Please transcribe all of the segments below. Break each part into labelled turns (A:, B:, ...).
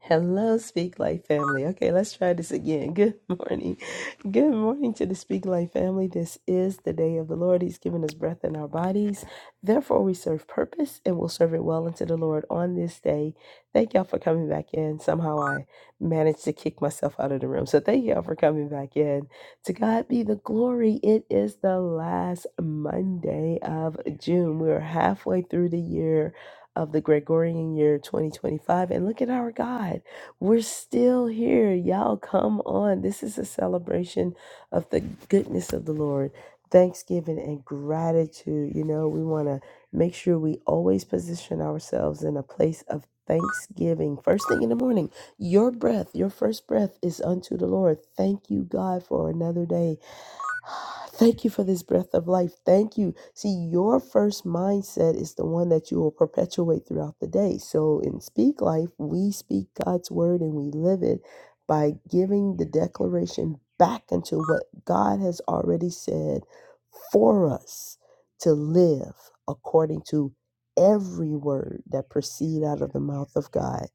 A: Hello, Speak Life family. Okay, let's try this again. Good morning. Good morning to the Speak Life family. This is the day of the Lord. He's given us breath in our bodies. Therefore, we serve purpose and we'll serve it well unto the Lord on this day. Thank y'all for coming back in. Somehow I managed to kick myself out of the room. So thank y'all for coming back in. To God be the glory. It is the last Monday of June. We are halfway through the year of the Gregorian year 2025. And look at our God. We're still here. Y'all, come on. This is a celebration of the goodness of the Lord, thanksgiving and gratitude. You know, we want to make sure we always position ourselves in a place of thanksgiving. First thing in the morning, your breath, your first breath is unto the Lord. Thank you, God, for another day. Thank you for this breath of life. Thank you. See, your first mindset is the one that you will perpetuate throughout the day. So in Speak Life, we speak God's word and we live it by giving the declaration back into what God has already said for us to live according to every word that proceed out of the mouth of God.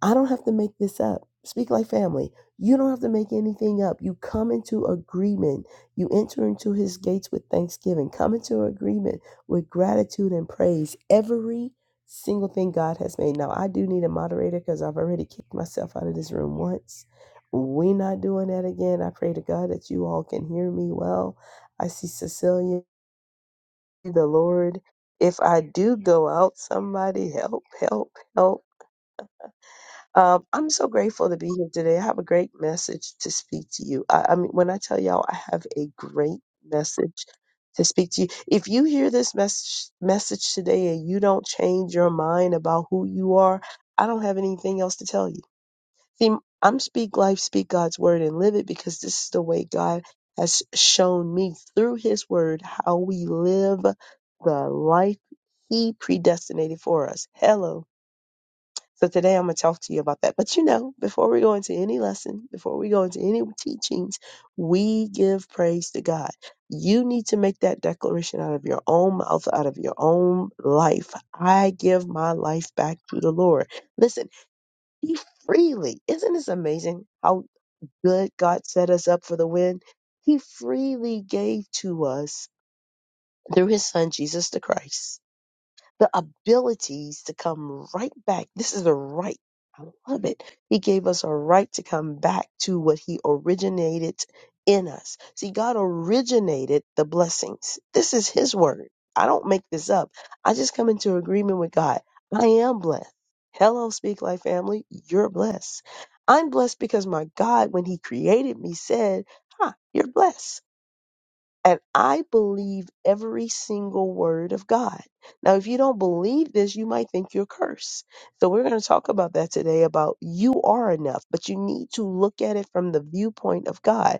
A: I don't have to make this up. Speak like family. You don't have to make anything up. You come into agreement. You enter into his gates with thanksgiving. Come into agreement with gratitude and praise. Every single thing God has made. Now, I do need a moderator because I've already kicked myself out of this room once. We're not doing that again. I pray to God that you all can hear me well. I see Cecilia, the Lord. If I do go out, somebody help, help, help. Um, I'm so grateful to be here today. I have a great message to speak to you. I, I mean, when I tell y'all, I have a great message to speak to you. If you hear this message message today and you don't change your mind about who you are, I don't have anything else to tell you. See, I'm speak life, speak God's word, and live it because this is the way God has shown me through His word how we live the life He predestinated for us. Hello so today I'm going to talk to you about that. But you know, before we go into any lesson, before we go into any teachings, we give praise to God. You need to make that declaration out of your own mouth, out of your own life. I give my life back to the Lord. Listen, He freely, isn't this amazing how good God set us up for the win? He freely gave to us through His Son, Jesus the Christ the abilities to come right back. This is a right. I love it. He gave us a right to come back to what he originated in us. See, God originated the blessings. This is his word. I don't make this up. I just come into agreement with God. I am blessed. Hello, Speak Life family. You're blessed. I'm blessed because my God, when he created me, said, huh, you're blessed and I believe every single word of God. Now, if you don't believe this, you might think you're cursed. So, we're going to talk about that today about you are enough, but you need to look at it from the viewpoint of God.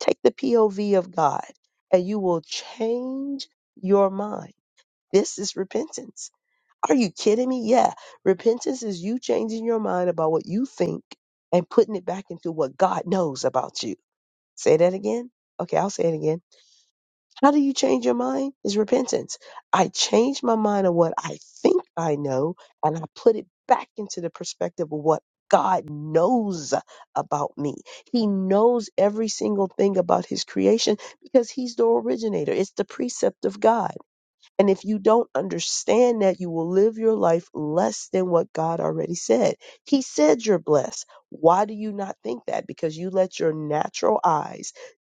A: Take the POV of God, and you will change your mind. This is repentance. Are you kidding me? Yeah. Repentance is you changing your mind about what you think and putting it back into what God knows about you. Say that again. Okay, I'll say it again how do you change your mind? Is repentance. I change my mind on what I think I know and I put it back into the perspective of what God knows about me. He knows every single thing about his creation because he's the originator. It's the precept of God. And if you don't understand that, you will live your life less than what God already said. He said you're blessed. Why do you not think that? Because you let your natural eyes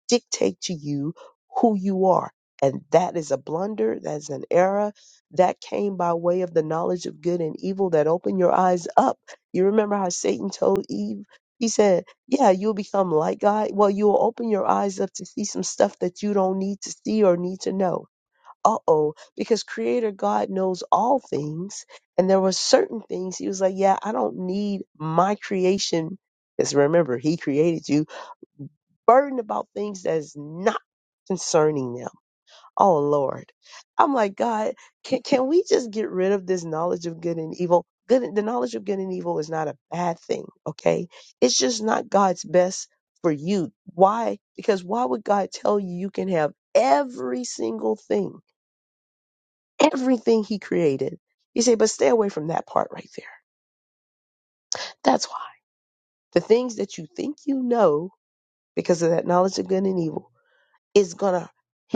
A: dictate to you who you are. And that is a blunder. That's an error that came by way of the knowledge of good and evil that opened your eyes up. You remember how Satan told Eve, he said, Yeah, you'll become like God. Well, you'll open your eyes up to see some stuff that you don't need to see or need to know. Uh oh, because Creator God knows all things. And there were certain things he was like, Yeah, I don't need my creation. Because remember, he created you burdened about things that's not concerning them. Oh Lord. I'm like, God, can can we just get rid of this knowledge of good and evil? Good the knowledge of good and evil is not a bad thing, okay? It's just not God's best for you. Why? Because why would God tell you you can have every single thing, everything he created? You say, but stay away from that part right there. That's why. The things that you think you know because of that knowledge of good and evil is going to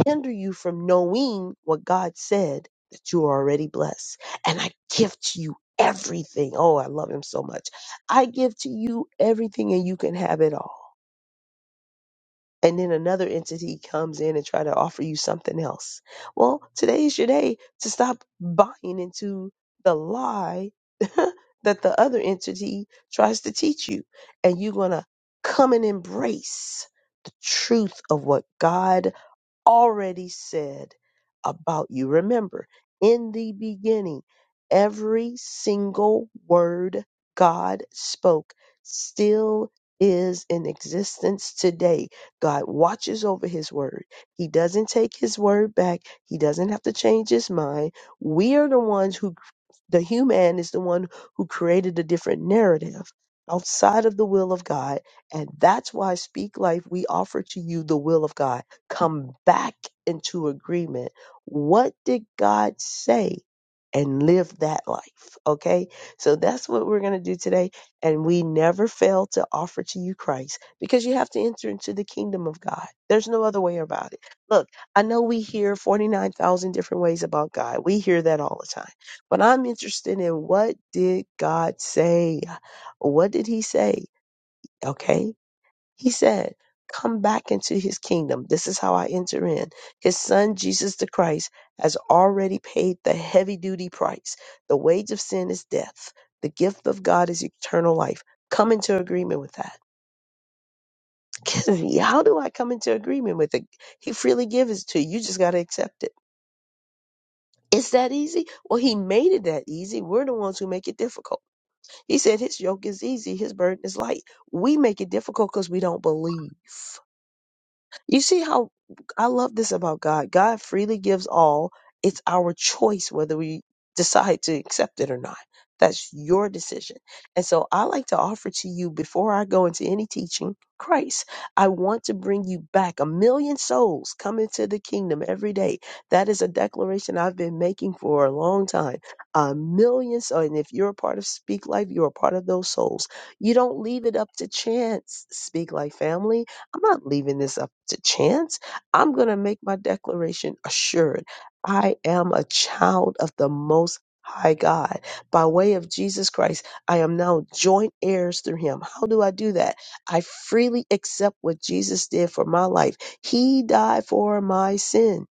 A: hinder you from knowing what God said that you are already blessed. And I give to you everything. Oh, I love him so much. I give to you everything and you can have it all. And then another entity comes in and try to offer you something else. Well, today is your day to stop buying into the lie that the other entity tries to teach you. And you're going to come and embrace the truth of what God already said about you. Remember, in the beginning, every single word God spoke still is in existence today. God watches over his word. He doesn't take his word back. He doesn't have to change his mind. We are the ones who the human is the one who created a different narrative outside of the will of God. And that's why Speak Life, we offer to you the will of God. Come back into agreement. What did God say? And live that life. Okay. So that's what we're going to do today. And we never fail to offer to you Christ because you have to enter into the kingdom of God. There's no other way about it. Look, I know we hear 49,000 different ways about God. We hear that all the time but I'm interested in what did God say? What did he say? Okay. He said, come back into his kingdom. This is how I enter in. His son, Jesus the Christ, has already paid the heavy duty price. The wage of sin is death. The gift of God is eternal life. Come into agreement with that. How do I come into agreement with it? He freely gives it to you. You just got to accept it. It's that easy? Well, he made it that easy. We're the ones who make it difficult. He said his yoke is easy, his burden is light. We make it difficult because we don't believe. You see how I love this about God. God freely gives all. It's our choice whether we decide to accept it or not. That's your decision. And so I like to offer to you before I go into any teaching, Christ. I want to bring you back. A million souls come into the kingdom every day. That is a declaration I've been making for a long time. A million souls. And if you're a part of Speak Life, you're a part of those souls. You don't leave it up to chance, Speak Life family I'm not leaving this up to chance. I'm going to make my declaration assured. I am a child of the Most High God. By way of Jesus Christ, I am now joint heirs through Him. How do I do that? I freely accept what Jesus did for my life. He died for my sin.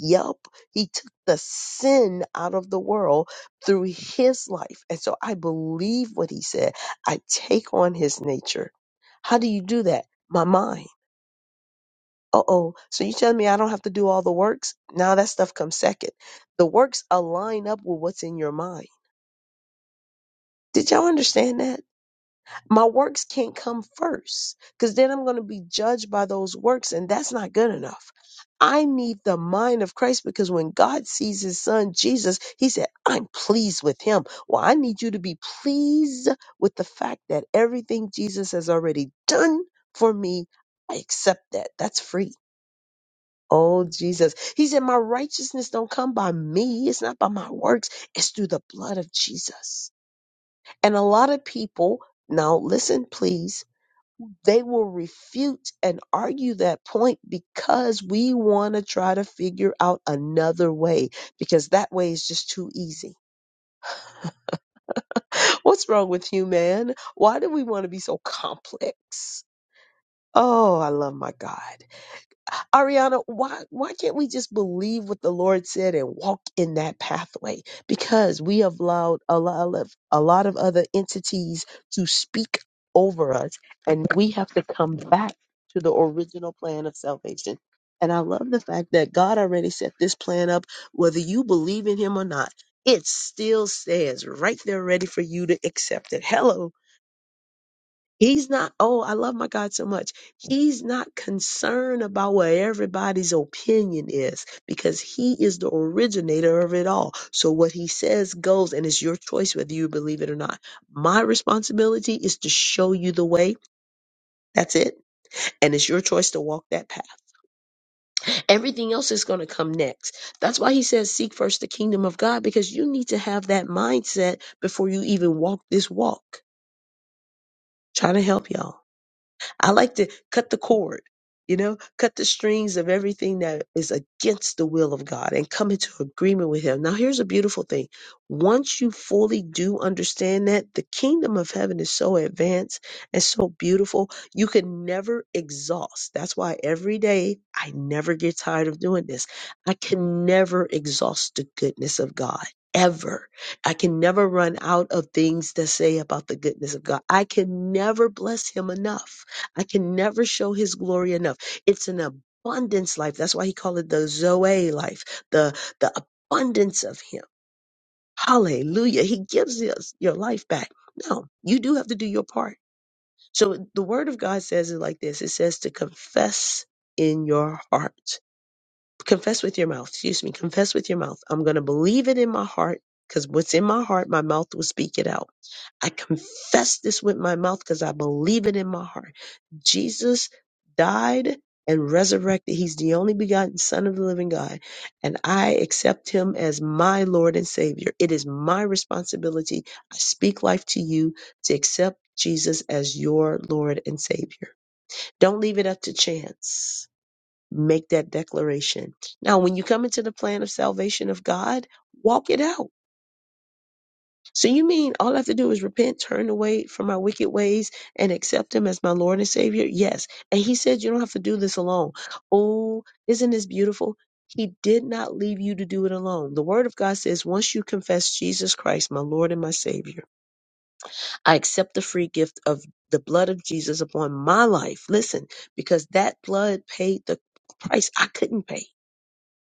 A: Yup. He took the sin out of the world through His life. And so I believe what He said. I take on His nature. How do you do that? My mind. Uh oh. So you telling me I don't have to do all the works? Now that stuff comes second. The works align up with what's in your mind. Did y'all understand that? My works can't come first because then I'm going to be judged by those works, and that's not good enough. I need the mind of Christ because when God sees his son Jesus, he said, I'm pleased with him. Well, I need you to be pleased with the fact that everything Jesus has already done for me, I accept that. That's free. Oh Jesus. He said, My righteousness don't come by me. It's not by my works. It's through the blood of Jesus. And a lot of people, now listen, please, they will refute and argue that point because we want to try to figure out another way, because that way is just too easy. What's wrong with you, man? Why do we want to be so complex? Oh, I love my God. Ariana, why why can't we just believe what the Lord said and walk in that pathway? Because we have allowed a lot of a lot of other entities to speak over us, and we have to come back to the original plan of salvation. And I love the fact that God already set this plan up, whether you believe in Him or not. It still says right there, ready for you to accept it. Hello, He's not, oh, I love my God so much. He's not concerned about what everybody's opinion is because he is the originator of it all. So what he says goes, and it's your choice whether you believe it or not. My responsibility is to show you the way. That's it. And it's your choice to walk that path. Everything else is going to come next. That's why he says, Seek first the kingdom of God, because you need to have that mindset before you even walk this walk. Trying to help y'all. I like to cut the cord, you know, cut the strings of everything that is against the will of God and come into agreement with Him. Now, here's a beautiful thing. Once you fully do understand that, the kingdom of heaven is so advanced and so beautiful, you can never exhaust. That's why every day I never get tired of doing this. I can never exhaust the goodness of God. Ever. I can never run out of things to say about the goodness of God. I can never bless him enough. I can never show his glory enough. It's an abundance life. That's why he called it the Zoe life, the, the abundance of him. Hallelujah. He gives us your life back. No, you do have to do your part. So the word of God says it like this. It says to confess in your heart confess with your mouth, excuse me, confess with your mouth. I'm going to believe it in my heart because what's in my heart, my mouth will speak it out. I confess this with my mouth because I believe it in my heart. Jesus died and resurrected. He's the only begotten Son of the living God. And I accept him as my Lord and Savior. It is my responsibility. I speak life to you to accept Jesus as your Lord and Savior. Don't leave it up to chance Make that declaration. Now, when you come into the plan of salvation of God, walk it out. So you mean all I have to do is repent, turn away from my wicked ways, and accept Him as my Lord and Savior? Yes. And He said you don't have to do this alone. Oh, isn't this beautiful? He did not leave you to do it alone. The Word of God says, once you confess Jesus Christ, my Lord and my Savior, I accept the free gift of the blood of Jesus upon my life. Listen, because that blood paid the price I couldn't pay.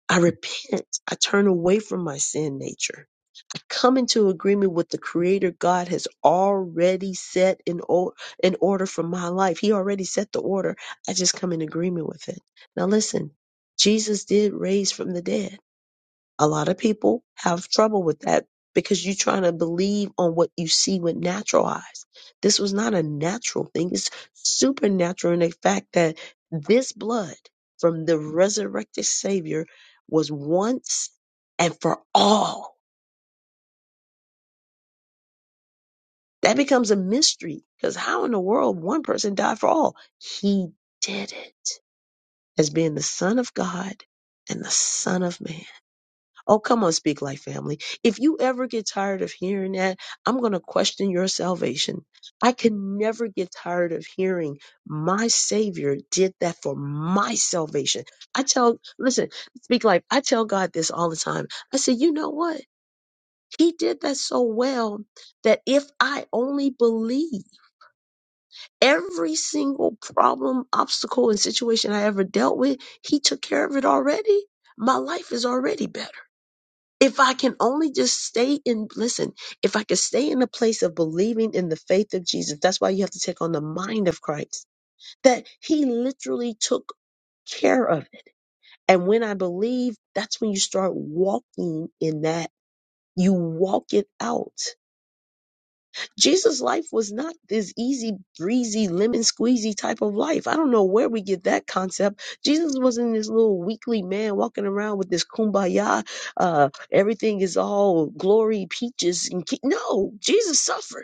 A: I repent. I turn away from my sin nature. I come into agreement with the creator God has already set in, o- in order for my life. He already set the order. I just come in agreement with it. Now listen, Jesus did raise from the dead. A lot of people have trouble with that because you're trying to believe on what you see with natural eyes. This was not a natural thing, it's supernatural in the fact that this blood from the resurrected Savior was once and for all. That becomes a mystery because how in the world one person died for all? He did it as being the Son of God and the Son of Man. Oh, come on, speak life family. If you ever get tired of hearing that, I'm going to question your salvation. I can never get tired of hearing my Savior did that for my salvation. I tell, listen, speak life. I tell God this all the time. I say, you know what? He did that so well that if I only believe every single problem, obstacle, and situation I ever dealt with, He took care of it already. My life is already better. If I can only just stay in, listen, if I could stay in the place of believing in the faith of Jesus, that's why you have to take on the mind of Christ, that he literally took care of. And when I believe, that's when you start walking in that. You walk it out. Jesus' life was not this easy, breezy, lemon squeezy type of life. I don't know where we get that concept. Jesus wasn't this little weakly man walking around with this kumbaya, uh, everything is all glory, peaches, and ke- no, Jesus suffered.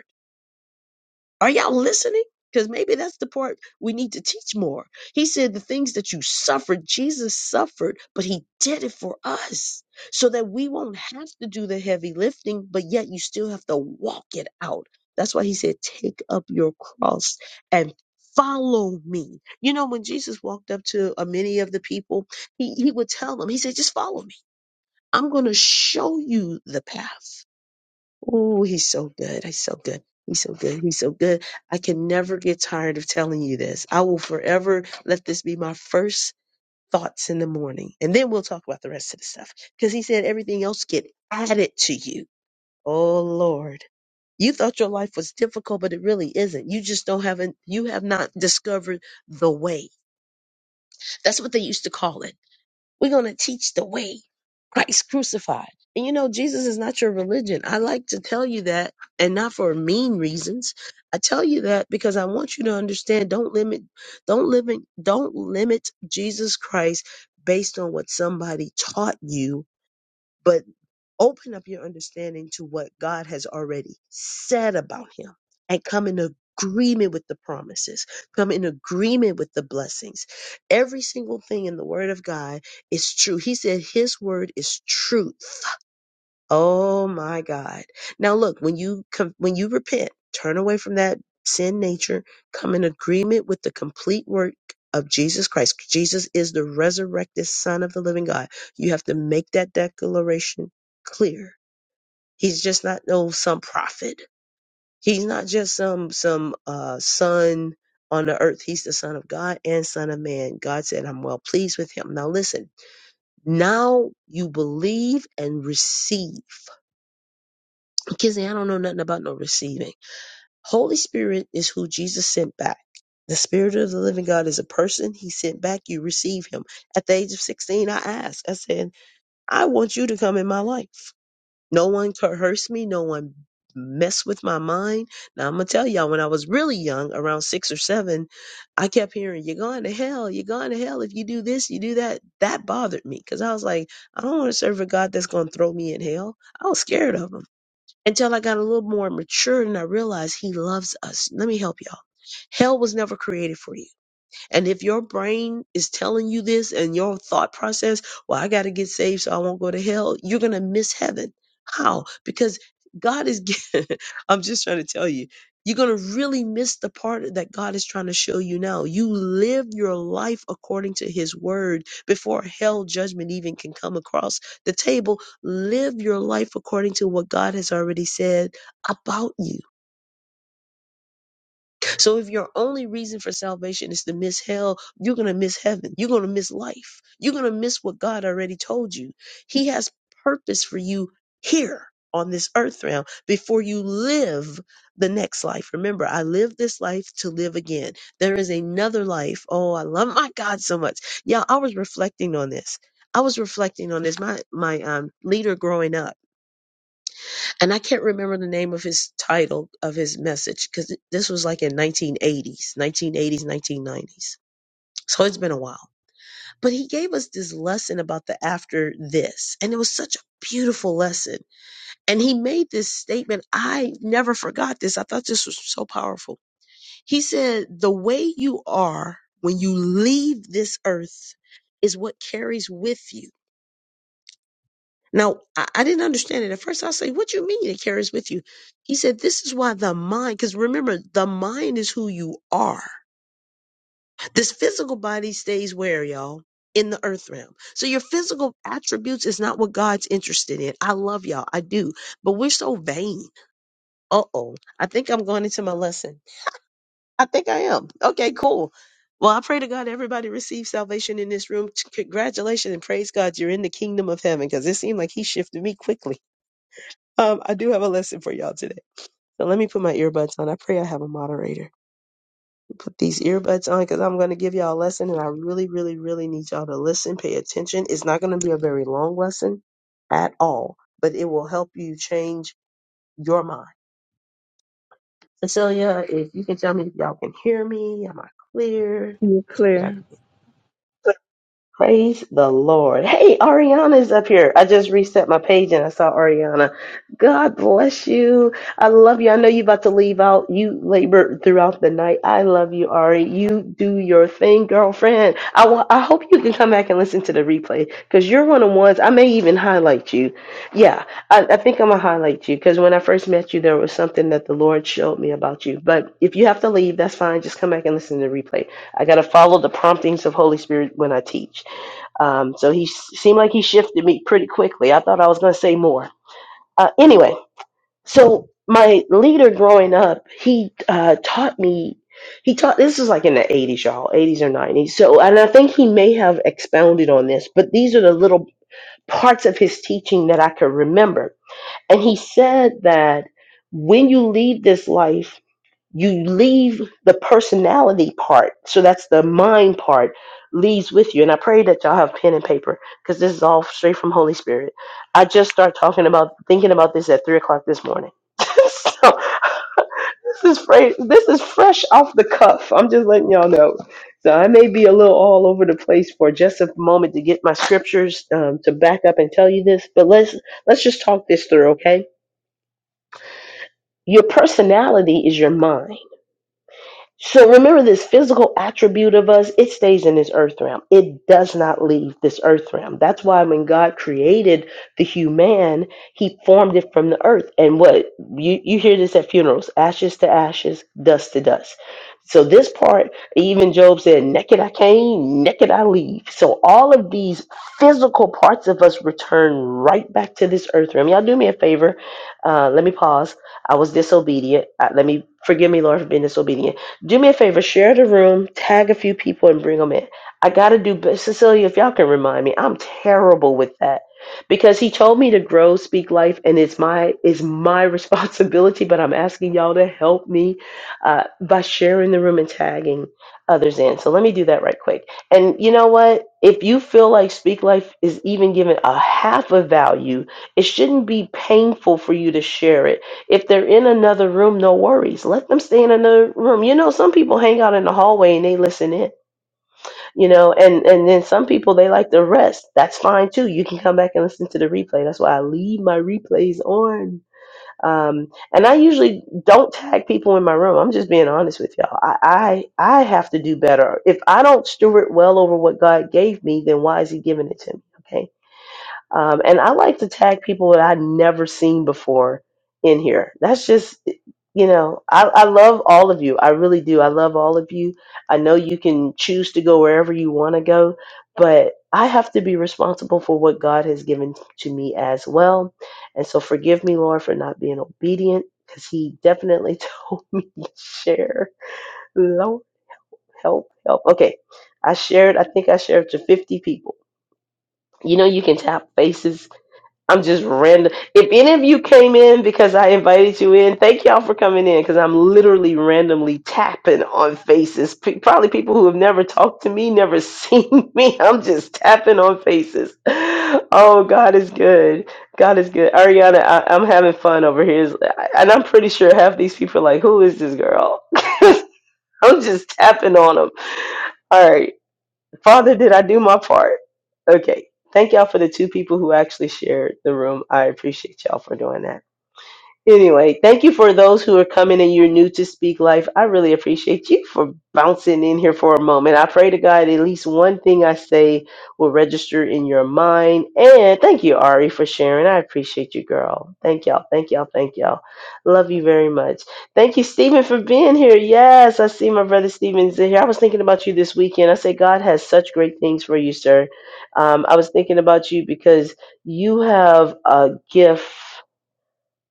A: Are y'all listening? Because maybe that's the part we need to teach more. He said the things that you suffered, Jesus suffered, but he did it for us so that we won't have to do the heavy lifting, but yet you still have to walk it out. That's why he said, take up your cross and follow me. You know, when Jesus walked up to uh, many of the people, he, he would tell them, he said, just follow me. I'm going to show you the path. Oh, he's so good. He's so good. He's so good. He's so good. I can never get tired of telling you this. I will forever let this be my first thoughts in the morning. And then we'll talk about the rest of the stuff. Because he said everything else get added to you. Oh Lord. You thought your life was difficult, but it really isn't. You just don't have an, you have not discovered the way. That's what they used to call it we're going to teach the way Christ crucified. And you know, Jesus is not your religion. I like to tell you that, and not for mean reasons. I tell you that because I want you to understand don't limit, don't limit, don't limit Jesus Christ based on what somebody taught you. but. Open up your understanding to what God has already said about him and come in agreement with the promises, come in agreement with the blessings. Every single thing in the word of God is true. He said his word is truth. Oh my God. Now look, when you com- when you repent, turn away from that sin nature, come in agreement with the complete work of Jesus Christ. Jesus is the resurrected son of the living God. You have to make that declaration clear He's just not no some prophet. He's not just some some uh son on the earth. He's the son of God and son of man. God said, I'm well pleased with him. Now listen, now you believe and receive. Kizzy, I don't know nothing about no receiving. Holy Spirit is who Jesus sent back. The Spirit of the Living God is a person he sent back. You receive him. At the age of 16, I asked, I said, I want you to come in my life. No one coerced me. No one messed with my mind. Now I'm gonna tell y'all, when I was really young, around six or seven, I kept hearing, "You're going to hell. You're going to hell if you do this, you do that." That bothered me because I was like, I don't want to serve a God that's gonna throw me in hell. I was scared of him. Until I got a little more mature and I realized he loves us. Let me help y'all. Hell was never created for you. And if your brain is telling you this and your thought process, well, I got to get saved so I won't go to hell, you're going to miss heaven. How? Because God is, gi- I'm just trying to tell you, you're going to really miss the part that God is trying to show you now. You live your life according to his word before hell judgment even can come across the table. Live your life according to what God has already said about you so if your only reason for salvation is to miss hell, you're going to miss heaven. You're going to miss life. You're going to miss what God already told you. He has purpose for you here on this earth realm before you live the next life. Remember, I live this life to live again. There is another life. Oh, I love my God so much. Yeah, I was reflecting on this. I was reflecting on this. My my um leader growing up and I can't remember the name of his title of his message because this was like in 1980s, 1980s, 1990s. So it's been a while. But he gave us this lesson about the after this, and it was such a beautiful lesson. And he made this statement. I never forgot this. I thought this was so powerful. He said, The way you are when you leave this earth is what carries with you Now, I, I didn't understand it at first. I say, what do you mean it carries with you? He said, this is why the mind, because remember, the mind is who you are. This physical body stays where, y'all? In the earth realm. So your physical attributes is not what God's interested in. I love y'all. I do. But we're so vain. Uh oh. I think I'm going into my lesson. I think I am. Okay, cool. Well, I pray to God everybody receives salvation in this room. Congratulations and praise God you're in the kingdom of heaven because it seemed like he shifted me quickly. Um, I do have a lesson for y'all today. So let me put my earbuds on. I pray I have a moderator. Put these earbuds on because I'm going to give y'all a lesson and I really, really, really need y'all to listen, pay attention. It's not going to be a very long lesson at all, but it will help you change your mind. Cecilia, if you can tell me if y'all can hear me, am I clear?
B: You're
A: Did
B: clear.
A: I? Praise the Lord. Hey, Ariana's up here. I just reset my page and I saw Ariana. God bless you. I love you. I know you're about to leave out. You labored throughout the night. I love you, Ari. You do your thing, girlfriend. I wa- I hope you can come back and listen to the replay because you're one of the ones. I may even highlight you. Yeah, I, I think I'm going to highlight you because when I first met you, there was something that the Lord showed me about you. But if you have to leave, that's fine. Just come back and listen to the replay. I got to follow the promptings of Holy Spirit when I teach. Um, so he s- seemed like he shifted me pretty quickly. I thought I was going to say more. Uh, anyway, so my leader growing up, he uh, taught me. He taught this was like in the 80s, y'all, 80s or 90s. So, and I think he may have expounded on this, but these are the little parts of his teaching that I could remember. And he said that when you leave this life, you leave the personality part so that's the mind part leaves with you and i pray that y'all have pen and paper because this is all straight from holy spirit i just start talking about thinking about this at three o'clock this morning so this is fresh this is fresh off the cuff i'm just letting y'all know so i may be a little all over the place for just a moment to get my scriptures um, to back up and tell you this but let's let's just talk this through okay your personality is your mind So remember this physical attribute of us, it stays in this earth realm. It does not leave this earth realm. That's why when God created the human, he formed it from the earth. And what you, you hear this at funerals, ashes to ashes, dust to dust. So this part, even Job said, naked I came, naked I leave. So all of these physical parts of us return right back to this earth realm. Y'all do me a favor. Uh, let me pause. I was disobedient. Uh, let me forgive me, Lord, for being disobedient do me a favor, share the room, tag a few people, and bring them in. I got to do, but Cecilia, if y'all can remind me, I'm terrible with that because he told me to grow, speak life, and it's my it's my responsibility. But I'm asking y'all to help me uh, by sharing the room and tagging others in. So let me do that right quick. And you know what? If you feel like speak life is even given a half of value, it shouldn't be painful for you to share it if they're in another room, no worries. Let them stay in another room. You know, some people hang out in the hallway and they listen in, you know, and, and then some people they like to rest. That's fine too. You can come back and listen to the replay. That's why I leave my replays on. Um, and I usually don't tag people in my room. I'm just being honest with y'all. I, I I have to do better. If I don't steward well over what God gave me, then why is He giving it to me? Okay um, and I like to tag people that I've never seen before in here. That's just, you know, I, I love all of you. I really do. I love all of you. I know you can choose to go wherever you want to go, but I have to be responsible for what God has given to me as well. And so forgive me, Lord, for not being obedient because He definitely told me to share. Lord, help, help. Okay. I shared, I think I shared to 50 people. You know, you can tap faces I'm just random. If any of you came in because I invited you in, thank y'all for coming in because I'm literally randomly tapping on faces. P- probably people who have never talked to me, never seen me. I'm just tapping on faces. Oh, God is good. God is good. Ariana, I- I'm having fun over here. It's- And I'm pretty sure half these people are like, who is this girl? I'm just tapping on them. All right. Father, did I do my part? Okay. Thank y'all for the two people who actually shared the room. I appreciate y'all for doing that. Anyway, thank you for those who are coming and you're new to Speak Life. I really appreciate you for bouncing in here for a moment. I pray to God at least one thing I say will register in your mind. And thank you, Ari, for sharing. I appreciate you, girl. Thank y'all. Thank y'all. Thank y'all. Love you very much. Thank you, Stephen, for being here. Yes, I see my brother Stephen's in here. I was thinking about you this weekend. I say, God has such great things for you, sir. Um, I was thinking about you because you have a gift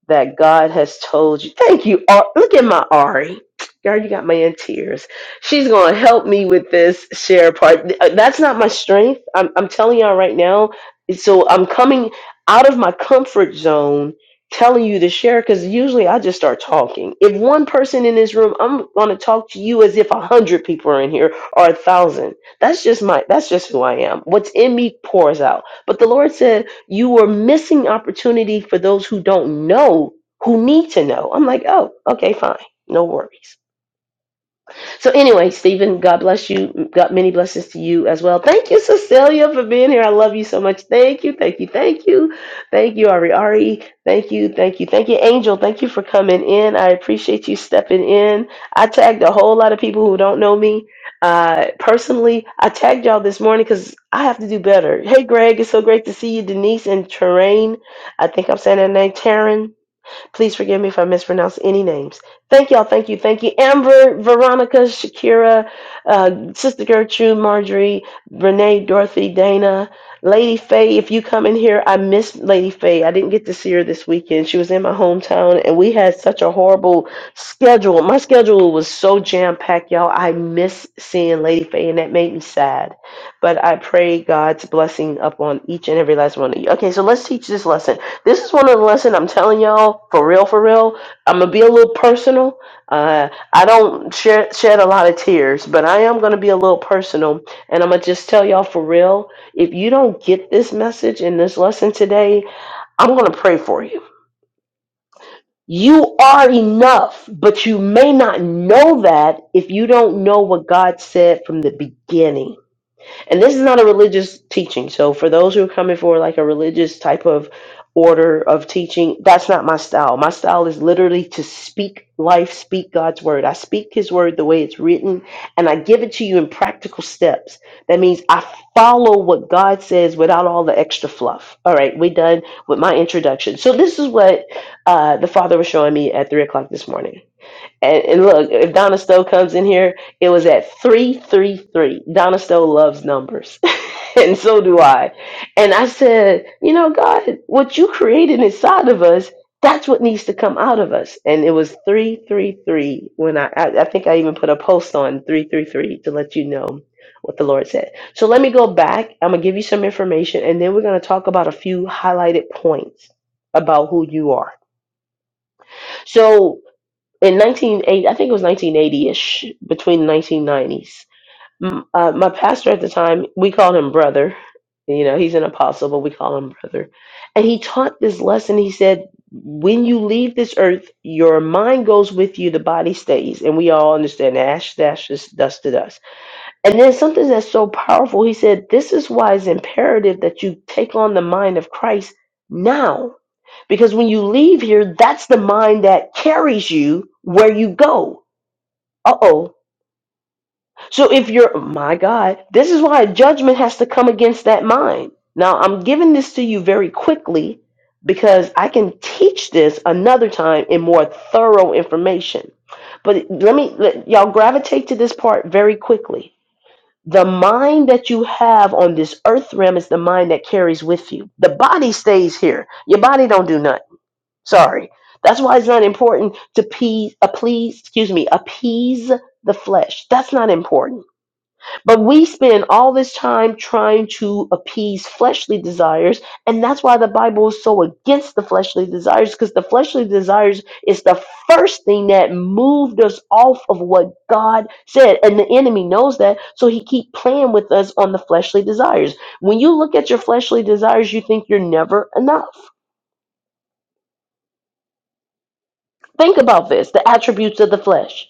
A: that God has told you. Thank you. Ar- Look at my Ari. Girl, you got me in tears. She's going to help me with this share part. Uh, That's not my strength. I'm, I'm telling y'all right now. So I'm coming out of my comfort zone telling you to share because usually I just start talking. If one person in this room, I'm going to talk to you as if a hundred people are in here or a thousand. That's just my, that's just who I am. What's in me pours out. But the Lord said, you are missing opportunity for those who don't know, who need to know. I'm like, oh, okay, fine. No worries. So anyway, Stephen, God bless you. God, many blessings to you as well. Thank you, Cecilia, for being here. I love you so much. Thank you, thank you, thank you, thank you, Ari Ari. Thank you, thank you, thank you, Angel. Thank you for coming in. I appreciate you stepping in. I tagged a whole lot of people who don't know me uh, personally. I tagged y'all this morning because I have to do better. Hey, Greg, it's so great to see you, Denise and Terrain. I think I'm saying her name, Taryn. Please forgive me if I mispronounce any names. Thank y'all. Thank you. Thank you. Amber, Veronica, Shakira, uh, Sister Gertrude, Marjorie, Renee, Dorothy, Dana, Lady Faye. If you come in here, I miss Lady Faye. I didn't get to see her this weekend. She was in my hometown, and we had such a horrible schedule. My schedule was so jam packed, y'all. I miss seeing Lady Faye, and that made me sad. But I pray God's blessing upon each and every last one of you. Okay, so let's teach this lesson this is one of the lesson I'm telling y'all for real, for real. I'm gonna be a little personal. Uh, I don't shed, shed a lot of tears, but I am gonna be a little personal, and I'm gonna just tell y'all for real. If you don't get this message and this lesson today, I'm gonna pray for you. You are enough, but you may not know that if you don't know what God said from the beginning and this is not a religious teaching. So for those who are coming for like a religious type of order of teaching, that's not my style. My style is literally to speak life, speak God's word. I speak his word the way it's written and I give it to you in practical steps. That means I follow what God says without all the extra fluff. All right, we're done with my introduction. So this is what uh, the father was showing me at three o'clock this morning. And, and look, if Donna Stowe comes in here, it was at 333. Donna Stowe loves numbers. and so do I. And I said, you know, God, what you created inside of us, that's what needs to come out of us. And it was 333 when I, I, I think I even put a post on 333 to let you know what the Lord said. So let me go back. I'm going to give you some information, and then we're going to talk about a few highlighted points about who you are. So in 1980, I think it was 1980-ish, between 1990s. M- Uh, my pastor at the time, we called him brother. You know, he's an apostle, but we call him brother. And he taught this lesson. He said, when you leave this earth, your mind goes with you, the body stays. And we all understand ash, dash, is dust to dust. And then something that's so powerful, he said, This is why it's imperative that you take on the mind of Christ now. Because when you leave here, that's the mind that carries you where you go. Uh oh. So if you're, oh my God, this is why judgment has to come against that mind. Now, I'm giving this to you very quickly because I can teach this another time in more thorough information. But let me, let, y'all gravitate to this part very quickly the mind that you have on this earth realm is the mind that carries with you. The body stays here. Your body don't do nothing. Sorry. That's why it's not important to appease, appease excuse me, appease the flesh. That's not important. But we spend all this time trying to appease fleshly desires, and that's why the Bible is so against the fleshly desires, because the fleshly desires is the first thing that moved us off of what God said, and the enemy knows that, so he keep playing with us on the fleshly desires. When you look at your fleshly desires, you think you're never enough. Think about this: the attributes of the flesh.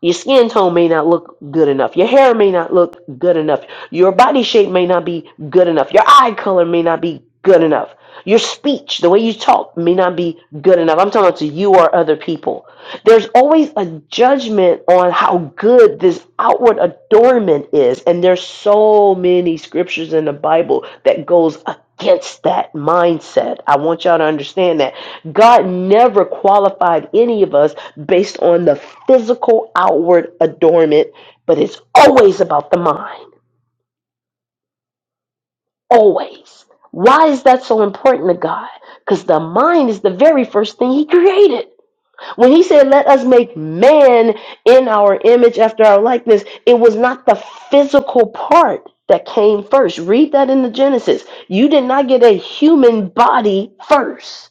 A: Your skin tone may not look good enough. Your hair may not look good enough. Your body shape may not be good enough. Your eye color may not be good enough. Your speech, the way you talk, may not be good enough. I'm talking to you or other people. There's always a judgment on how good this outward adornment is, and there's so many scriptures in the Bible that goes against that mindset. I want y'all to understand that God never qualified any of us based on the physical outward adornment, but it's always about the mind. Always. Why is that so important to God? Because the mind is the very first thing He created. When He said, Let us make man in our image after our likeness, it was not the physical part that came first. Read that in the Genesis. You did not get a human body first.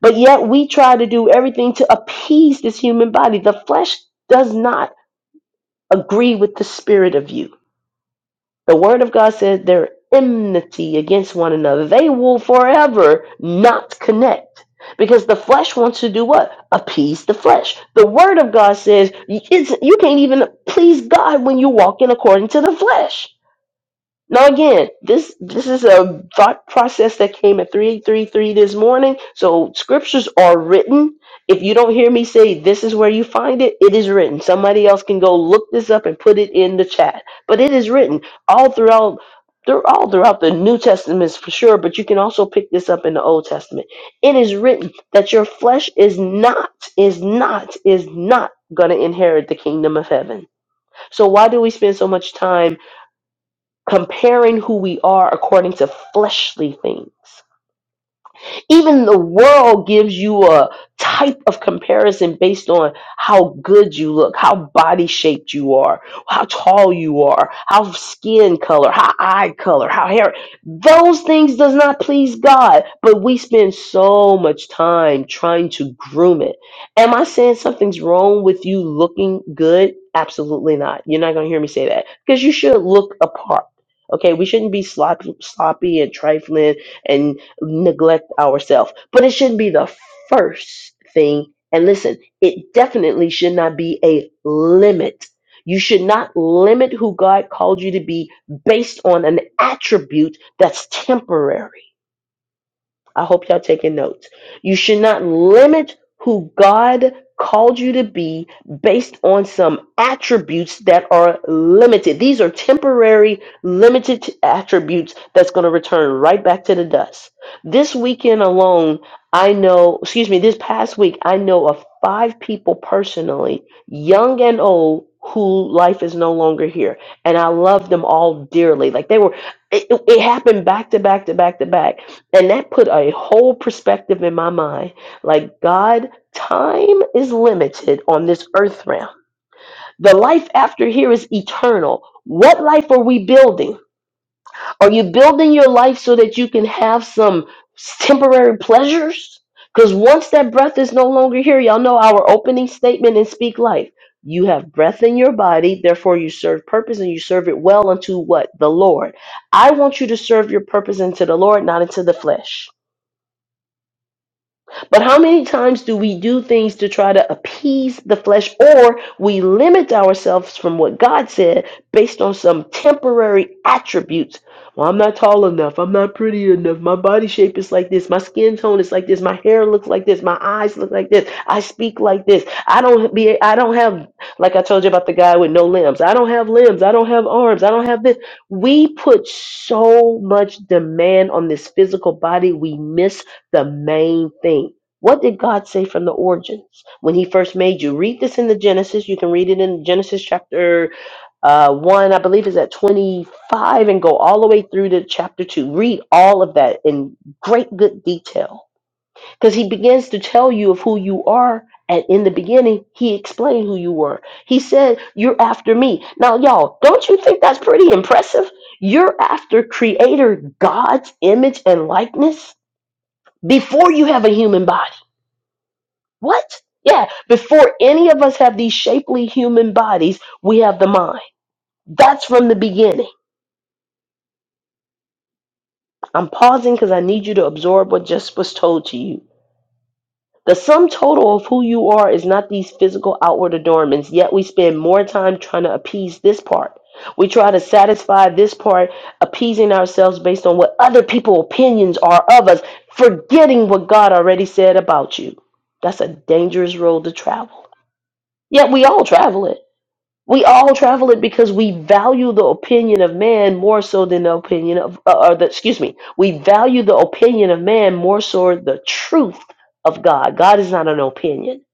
A: But yet we try to do everything to appease this human body. The flesh does not agree with the spirit of you. The word of God says they're enmity against one another. They will forever not connect because the flesh wants to do what? Appease the flesh. The word of God says it's, you can't even please God when you're walking according to the flesh. Now again, this this is a thought process that came at 333 this morning. So scriptures are written. If you don't hear me say this is where you find it, it is written. Somebody else can go look this up and put it in the chat. But it is written all throughout through all throughout the New Testament for sure, but you can also pick this up in the Old Testament. It is written that your flesh is not, is not, is not gonna inherit the kingdom of heaven. So why do we spend so much time? comparing who we are according to fleshly things even the world gives you a type of comparison based on how good you look, how body shaped you are, how tall you are, how skin color, how eye color, how hair. Those things does not please God, but we spend so much time trying to groom it. Am I saying something's wrong with you looking good? Absolutely not. You're not going to hear me say that because you should look apart. Okay, we shouldn't be sloppy, sloppy and trifling and neglect ourselves. But it shouldn't be the first thing. And listen, it definitely should not be a limit. You should not limit who God called you to be based on an attribute that's temporary. I hope y'all taking notes. You should not limit who God called you to be based on some attributes that are limited. These are temporary, limited attributes that's going to return right back to the dust. This weekend alone, I know, excuse me, this past week, I know of five people personally, young and old, who life is no longer here. And I love them all dearly. Like they were, it, it it happened back to back to back to back and that put a whole perspective in my mind. Like, God, time is limited on this earth realm. The life after here is eternal. What life are we building? Are you building your life so that you can have some temporary pleasures? Because once that breath is no longer here, y'all know our opening statement in Speak Life. You have breath in your body, therefore you serve purpose and you serve it well unto what? The Lord. I want you to serve your purpose unto the Lord, not unto the flesh. But how many times do we do things to try to appease the flesh or we limit ourselves from what God said based on some temporary attributes? Well, I'm not tall enough. I'm not pretty enough. My body shape is like this. My skin tone is like this. My hair looks like this. My eyes look like this. I speak like this. I don't be I don't have like I told you about the guy with no limbs. I don't have limbs. I don't have arms. I don't have this. We put so much demand on this physical body, we miss the main thing. What did God say from the origins when He first made you? Read this in the Genesis. You can read it in Genesis chapter uh, 1, I believe is at 25, and go all the way through to chapter 2. Read all of that in great good detail because He begins to tell you of who you are. And in the beginning, He explained who you were. He said, You're after me. Now, y'all, don't you think that's pretty impressive? You're after Creator God's image and likeness before you have a human body what? Yeah, before any of us have these shapely human bodies, we have the mind. That's from the beginning. I'm pausing because I need you to absorb what just was told to you. The sum total of who you are is not these physical outward adornments, yet we spend more time trying to appease this part. We try to satisfy this part, appeasing ourselves based on what other people's opinions are of us, forgetting what God already said about you. That's a dangerous road to travel. Yet we all travel it. We all travel it because we value the opinion of man more so than the opinion of, uh, or the, excuse me, we value the opinion of man more so the truth of God. God is not an opinion.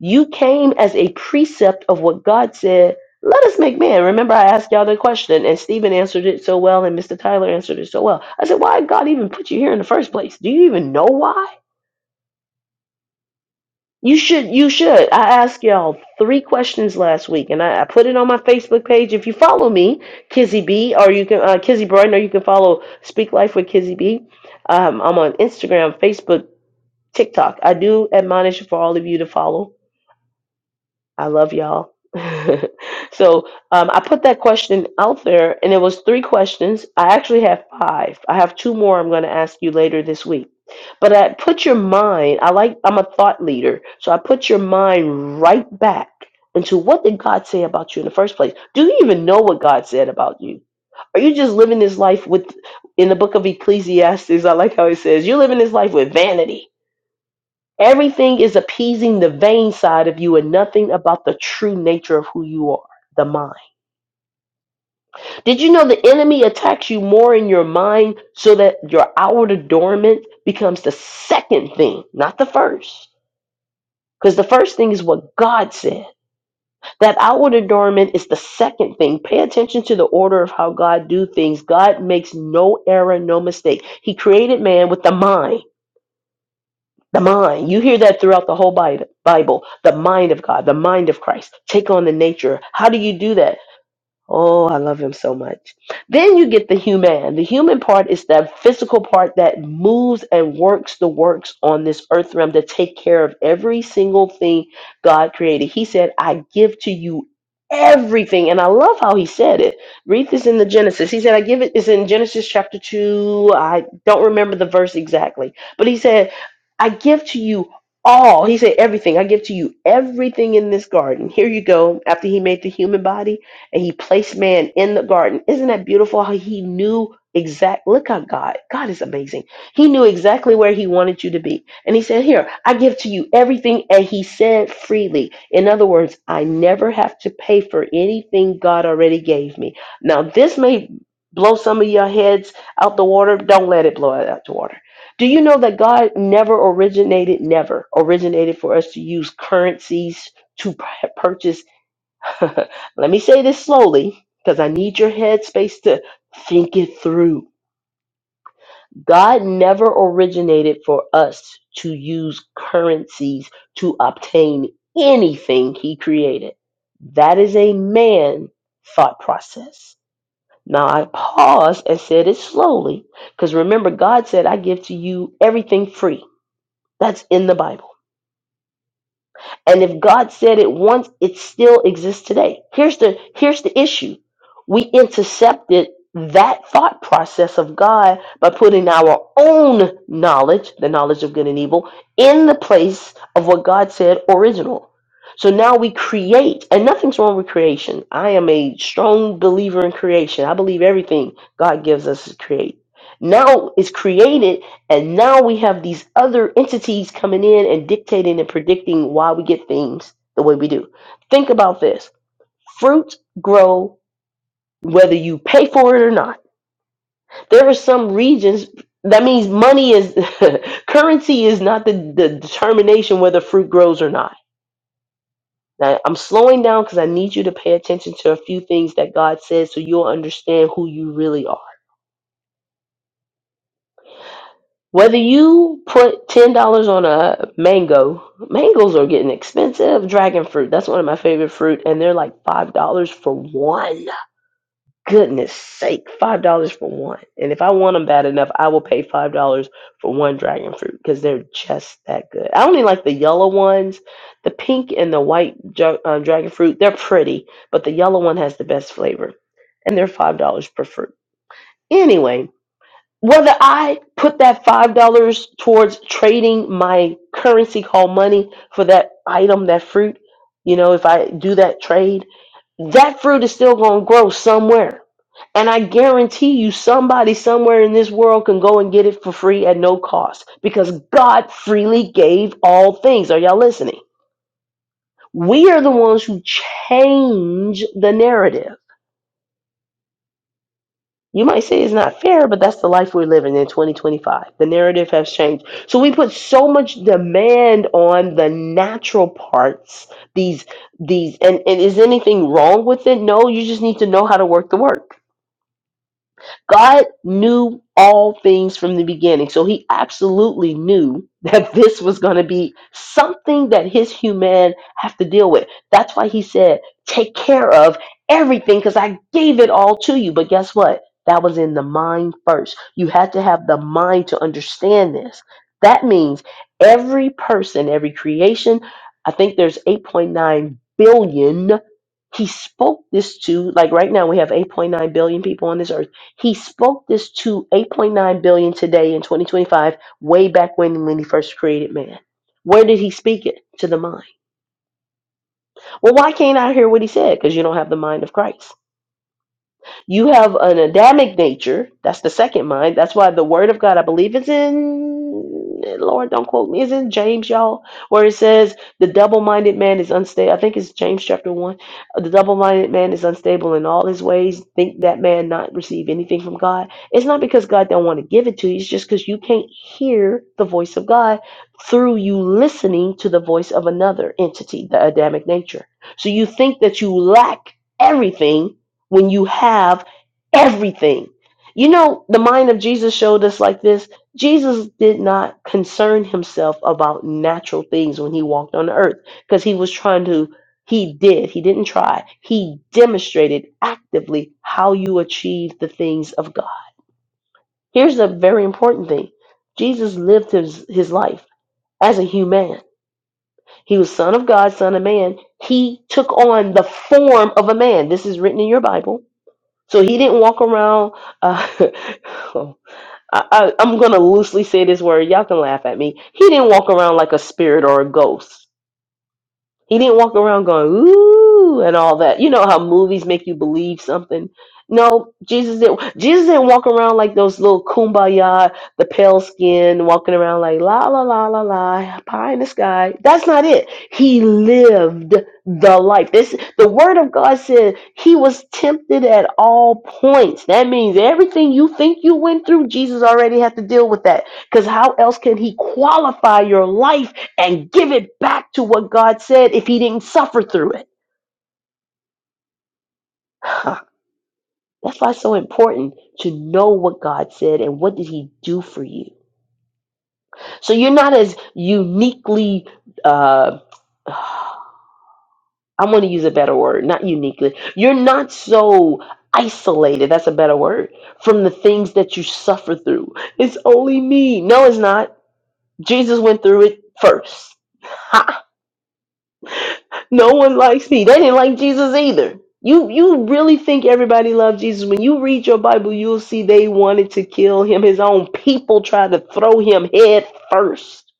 A: You came as a precept of what God said. Let us make man. Remember, I asked y'all the question, and Stephen answered it so well, and Mr. Tyler answered it so well. I said, Why did God even put you here in the first place? Do you even know why? You should. You should. I asked y'all three questions last week, and I, I put it on my Facebook page. If you follow me, Kizzy B, or you can uh, Kizzy Brighton, or you can follow Speak Life with Kizzy B. Um, I'm on Instagram, Facebook, TikTok. I do admonish for all of you to follow. I love y'all. so um, I put that question out there, and it was three questions. I actually have five. I have two more I'm going to ask you later this week. But I put your mind. I like. I'm a thought leader, so I put your mind right back into what did God say about you in the first place. Do you even know what God said about you? Are you just living this life with? In the book of Ecclesiastes, I like how it says you're living this life with vanity Everything is appeasing the vain side of you and nothing about the true nature of who you are, the mind. Did you know the enemy attacks you more in your mind so that your outward adornment becomes the second thing, not the first? Because the first thing is what God said. That outward adornment is the second thing. Pay attention to the order of how God do things. God makes no error, no mistake. He created man with the mind. The mind. You hear that throughout the whole Bi- Bible. The mind of God, the mind of Christ. Take on the nature. How do you do that? Oh, I love him so much. Then you get the human. The human part is that physical part that moves and works the works on this earth realm to take care of every single thing God created. He said, I give to you everything. And I love how he said it. Read this in the Genesis. He said, I give it, it's in Genesis chapter 2. I don't remember the verse exactly, but he said, I give to you all. He said, everything. I give to you everything in this garden. Here you go. After he made the human body and he placed man in the garden. Isn't that beautiful how he knew exact look how God God is amazing. He knew exactly where he wanted you to be. And he said, "Here, I give to you everything." And he said freely. In other words, I never have to pay for anything God already gave me. Now, this may blow some of your heads out the water. Don't let it blow it out the water. Do you know that God never originated never originated for us to use currencies to p- purchase Let me say this slowly because I need your headspace to think it through. God never originated for us to use currencies to obtain anything he created. That is a man thought process. Now I paused and said it slowly because remember, God said, I give to you everything free. That's in the Bible. And if God said it once, it still exists today. Here's the here's the issue. We intercepted that thought process of God by putting our own knowledge, the knowledge of good and evil, in the place of what God said original. So now we create, and nothing's wrong with creation. I am a strong believer in creation. I believe everything God gives us is create. Now it's created and now we have these other entities coming in and dictating and predicting why we get things the way we do. Think about this fruit grow whether you pay for it or not. There are some regions that means money is currency is not the, the determination whether fruit grows or not. Now, I'm slowing down because I need you to pay attention to a few things that God says so you'll understand who you really are. Whether you put ten dollars on a mango, mangoes are getting expensive. Dragon fruit, that's one of my favorite fruit, and they're like five dollars for one. Goodness sake, five dollars for one. And if I want them bad enough, I will pay five dollars for one dragon fruit because they're just that good. I only like the yellow ones. The pink and the white dra- uh, dragon fruit, they're pretty, but the yellow one has the best flavor, and they're five dollars per fruit. Anyway, whether I put that five dollars towards trading my currency called money for that item, that fruit, you know, if I do that trade, that fruit is still going to grow somewhere. And I guarantee you, somebody somewhere in this world can go and get it for free at no cost because God freely gave all things. Are y'all listening? We are the ones who change the narrative You might say it's not fair, but that's the life we're living in 2025. The narrative has changed. So we put so much demand on the natural parts, these these and, and is anything wrong with it? No, you just need to know how to work the work. God knew all things from the beginning. So he absolutely knew that this was going to be something that his human have to deal with. That's why he said, "Take care of everything because I gave it all to you." But guess what? That was in the mind first. You had to have the mind to understand this. That means every person, every creation, I think there's 8.9 billion he spoke this to like right now we have 8.9 billion people on this earth he spoke this to 8.9 billion today in 2025, way back when when he first created man. Where did he speak it? To the mind. Well, why can't I hear what he said? Because you don't have the mind of Christ. You have an Adamic nature. That's the second mind. That's why the word of God, I believe, is in, Lord, don't quote me, is in James, y'all, where it says the double minded man is unstable. I think it's James chapter 1. The double minded man is unstable in all his ways. Think that man not receive anything from God. It's not because God don't want to give it to you, it's just because you can't hear the voice of God through you listening to the voice of another entity, the Adamic nature. So you think that you lack everything when you have everything. You know, the mind of Jesus showed us like this. Jesus did not concern himself about natural things when he walked on the earth because he was trying to, he did, he didn't try. He demonstrated actively how you achieve the things of God. Here's a very important thing Jesus lived his, his life as a human. He was son of God, son of man. He took on the form of a man. This is written in your Bible so he didn't walk around. Uh, I, I, I'm going to loosely say this word. Y'all can laugh at me. He didn't walk around like a spirit or a ghost. He didn't walk around going, ooh, and all that. You know how movies make you believe something? No, Jesus didn't Jesus didn't walk around like those little kumbaya, the pale skin, walking around like la la la la la, pie in the sky. That's not it. He lived the life. This the word of God said he was tempted at all points. That means everything you think you went through, Jesus already had to deal with that. Because how else can he qualify your life? and give it back to what God said if he didn't suffer through it. Huh. That's why it's so important to know what God said and what did he do for you. So you're not as uniquely uh I'm going to use a better word, not uniquely. You're not so isolated, that's a better word, from the things that you suffer through. It's only me. No, it's not. Jesus went through it first. No one likes me. They didn't like Jesus either. You you really think everybody loved Jesus? When you read your Bible, you'll see they wanted to kill him. His own people tried to throw him head first.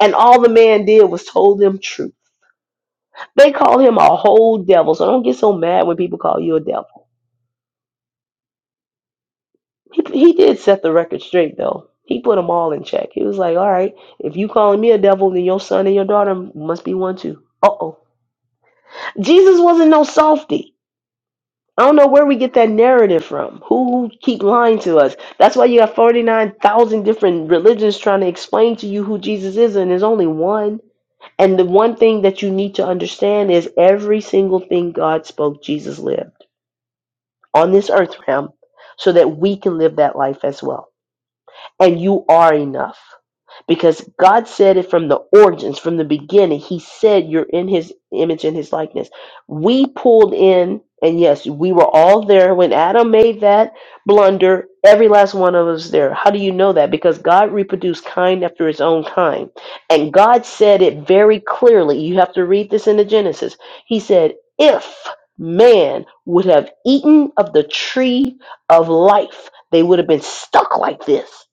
A: And all the man did was told them truth. They call him a whole devil. So don't get so mad when people call you a devil. He, he did set the record straight though. He put them all in check. He was like, "All right, if you calling me a devil, then your son and your daughter must be one too." Uh oh. Jesus wasn't no softy. I don't know where we get that narrative from. Who keep lying to us? That's why you have 49,000 different religions trying to explain to you who Jesus is, and there's only one. And the one thing that you need to understand is every single thing God spoke, Jesus lived on this earth realm so that we can live that life as well and you are enough. Because God said it from the origins, from the beginning. He said you're in his image and his likeness. We pulled in, and yes, we were all there when Adam made that blunder. Every last one of us there. How do you know that? Because God reproduced kind after his own kind. And God said it very clearly. You have to read this in the Genesis. He said, if man would have eaten of the tree of life, they would have been stuck like this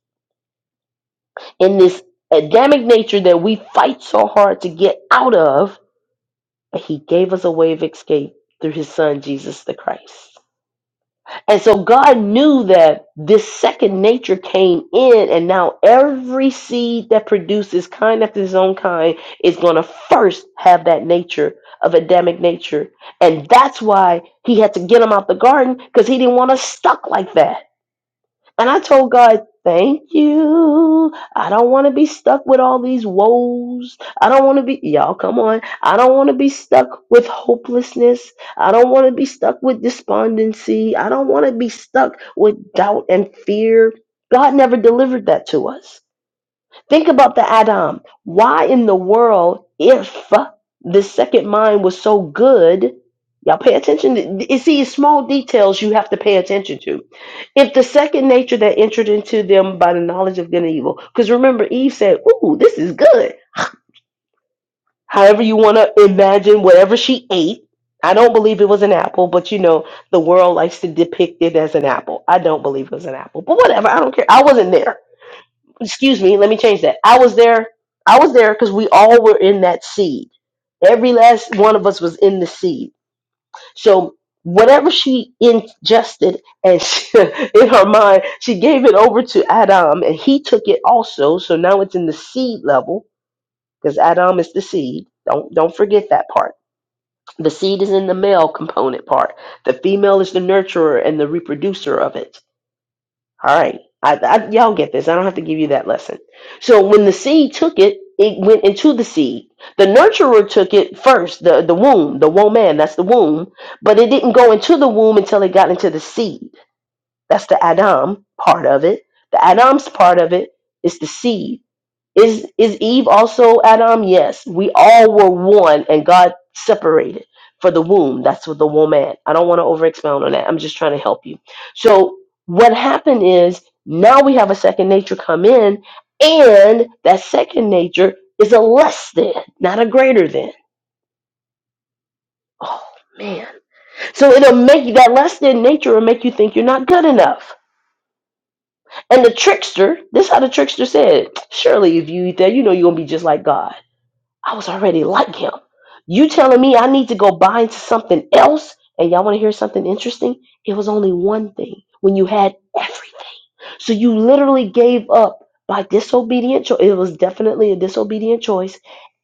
A: in this Adamic nature that we fight so hard to get out of, but he gave us a way of escape through his son, Jesus the Christ. And so God knew that this second nature came in, and now every seed that produces kind after his own kind is going to first have that nature of Adamic nature. And that's why he had to get him out the garden because he didn't want us stuck like that. And I told God, thank you. I don't want to be stuck with all these woes. I don't want to be, y'all, come on. I don't want to be stuck with hopelessness. I don't want to be stuck with despondency. I don't want to be stuck with doubt and fear. God never delivered that to us. Think about the Adam. Why in the world, if the second mind was so good, y'all pay attention. To, you see, it's small details you have to pay attention to. If the second nature that entered into them by the knowledge of good and evil, because remember, Eve said, Ooh, this is good. However, you want to imagine whatever she ate. I don't believe it was an apple, but you know, the world likes to depict it as an apple. I don't believe it was an apple, but whatever. I don't care. I wasn't there excuse me, let me change that. I was there. I was there because we all were in that seed. Every last one of us was in the seed. So whatever she ingested and she, in her mind, she gave it over to Adam, and he took it also. So now it's in the seed level because Adam is the seed. Don't don't forget that part. The seed is in the male component part. The female is the nurturer and the reproducer of it. All right. I, I, y'all get this. I don't have to give you that lesson. So when the seed took it, it went into the seed. The nurturer took it first, the, the womb, the woman, that's the womb. But it didn't go into the womb until it got into the seed. That's the Adam part of it. The Adam's part of it is the seed. Is is Eve also Adam? Yes. We all were one and God separated for the womb. That's what the woman. I don't want to over expound on that. I'm just trying to help you. So what happened is now we have a second nature come in, and that second nature is a less than, not a greater than. Oh man. So it'll make you that less than nature will make you think you're not good enough. And the trickster, this is how the trickster said, Surely if you eat that, you know you're gonna be just like God. I was already like him. You telling me I need to go buy into something else? And y'all want to hear something interesting? It was only one thing when you had everything. So you literally gave up by disobedient choice. It was definitely a disobedient choice.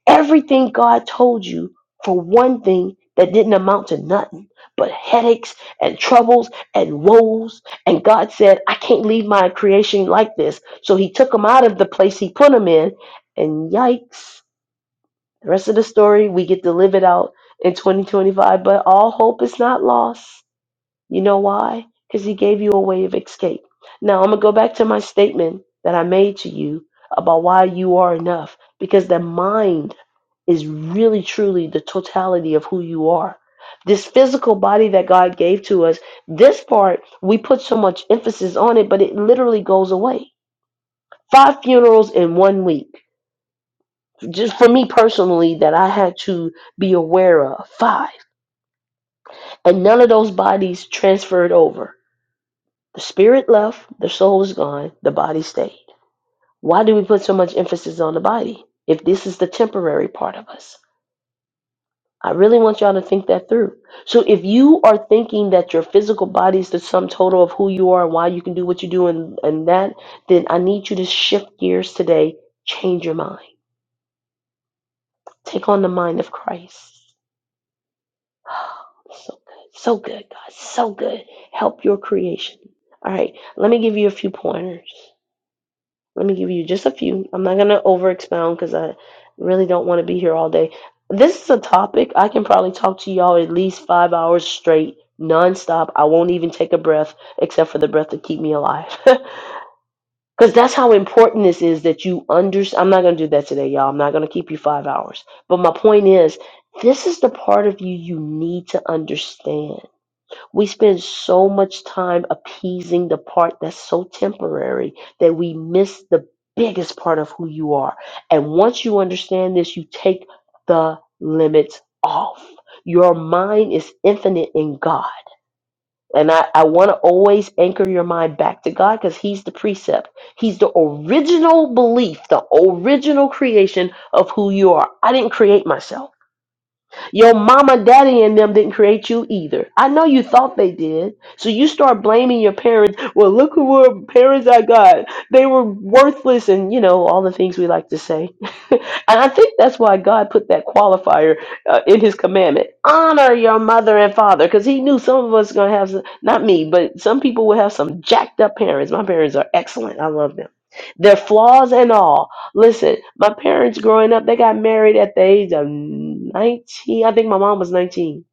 A: Everything God told you for one thing that didn't amount to nothing but headaches and troubles and woes. And God said, I can't leave my creation like this. So he took him out of the place he put him in. And yikes the rest of the story we get to live it out in 2025, but all hope is not lost. You know why? Because he gave you a way of escape. Now I'm gonna go back to my statement that I made to you about why you are enough, because the mind is really truly the totality of who you are. This physical body that God gave to us, this part, we put so much emphasis on it, but it literally goes away. Five funerals in one week just for me personally that I had to be aware of five. And none of those bodies transferred over. The spirit left, the soul was gone, the body stayed. Why do we put so much emphasis on the body if this is the temporary part of us? I really want y'all to think that through. So if you are thinking that your physical body is the sum total of who you are and why you can do what you do and, and that, then I need you to shift gears today, change your mind. Take on the mind of Christ. Oh, So good. So good, God. So good. Help your creation. All right. Let me give you a few pointers. Let me give you just a few. I'm not going to over expound because I really don't want to be here all day. This is a topic I can probably talk to y'all at least five hours straight, nonstop. I won't even take a breath except for the breath to keep me alive. Because that's how important this is that you understand. I'm not going to do that today, y'all. I'm not going to keep you five hours. But my point is, this is the part of you you need to understand we spend so much time appeasing the part that's so temporary that we miss the biggest part of who you are. And once you understand this, you take the limits off. Your mind is infinite in God. And I, I want to always anchor your mind back to God because He's the precept. He's the original belief, the original creation of who you are. I didn't create myself. Your mama, daddy, and them didn't create you either. I know you thought they did. So you start blaming your parents. Well, look who were parents I got. They were worthless and, you know, all the things we like to say. and I think that's why God put that qualifier uh, in his commandment. Honor your mother and father because he knew some of us going to have, some, not me, but some people will have some jacked up parents. My parents are excellent. I love them. Their flaws and all. Listen, my parents growing up, they got married at the age of 19. I think my mom was 19.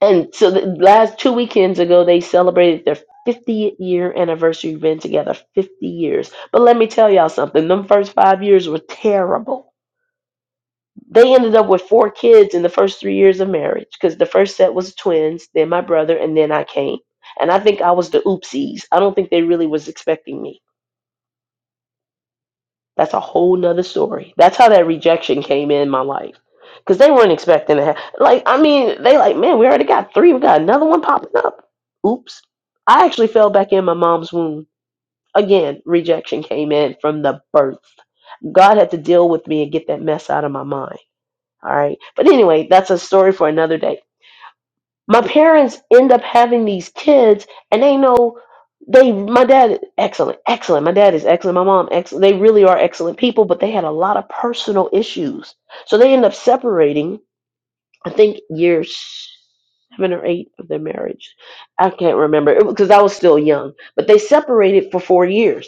A: And so the last two weekends ago, they celebrated their 50th year anniversary. We've been together 50 years. But let me tell y'all something. Them first five years were terrible. They ended up with four kids in the first three years of marriage because the first set was twins, then my brother, and then I came. And I think I was the oopsies. I don't think they really was expecting me That's a whole nother story. That's how that rejection came in my life. Because they weren't expecting to have, like, I mean, they like, man, we already got three. We got another one popping up. Oops. I actually fell back in my mom's womb. Again, rejection came in from the birth. God had to deal with me and get that mess out of my mind. All right. But anyway, that's a story for another day my parents end up having these kids and they know they my dad excellent excellent my dad is excellent my mom excellent they really are excellent people but they had a lot of personal issues so they end up separating i think year seven or eight of their marriage i can't remember because i was still young but they separated for four years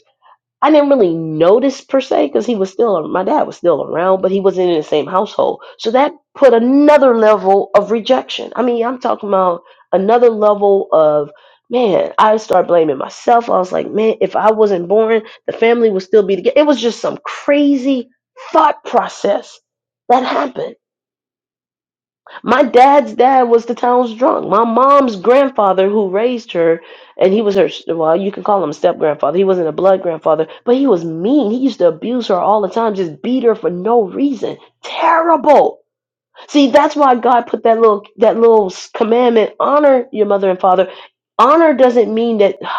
A: I didn't really notice per se because he was still my dad was still around, but he wasn't in the same household. So that put another level of rejection. I mean, I'm talking about another level of man. I started blaming myself. I was like, man, if I wasn't born, the family would still be together. It was just some crazy thought process that happened my dad's dad was the town's drunk. My mom's grandfather, who raised her, and he was her, well, you can call him a step grandfather. He wasn't a blood grandfather, but he was mean. He used to abuse her all the time, just beat her for no reason. Terrible. See, that's why God put that little that little commandment: honor your mother and father. Honor doesn't mean that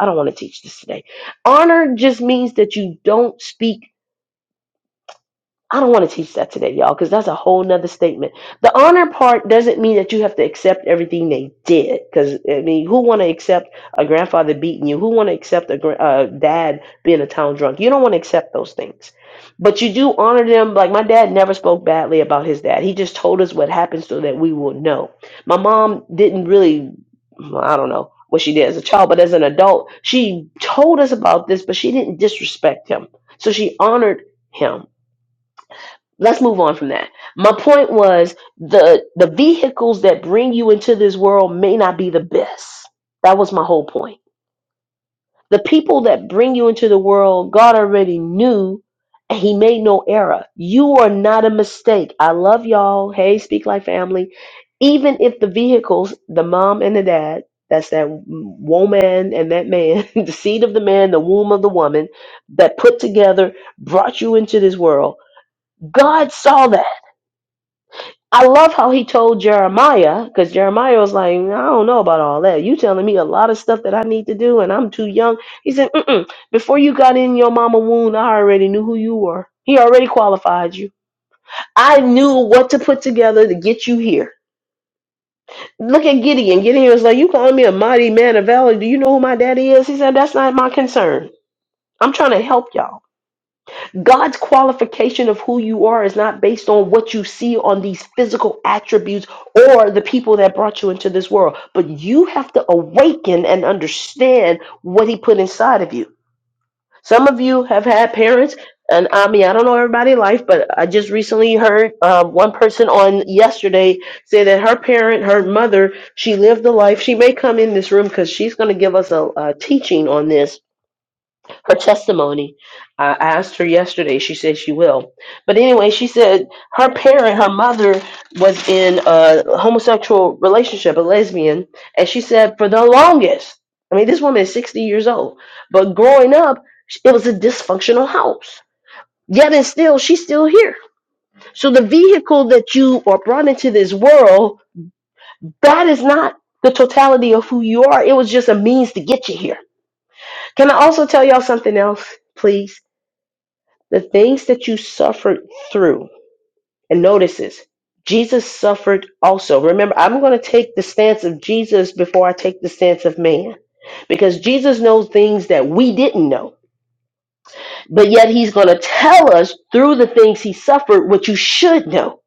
A: I don't want to teach this today. Honor just means that you don't speak I don't want to teach that today, y'all, because that's a whole nother statement. The honor part doesn't mean that you have to accept everything they did. Because I mean, who want to accept a grandfather beating you? Who want to accept a gra- uh, dad being a town drunk? You don't want to accept those things, but you do honor them. Like my dad never spoke badly about his dad. He just told us what happened so that we will know. My mom didn't really. well, I don't know what she did as a child, but as an adult, she told us about this, but she didn't disrespect him. So she honored him let's move on from that. My point was the the vehicles that bring you into this world may not be the best. That was my whole point. The people that bring you into the world, God already knew and he made no error. You are not a mistake. I love y'all. Hey, speak like family. Even if the vehicles, the mom and the dad, that's that woman and that man, the seed of the man, the womb of the woman, that put together brought you into this world. God saw that. I love how he told Jeremiah, because Jeremiah was like, I don't know about all that. You telling me a lot of stuff that I need to do, and I'm too young. He said, Mm-mm. Before you got in your mama womb, I already knew who you were. He already qualified you. I knew what to put together to get you here. Look at Gideon. Gideon was like, You calling me a mighty man of valor. Do you know who my daddy is? He said, That's not my concern. I'm trying to help y'all. God's qualification of who you are is not based on what you see on these physical attributes or the people that brought you into this world, but you have to awaken and understand what He put inside of you. Some of you have had parents, and I mean, I don't know everybody's life, but I just recently heard uh, one person on yesterday say that her parent, her mother, she lived the life. She may come in this room because she's going to give us a, a teaching on this her testimony. I asked her yesterday. She said she will. But anyway, she said her parent, her mother, was in a homosexual relationship, a lesbian, and she said for the longest. I mean, this woman is 60 years old, but growing up, it was a dysfunctional house. Yet and still, she's still here. So the vehicle that you are brought into this world, that is not the totality of who you are. It was just a means to get you here. Can I also tell y'all something else, please? The things that you suffered through, and notice this, Jesus suffered also. Remember, I'm going to take the stance of Jesus before I take the stance of man because Jesus knows things that we didn't know. But yet, he's going to tell us through the things he suffered what you should know.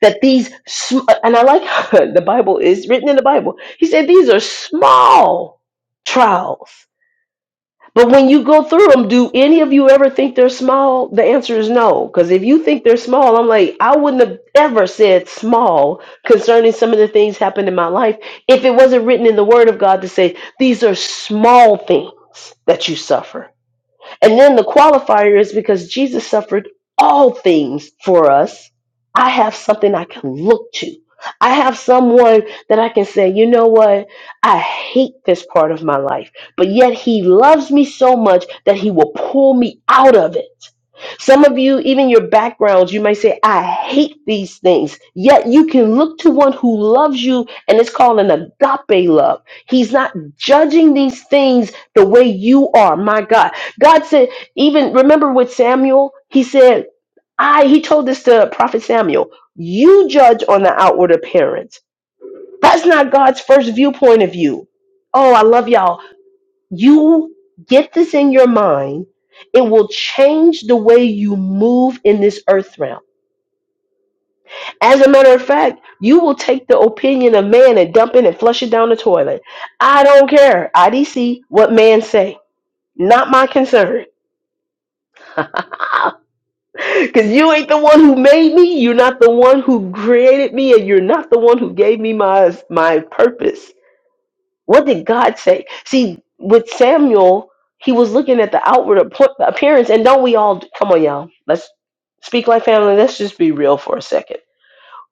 A: That these, sm- and I like the Bible is written in the Bible. He said these are small trials But when you go through them, do any of you ever think they're small? The answer is no. Because if you think they're small, I'm like, I wouldn't have ever said small concerning some of the things happened in my life if it wasn't written in the Word of God to say, these are small things that you suffer. And then the qualifier is because Jesus suffered all things for us. I have something I can look to. I have someone that I can say, you know what? I hate this part of my life, but yet he loves me so much that he will pull me out of it. Some of you, even your backgrounds, you might say, I hate these things. Yet you can look to one who loves you, and it's called an agape love. He's not judging these things the way you are. My God. God said, even remember with Samuel, he said, I, he told this to Prophet Samuel, you judge on the outward appearance. That's not God's first viewpoint of you. Oh, I love y'all you get this in your mind. It will change the way you move in this earth realm. As a matter of fact, you will take the opinion of man and dump it and flush it down the toilet. I don't care. IDC, what man say. Not my concern. Because you ain't the one who made me. You're not the one who created me. And you're not the one who gave me my, my purpose. What did God say? See, with Samuel, he was looking at the outward ap- appearance, and don't we all? Come on, y'all. Let's speak like family. Let's just be real for a second.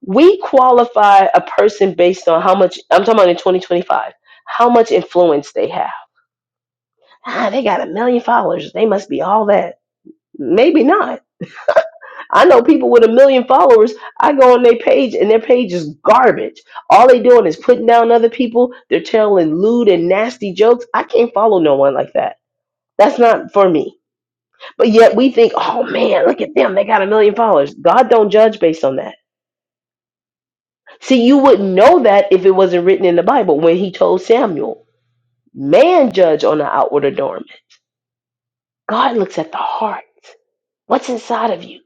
A: We qualify a person based on how much. I'm talking about in 2025. How much influence they have. Ah, they got a million followers. They must be all that. Maybe not I know people with a million followers. I go on their page and their page is garbage. All they doing is putting down other people. They're telling lewd and nasty jokes. I can't follow no one like that. That's not for me. But yet we think, oh man, look at them. They got a million followers. God don't judge based on that. See, you wouldn't know that if it wasn't written in the Bible when he told Samuel, man judge on the outward adornment. God looks at the heart. What's inside of you?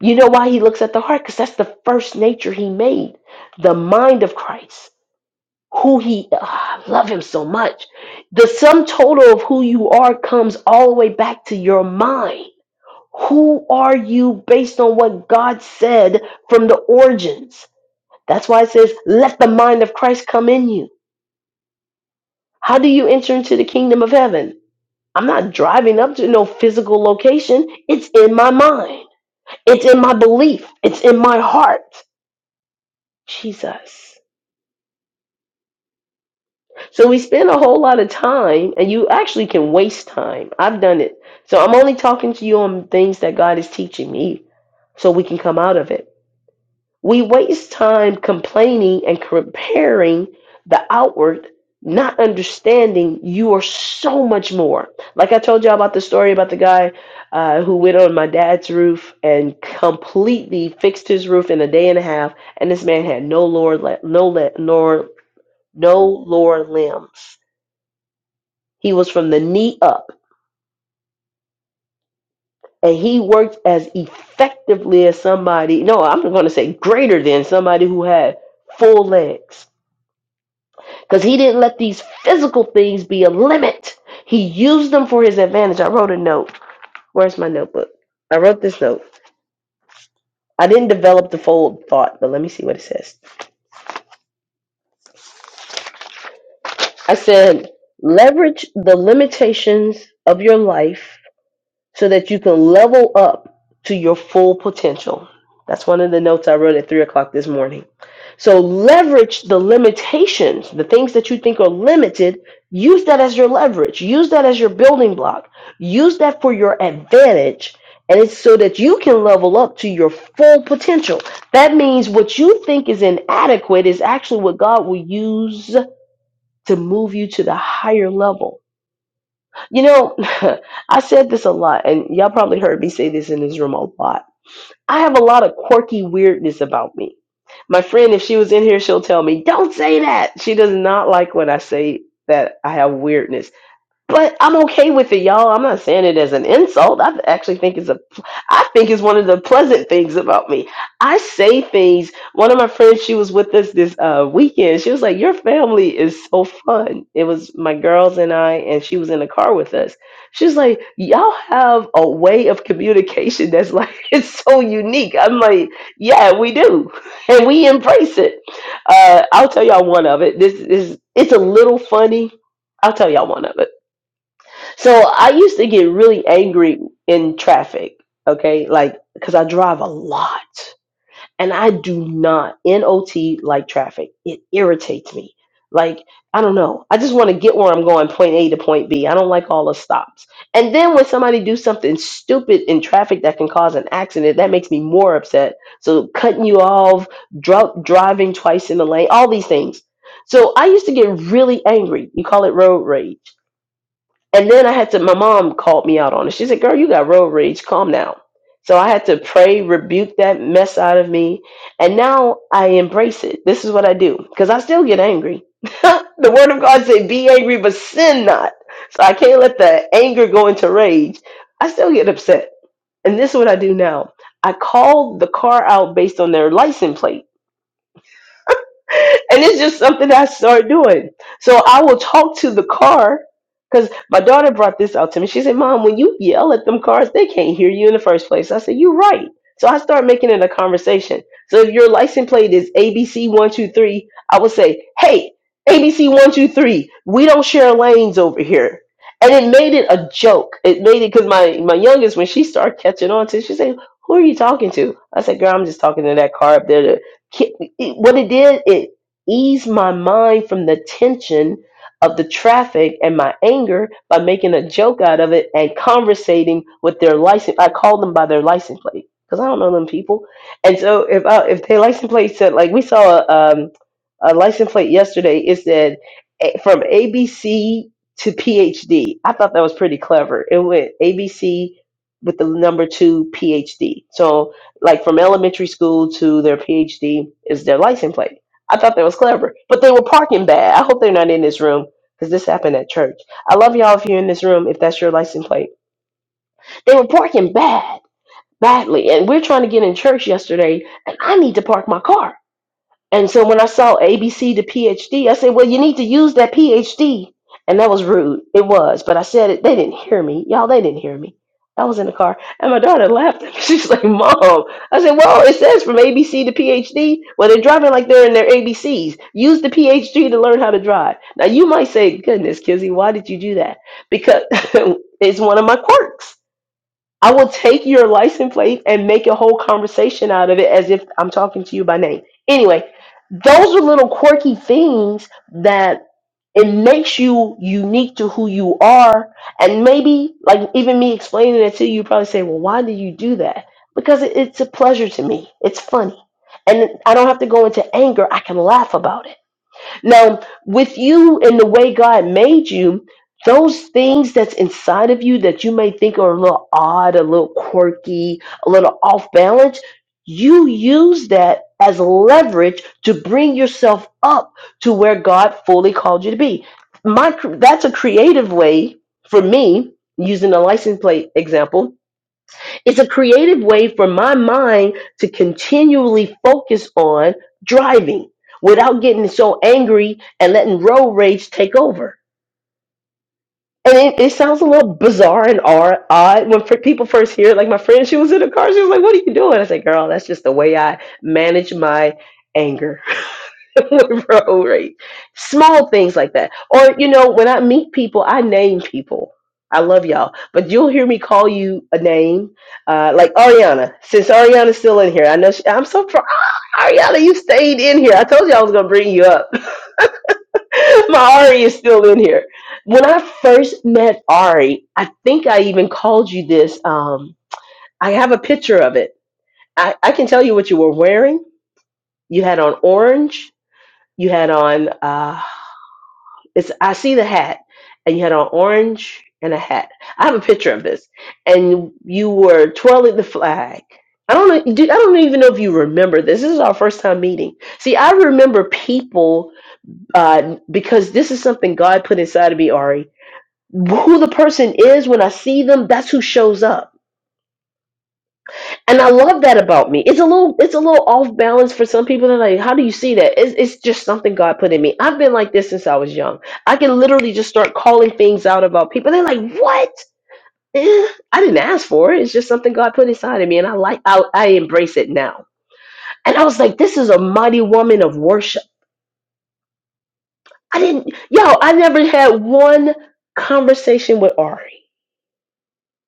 A: You know why he looks at the heart? Because that's the first nature he made, the mind of Christ, who he, ah, I love him so much. The sum total of who you are comes all the way back to your mind. Who are you based on what God said from the origins? That's why it says, let the mind of Christ come in you. How do you enter into the kingdom of heaven? I'm not driving up to no physical location. It's in my mind. It's in my belief. It's in my heart. Jesus. So we spend a whole lot of time, and you actually can waste time. I've done it. So I'm only talking to you on things that God is teaching me so we can come out of it. We waste time complaining and comparing the outward, not understanding you are so much more. Like I told y'all about the story about the guy uh, who went on my dad's roof and completely fixed his roof in a day and a half, and this man had no Lord, le- no le- nor no lower limbs. He was from the knee up. And he worked as effectively as somebody, no, I'm going to say greater than somebody who had full legs. Because he didn't let these physical things be a limit. He used them for his advantage. I wrote a note. Where's my notebook? I wrote this note. I didn't develop the full thought, but let me see what it says. I said, leverage the limitations of your life so that you can level up to your full potential. That's one of the notes I wrote at three o'clock this morning. So leverage the limitations, the things that you think are limited, use that as your leverage, use that as your building block, use that for your advantage. And it's so that you can level up to your full potential. That means what you think is inadequate is actually what God will use to move you to the higher level you know, I said this a lot, and y'all probably heard me say this in this room a lot. I have a lot of quirky weirdness about me. My friend, if she was in here, she'll tell me, Don't say that. She does not like when I say that I have weirdness. But I'm okay with it, y'all. I'm not saying it as an insult. I actually think it's a, I think it's one of the pleasant things about me. I say things. One of my friends, she was with us this uh, weekend. She was like, "Your family is so fun." It was my girls and I, and she was in the car with us. She was like, "Y'all have a way of communication that's like it's so unique." I'm like, "Yeah, we do, and we embrace it." Uh, I'll tell y'all one of it. This is it's a little funny. I'll tell y'all one of it so I used to get really angry in traffic, okay? Like, because I drive a lot and I do not NOT like traffic. It irritates me. Like, I don't know. I just want to get where I'm going, point A to point B. I don't like all the stops. And then when somebody do something stupid in traffic that can cause an accident, that makes me more upset. So cutting you off, dr- driving twice in the lane, all these things. So I used to get really angry. You call it road rage and then I had to, my mom called me out on it. She said, Girl, you got road rage. Calm down. So I had to pray, rebuke that mess out of me. And now I embrace it. This is what I do because I still get angry. the word of God said, Be angry, but sin not. So I can't let the anger go into rage. I still get upset. And this is what I do now I call the car out based on their license plate and it's just something I started doing. So I will talk to the car because my daughter brought this out to me. She said, "Mom, when you yell at them cars, they can't hear you in the first place." I said, "You're right." So I start making it a conversation. So if your license plate is ABC one two three, I will say, "Hey, ABC one two three, we don't share lanes over here." And it made it a joke. It made it because my my youngest, when she started catching on to, it, she said, "Who are you talking to?" I said, "Girl, I'm just talking to that car up there. Ki- it- What it did, it eased my mind from the tension of the traffic and my anger by making a joke out of it and conversating with their license. I called them by their license plate because I don't know them people. And so if I, if their license plate said like we saw a, um, a license plate yesterday, it said eh, from ABC to PhD. I thought that was pretty clever. It went ABC with the number two PhD. So like from elementary school to their PhD is their license plate. I thought that was clever, but they were parking bad. I hope they're not in this room because this happened at church. I love y'all if you're in this room if that's your license plate. They were parking bad, badly, and we're trying to get in church yesterday, and I need to park my car. And so when I saw ABC to PhD, I said, well, you need to use that PhD. And that was rude. It was. But I said it. They didn't hear me. Y'all, they didn't hear me. I was in the car. And my daughter laughed. at me. She's like, Mom. I said, well, it says from ABC to PhD. Well, they're driving like they're in their ABCs. Use the PhD to learn how to drive. Now, you might say, goodness, Kizzy, why did you do that? Because it's one of my quirks. I will take your license plate and make a whole conversation out of it as if I'm talking to you by name. Anyway, those are little quirky things that it makes you unique to who you are. And maybe, like, even me explaining it to you, you probably say, Well, why did you do that? Because it- it's a pleasure to me, it's funny. And I don't have to go into anger, I can laugh about it now, with you and the way God made you, those things that's inside of you that you may think are a little odd, a little quirky, a little off balance, you use that as leverage to bring yourself up to where God fully called you to be. My that's a creative way for me using the license plate example it's a creative way for my mind to continually focus on driving without getting so angry and letting road rage take over. And it, it sounds a little bizarre and or- odd when fr- people first hear it. Like my friend, she was in the car. She was like, "What are you doing?" I said, "Girl, that's just the way I manage my anger." Bro, right? Small things like that. Or you know, when I meet people, I name people. I love y'all, but you'll hear me call you a name, uh, like Ariana. Since Ariana's still in here, I know she, I'm so proud. Ariana, you stayed in here. I told you I was gonna bring you up My Ari is still in here. When I first met Ari, I think I even called you this. Um, I have a picture of it. I, I can tell you what you were wearing. You had on orange. You had on uh, it's. I see the hat, and you had on orange and a hat. I have a picture of this, and you were twirling the flag. I don't know. do- I don't even know if you remember this. This is our first time meeting. See, I remember people uh, because this is something God put inside of me, Ari who the person is when I see them, that's who shows up. And I love that about me. It's a little it's a little off balance for some people. They're like, how do you see that? It's, it's just something God put in me. I've been like this since I was young. I can literally just start calling things out about people. They're like, what? Eh, I didn't ask for it. It's just something God put inside of me, and I like I, I embrace it now. And I was like, this is a mighty woman of worship. I didn't, yo, I never had one conversation with Ari.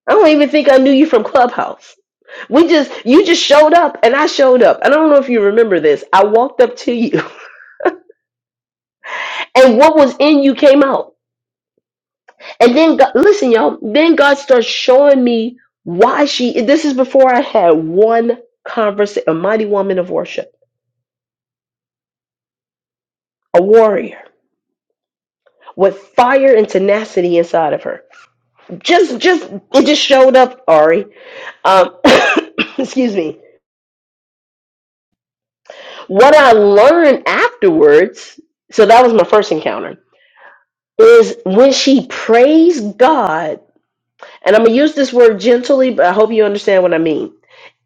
A: I don't even think I knew you from Clubhouse. We just, you just showed up and I showed up. And I don't know if you remember this. I walked up to you and what was in you came out. And then, God, listen, y'all, then God starts showing me why she, this is before I had one conversation, a mighty woman of worship, a warrior with fire and tenacity inside of her. Just, just, it just showed up, Ari. Um, excuse me. What I learned afterwards, so that was my first encounter is when she prays God, and I'm gonna use this word gently, but I hope you understand what I mean.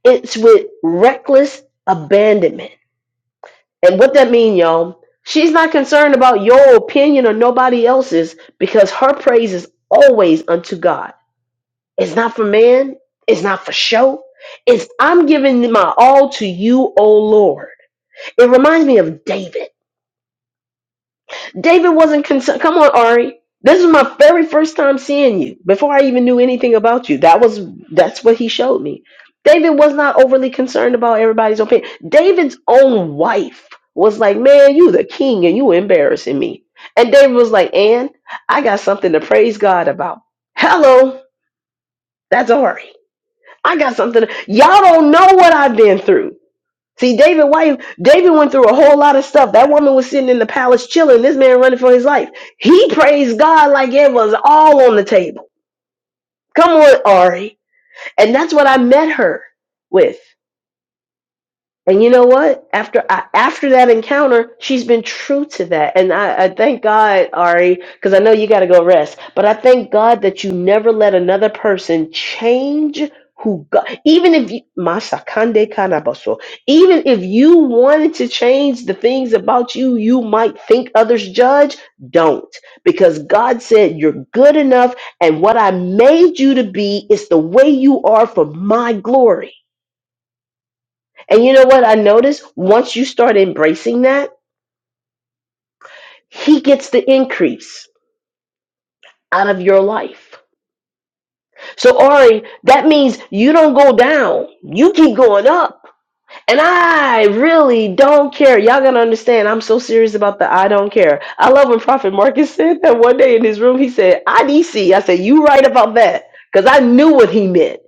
A: It's with reckless abandonment. And what that mean, y'all? She's not concerned about your opinion or nobody else's because her praise is always unto God. It's not for man, it's not for show. It's I'm giving my all to you, O Lord. It reminds me of David. David wasn't concerned. Come on, Ari. This is my very first time seeing you. Before I even knew anything about you, that was that's what he showed me. David was not overly concerned about everybody's opinion. David's own wife was like, "Man, you the king, and you embarrassing me." And David was like, "And I got something to praise God about." Hello, that's Ari. I got something. y'all don't know what I've been through. See, David wife, David went through a whole lot of stuff. That woman was sitting in the palace chilling. This man running for his life. He praised God like it was all on the table. Come on, Ari. And that's what I met her with. And you know what? After I, after that encounter, she's been true to that, and I, I thank God, Ari, because I know you got to go rest. But I thank God that you never let another person change who God. Even if you, masakande kanabaso, even if you wanted to change the things about you, you might think others judge. Don't, because God said you're good enough, and what I made you to be is the way you are for my glory. And you know what I noticed? Once you start embracing that, he gets the increase out of your life. So, Ari, that means you don't go down, you keep going up. And I really don't care. Y'all gotta understand, I'm so serious about the I don't care. I love when Prophet Marcus said that one day in his room, he said, IDC. I said, You right about that. Because I knew what he meant.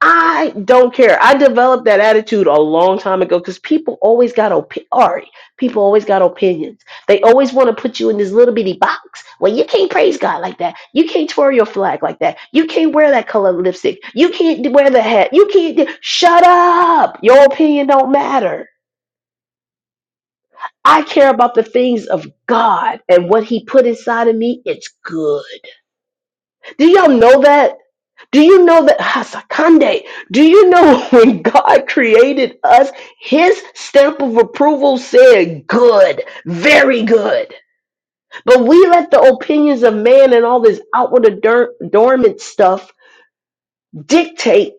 A: I don't care. I developed that attitude a long time ago because people always got op. Ari, people always got opinions. They always want to put you in this little bitty box. Well, you can't praise God like that. You can't twirl your flag like that. You can't wear that color lipstick. You can't wear the hat. You can't. d- Shut up. Your opinion don't matter. I care about the things of God and what He put inside of me. It's good. Do y'all know that? Do you know that Hasakande? Do you know when God created us, his stamp of approval said good, very good. But we let the opinions of man and all this outward ador- adornment stuff dictate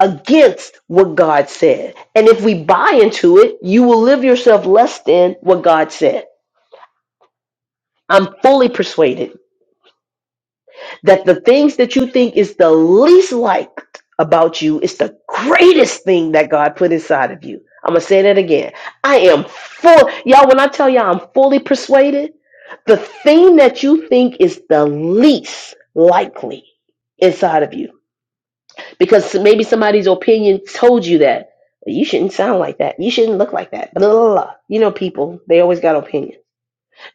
A: against what God said. And if we buy into it, you will live yourself less than what God said. I'm fully persuaded. that the things that you think is the least liked about you is the greatest thing that God put inside of you. I'm gonna say that again. I am full, y'all. When I tell y'all I'm fully persuaded, the thing that you think is the least likely inside of you, because maybe somebody's opinion told you that "Well, you shouldn't sound like that, you shouldn't look like that, blah blah blah. You know, people they always got opinions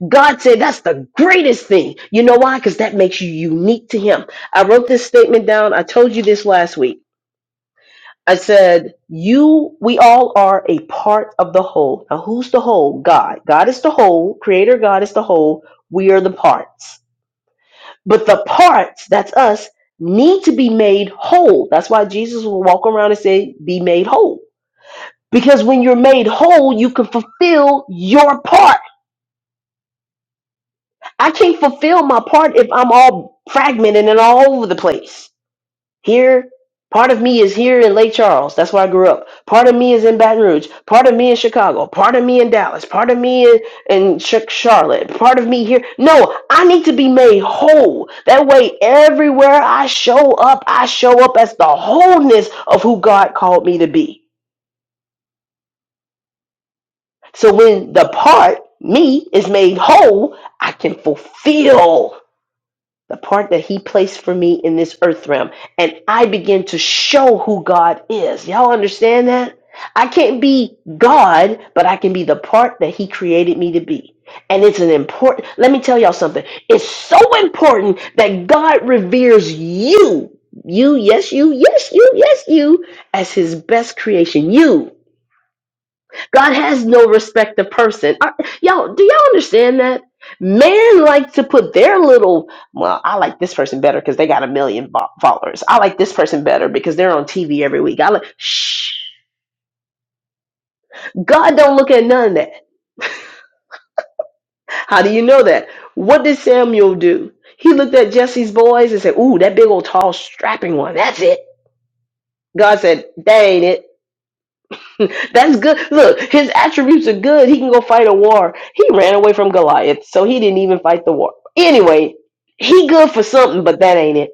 A: God said that's the greatest thing. You know why? Because that makes you unique to Him. I wrote this statement down. I told you this last week. I said, You, we all are a part of the whole. Now, who's the whole? God. God is the whole. Creator God is the whole. We are the parts. But the parts, that's us, need to be made whole. That's why Jesus will walk around and say, Be made whole. Because when you're made whole, you can fulfill your part I can't fulfill my part if I'm all fragmented and all over the place. Here, part of me is here in Lake Charles. That's where I grew up. Part of me is in Baton Rouge. Part of me in Chicago. Part of me in Dallas. Part of me in, in Ch- Charlotte. Part of me here. No, I need to be made whole. That way, everywhere I show up, I show up as the wholeness of who God called me to be. So when the part, me, is made whole, I can fulfill. the part that he placed for me in this earth realm and i begin to show who god is y'all understand that i can't be god but i can be the part that he created me to be and it's an important let me tell y'all something it's so important that god reveres you you yes you yes you yes you as his best creation you God has no respect of person. Are, y'all, do y'all understand that? Men like to put their little, well, I like this person better because they got a million fo- followers. I like this person better because they're on TV every week. I like, shh. God don't look at none of that. How do you know that? What did Samuel do? He looked at Jesse's boys and said, ooh, that big old tall strapping one. That's it. God said, that ain't it. That's good. Look, his attributes are good. He can go fight a war. He ran away from Goliath, so he didn't even fight the war. Anyway, he good for something, but that ain't it.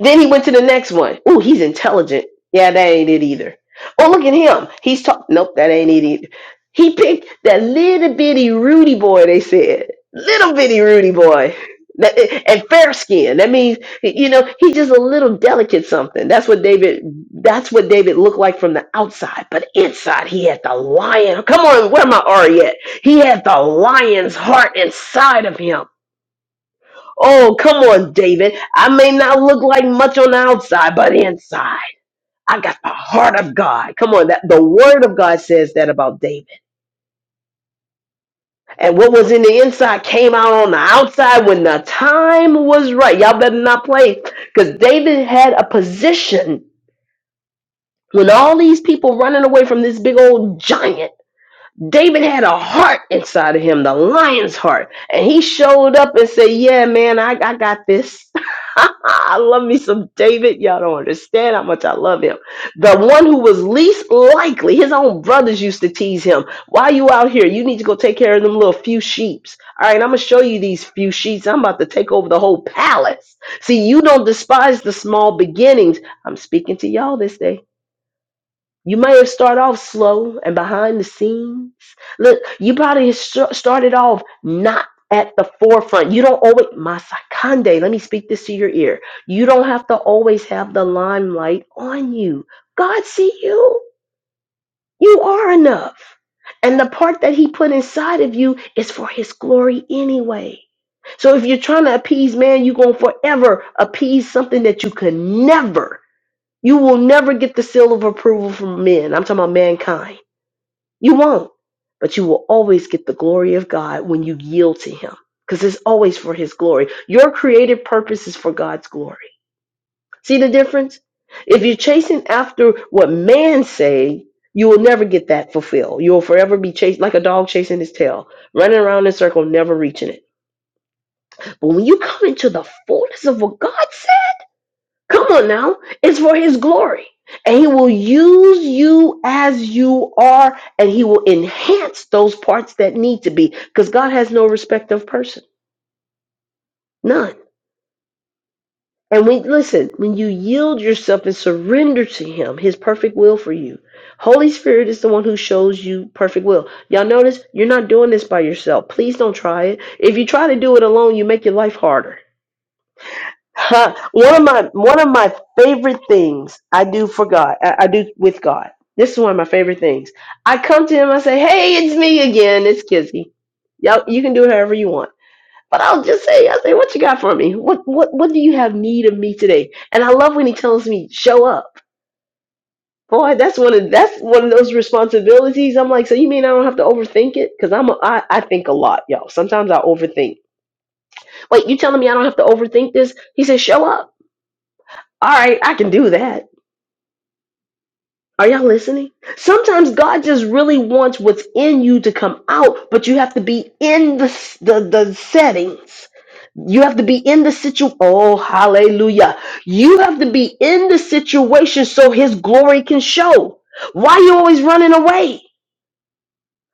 A: Then he went to the next one. Ooh, he's intelligent. Yeah, that ain't it either. Oh, look at him. He's talking. Nope, that ain't it either. He picked that little bitty Rudy boy. They said little bitty Rudy boy. That- and fair skin. That means you know he's just a little delicate something. That's what David. That's what David looked like from the outside, but inside he had the lion. Come on, where my Ari at? He had the lion's heart inside of him. Oh, come on, David. I may not look like much on the outside, but inside, I got the heart of God. Come on, that the word of God says that about David. And what was in the inside came out on the outside when the time was right. Y'all better not play because David had a position when all these people running away from this big old giant David had a heart inside of him, the lion's heart. And he showed up and said, Yeah, man, I, I got this. I love me some David. Y'all don't understand how much I love him. The one who was least likely, his own brothers used to tease him. Why you out here? You need to go take care of them little few sheeps. All right, I'm going to show you these few sheep. I'm about to take over the whole palace. See, you don't despise the small beginnings. I'm speaking to y'all this day you may have started off slow and behind the scenes. Look, you probably st- started off not at the forefront. You don't always, my sakande, let me speak this to your ear. You don't have to always have the limelight on you. God see you. You are enough. And the part that he put inside of you is for his glory anyway. So if you're trying to appease man, you're going to forever appease something that you can never, you will never get the seal of approval from men. I'm talking about mankind. You won't, but you will always get the glory of God when you yield to Him because it's always for His glory. Your creative purpose is for God's glory. See the difference? If you're chasing after what man say, you will never get that fulfilled. You will forever be chased like a dog chasing his tail, running around in a circle, never reaching it. But when you come into the fullness of what God said, Come on now. It's for his glory. And he will use you as you are, and he will enhance those parts that need to be. Because God has no respect of person. None. And we listen, when you yield yourself and surrender to him, his perfect will for you. Holy Spirit is the one who shows you perfect will. Y'all notice you're not doing this by yourself. Please don't try it. If you try to do it alone, you make your life harder. Huh. one of my one of my favorite things I do for God, I, I do with God. This is one of my favorite things. I come to Him, I say, "Hey, it's me again. It's Kizzy. Y'all, you can do it however you want." But I'll just say, I say, "What you got for me? What what what do you have need of me today?" And I love when He tells me, "Show up." Boy, that's one of that's one of those responsibilities. I'm like, so you mean I don't have to overthink it? Because I'm a, I, I think a lot, y'all. Sometimes I overthink. Wait, you telling me I don't have to overthink this? He says, show up all right, I can do that. Are y'all listening? Sometimes God just really wants what's in you to come out, but you have to be in the the, the settings. You have to be in the situation. Oh, hallelujah. You have to be in the situation so his glory can show. Why you always running away?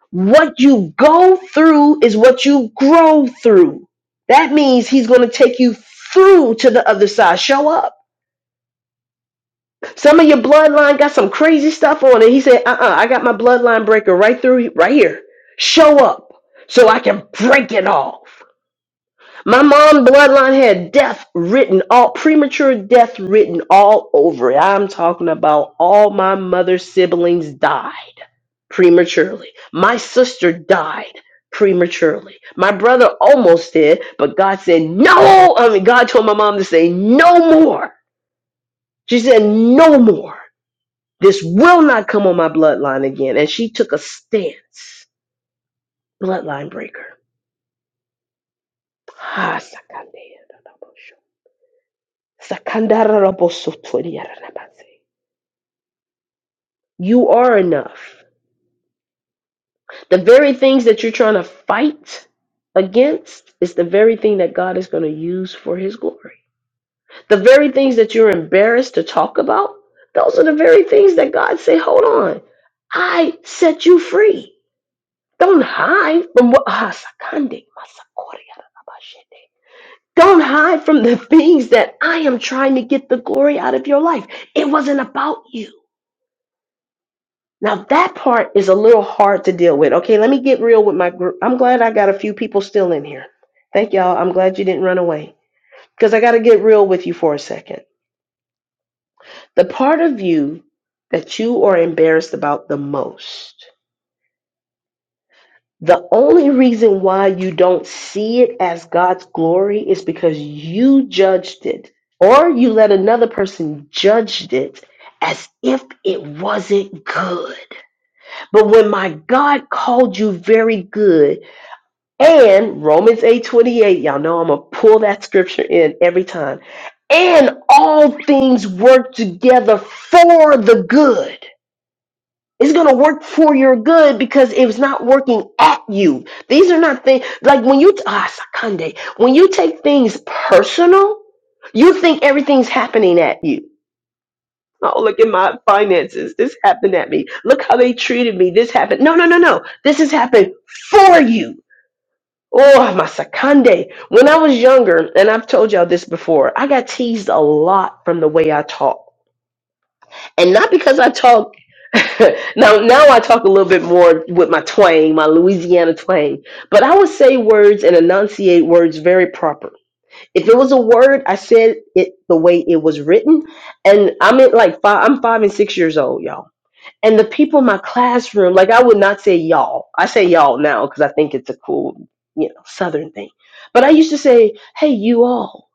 A: What you go through is what you grow through. That means he's going to take you through to the other side. Show up. Some of your bloodline got some crazy stuff on it. He said, uh uh I got my bloodline breaker right through, right here. Show up so I can break it off. My mom bloodline had death written all premature death written all over it. I'm talking about all my mother's siblings died prematurely. My sister died prematurely. My brother almost did, but God said no. I mean, God told my mom to say no more. She said no more. This will not come on my bloodline again. And she took a stance. Bloodline breaker. Ah, sakandera rabosotoriarabase. You are enough. The very things that you're trying to fight against is the very thing that God is going to use for his glory. The very things that you're embarrassed to talk about, those are the very things that God say, "Hold on. I set you free." Don't hide from what ah, sakande, masakori, arabashete. Don't hide from the things that I am trying to get the glory out of your life. It wasn't about you. Now that part is a little hard to deal with. Okay, let me get real with my group. I'm glad I got a few people still in here. Thank y'all. I'm glad you didn't run away because I got to get real with you for a second. The part of you that you are embarrassed about the most The only reason why you don't see it as God's glory is because you judged it, or you let another person judged it as if it wasn't good. But when my God called you very good, and Romans 8:28, y'all know I'm gonna pull that scripture in every time. And all things work together for the good it's going to work for your good because it's not working at you. These are not things like when you ah sakande, when you take things personal, you think everything's happening at you. Oh, look at my finances. This happened at me. Look how they treated me. This happened. No, no, no, no. This has happened for you. Oh, my sakande. When I was younger, and I've told y'all this before, I got teased a lot from the way I talk. And not because I talk now now I talk a little bit more with my twang, my Louisiana twang. But I would say words and enunciate words very proper. If it was a word, I said it the way it was written. And I'm at like five I'm five and six years old, y'all. And the people in my classroom, like I would not say y'all. I say y'all now because I think it's a cool, you know, southern thing. But I used to say, hey, you all.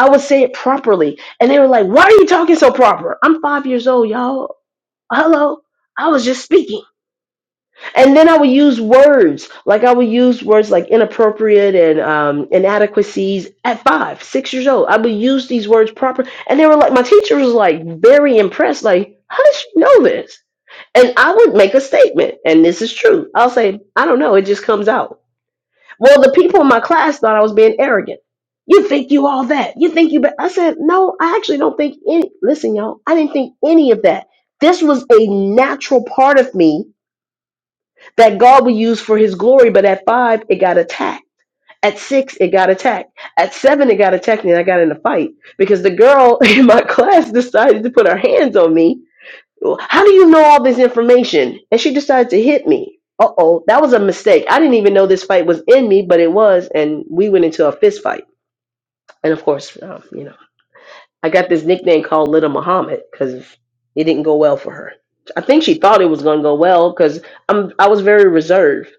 A: I would say it properly. And they were like, why are you talking so proper? I'm five years old, y'all. Hello. I was just speaking and then I would use words like I would use words like inappropriate and um, inadequacies at five, six years old. I would use these words proper, and they were like my teacher was like very impressed. Like, how did you know this? And I would make a statement, and this is true. I'll say, I don't know, it just comes out. Well, the people in my class thought I was being arrogant. You think you all that? You think you? Be-. I said, no, I actually don't think any. Listen, y'all, I didn't think any of that. This was a natural part of me that God will use for his glory. But at five, it got attacked. At six, it got attacked. At seven, it got attacked, and I got in a fight because the girl in my class decided to put her hands on me. How do you know all this information? And she decided to hit me. Uh oh, that was a mistake. I didn't even know this fight was in me, but it was, and we went into a fist fight. And of course, um, you know, I got this nickname called Little Muhammad because it didn't go well for her. I think she thought it was going to go well because I'm I was very reserved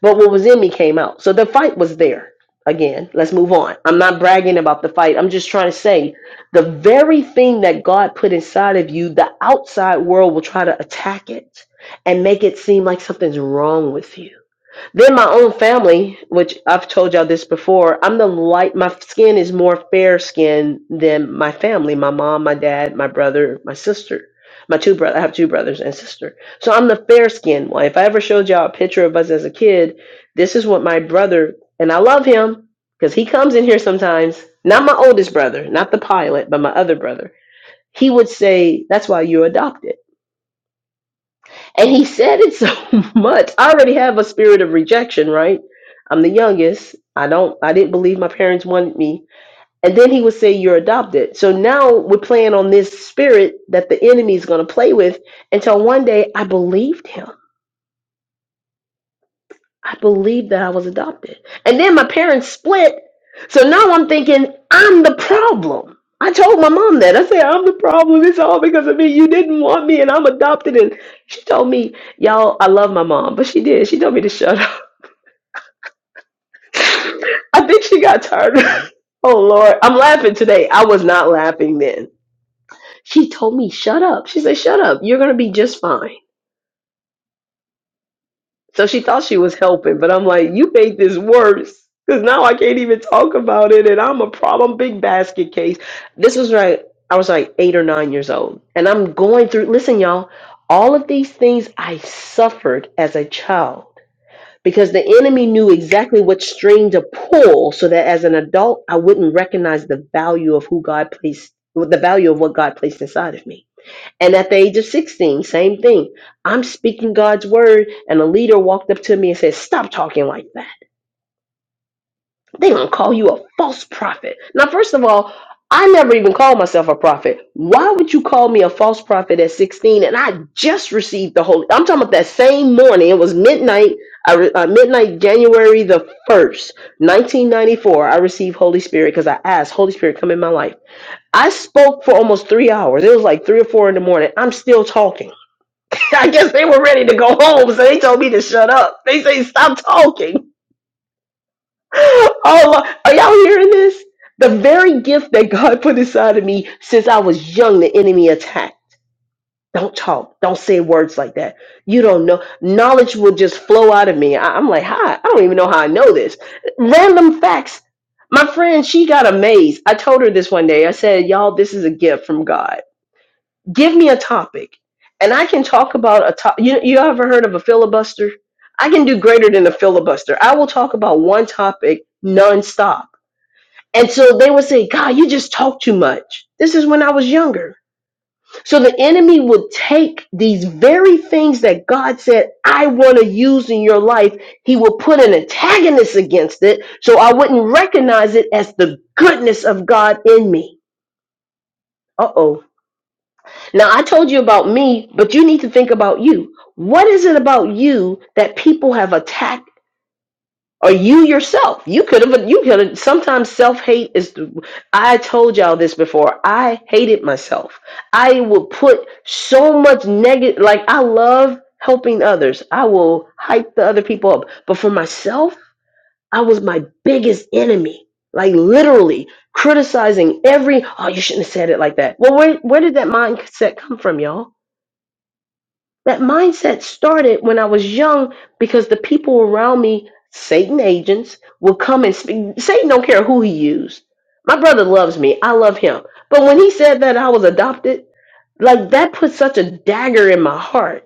A: but what was in me came out. So the fight was there. Again, let's move on. I'm not bragging about the fight. I'm just trying to say the very thing that God put inside of you, the outside world will try to attack it and make it seem like something's wrong with you. Then my own family, which I've told y'all this before, I'm the light. My skin is more fair skin than my family. My mom, my dad, my brother, my sister, my two brother. I have two brothers and sister. So I'm the fair skinned one. If I ever showed y'all a picture of us as a kid, this is what my brother and I love him because he comes in here sometimes. Not my oldest brother, not the pilot, but my other brother. He would say, "That's why you're adopted." And he said it so much. I already have a spirit of rejection, right? I'm the youngest. I don't I didn't believe my parents wanted me. And then he would say you're adopted. So now we're playing on this spirit that the enemy is going to play with until one day I believed him. I believed that I was adopted. And then my parents split. So now I'm thinking, I'm the problem. I told my mom that. I said, I'm the problem. It's all because of me. You didn't want me and I'm adopted. And she told me, y'all, I love my mom, but she did. She told me to shut up. I think she got tired. oh, Lord. I'm laughing today. I was not laughing then. She told me, shut up. She said, shut up. You're going to be just fine. So she thought she was helping, but I'm like, you made this worse. Cause now I can't even talk about it, and I'm a problem big basket case. This was right. I was like eight or nine years old, and I'm going through. Listen, y'all, all of these things I suffered as a child because the enemy knew exactly what string to pull, so that as an adult I wouldn't recognize the value of who God placed, the value of what God placed inside of me. And at the age of 16, same thing. I'm speaking God's word, and a leader walked up to me and said, Stop talking like that. they going to call you a false prophet. Now, first of all, I never even called myself a prophet. Why would you call me a false prophet at 16? And I just received the Holy. I'm talking about that same morning. It was midnight, I re- uh, midnight, January the 1st, 1994. I received Holy Spirit because I asked, Holy Spirit, come in my life. I spoke for almost three hours. It was like three or four in the morning. I'm still talking. I guess they were ready to go home, so they told me to shut up. They say stop talking. Oh, Lord. are y'all hearing this? The very gift that God put inside of me since I was young, the enemy attacked. Don't talk. Don't say words like that. You don't know. Knowledge will just flow out of me. I- I'm like, hi. I don't even know how I know this. Random facts. My friend, she got amazed. I told her this one day. I said, y'all, this is a gift from God give me a topic and I can talk about a top. You, you ever heard of a filibuster? I can do greater than a filibuster. I will talk about one topic nonstop. And so they would say, God, you just talk too much. This is when I was younger. So the enemy would take these very things that God said, I want to use in your life. He would put an antagonist against it. So I wouldn't recognize it as the goodness of God in me. Uh oh. Now, I told you about me, but you need to think about you. What is it about you that people have attacked? Or you yourself? You could have. You could have. Sometimes self hate is. the- I told y'all this before. I hated myself. I would put so much negative. Like I love helping others. I will hype the other people up, but for myself, I was my biggest enemy. Like literally criticizing every. Oh, you shouldn't have said it like that. Well, where where did that mindset come from, y'all? That mindset started when I was young because the people around me, Satan agents, will come and speak. Satan don't care who he used. My brother loves me. I love him. But when he said that I was adopted, like that put such a dagger in my heart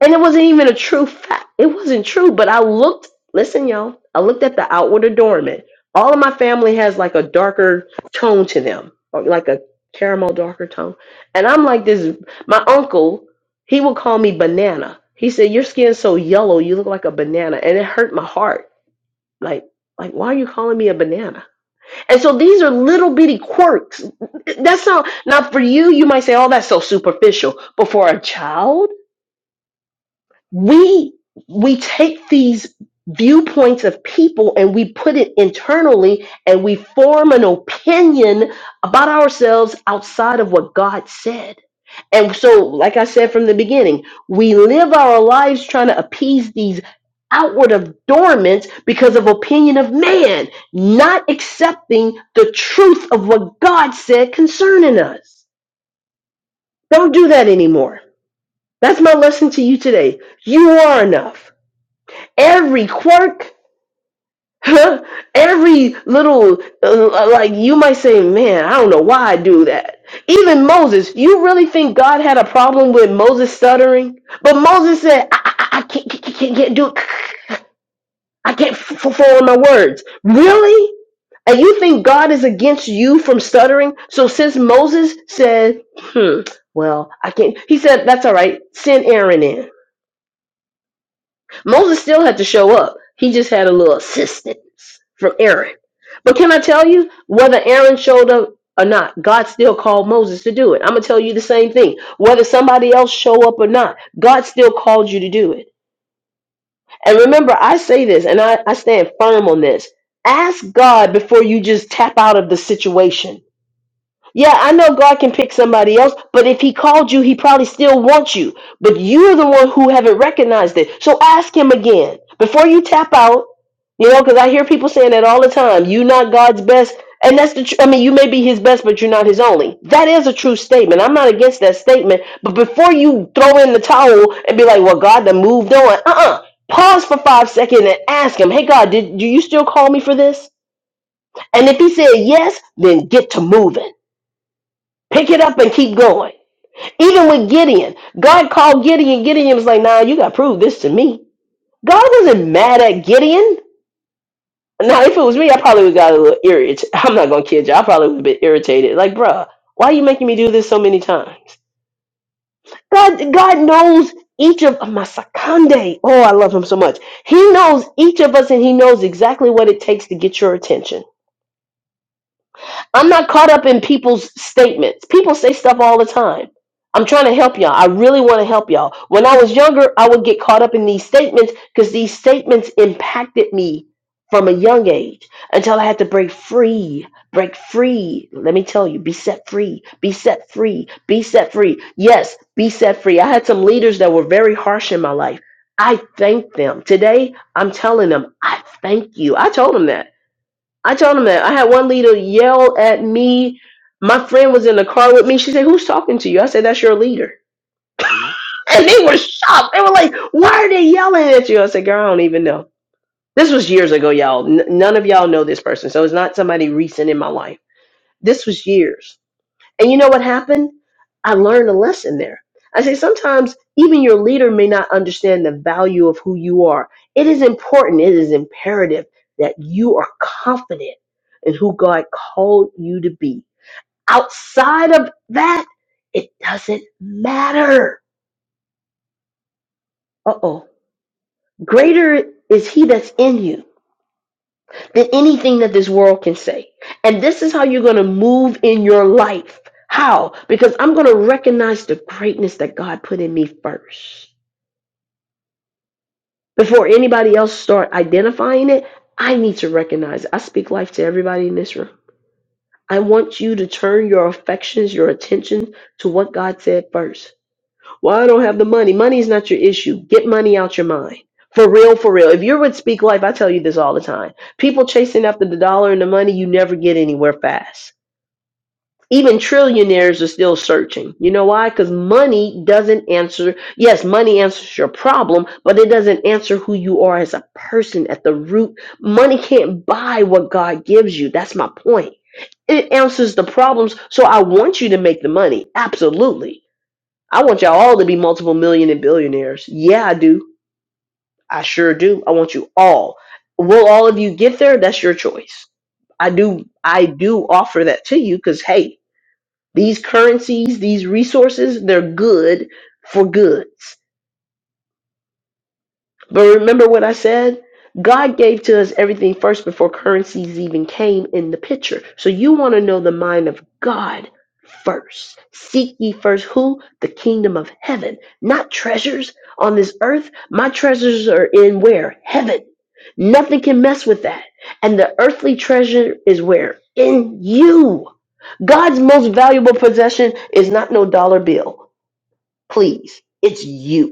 A: and it wasn't even a true fact. It wasn't true, but I looked, listen, y'all, I looked at the outward adornment. All of my family has like a darker tone to them, or like a caramel darker tone. And I'm like this, my uncle, he would call me banana. He said, Your skin's so yellow, you look like a banana. And it hurt my heart. Like, like, why are you calling me a banana? And so these are little bitty quirks. That's not now for you, you might say, Oh, that's so superficial. But for a child, we we take these viewpoints of people and we put it internally and we form an opinion about ourselves outside of what God said. And so like I said from the beginning, we live our lives trying to appease these outward adornments because of opinion of man, not accepting the truth of what God said concerning us. Don't do that anymore. That's my lesson to you today. You are enough every quirk, huh, every little, uh, like you might say, man, I don't know why I do that. Even Moses, you really think God had a problem with Moses stuttering? But Moses said, I, I, I can't, can't, can't can't do it. I can't f- f- my words. Really? And you think God is against you from stuttering? So since Moses said, hmm, well, I can't, he said, that's all right, send Aaron in. Moses still had to show up. He just had a little assistance from Aaron. But can I tell you, whether Aaron showed up or not, God still called Moses to do it. I'm gonna tell you the same thing. Whether somebody else show up or not, God still called you to do it. And remember, I say this and I, I stand firm on this. Ask God before you just tap out of the situation yeah, I know God can pick somebody else, but if He called you, He probably still wants you. But you're the one who haven't recognized it. So ask Him again before you tap out. You know, because I hear people saying that all the time. You're not God's best, and that's the. Tr- I mean, you may be His best, but you're not His only. That is a true statement. I'm not against that statement. But before you throw in the towel and be like, "Well, God, done moved on," uh-uh. Pause for five seconds and ask Him, "Hey, God, did do you still call me for this?" And if He said yes, then get to moving. Pick it up and keep going. Even with Gideon, God called Gideon. Gideon was like, nah, you got to prove this to me. God wasn't mad at Gideon. Now, if it was me, I probably would got a little irritated. I'm not going to kid you. I probably would have been irritated. Like, bruh, why are you making me do this so many times? God, God knows each of oh, my sakande. Oh, I love him so much. He knows each of us and he knows exactly what it takes to get your attention. I'm not caught up in people's statements. People say stuff all the time. I'm trying to help y'all. I really want to help y'all. When I was younger, I would get caught up in these statements because these statements impacted me from a young age until I had to break free. Break free. Let me tell you, be set free. Be set free. Be set free. Yes, be set free. I had some leaders that were very harsh in my life. I thank them. Today, I'm telling them, I thank you. I told them that. I told him that. I had one leader yell at me. My friend was in the car with me. She said, Who's talking to you? I said, That's your leader. And they were shocked. They were like, Why are they yelling at you? I said, Girl, I don't even know. This was years ago, y'all. N- none of y'all know this person. So it's not somebody recent in my life. This was years. And you know what happened? I learned a lesson there. I say sometimes even your leader may not understand the value of who you are. It is important, it is imperative that you are confident in who God called you to be. Outside of that, it doesn't matter. Uh oh. Greater is He that's in you than anything that this world can say. And this is how you're going to move in your life. How? Because I'm going to recognize the greatness that God put in me first. Before anybody else start identifying it, I need to recognize it. I speak life to everybody in this room. I want you to turn your affections, your attention to what God said first. Well, I don't have the money. Money is not your issue. Get money out your mind. For real, for real. If you're with Speak Life, I tell you this all the time. People chasing after the dollar and the money, you never get anywhere fast. Even trillionaires are still searching. You know why? Because money doesn't answer. Yes, money answers your problem, but it doesn't answer who you are as a person at the root. Money can't buy what God gives you. That's my point. It answers the problems. So I want you to make the money. Absolutely I want y'all all to be multiple million and billionaires. Yeah, I do. I sure do. I want you all. Will all of you get there? That's your choice. I do I do offer that to you because hey, these currencies, these resources, they're good for goods. But remember what I said? God gave to us everything first before currencies even came in the picture. So you want to know the mind of God first. Seek ye first who? The kingdom of heaven, not treasures on this earth. My treasures are in where? Heaven. Nothing can mess with that. And the earthly treasure is where? In you. God's most valuable possession is not no dollar bill. Please, it's you.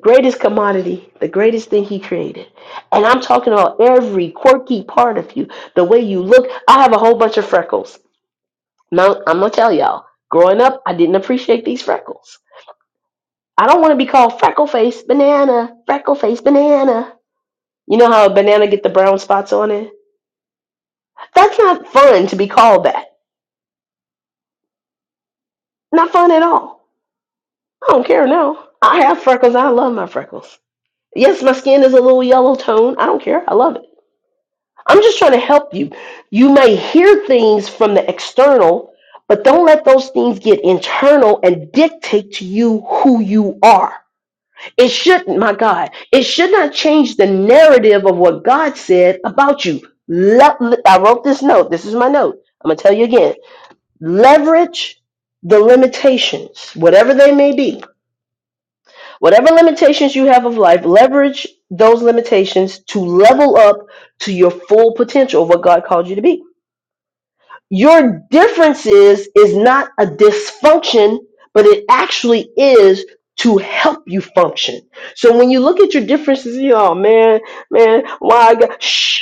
A: greatest commodity, the greatest thing he created. And I'm talking about every quirky part of you, the way you look. I have a whole bunch of freckles. Now, I'm going to tell y'all, growing up, I didn't appreciate these freckles. I don't want to be called freckle face banana, freckle face banana. You know how a banana get the brown spots on it? That's not fun to be called that. Not fun at all. I don't care now. I have freckles. I love my freckles. Yes, my skin is a little yellow tone. I don't care. I love it. I'm just trying to help you. You may hear things from the external, but don't let those things get internal and dictate to you who you are. It shouldn't, my God, it should not change the narrative of what God said about you. Le- le- I wrote this note. This is my note. I'm going to tell you again. Leverage the limitations, whatever they may be. Whatever limitations you have of life, leverage those limitations to level up to your full potential of what God called you to be. Your differences is not a dysfunction, but it actually is to help you function. So when you look at your differences, you oh man, man, why I got shh.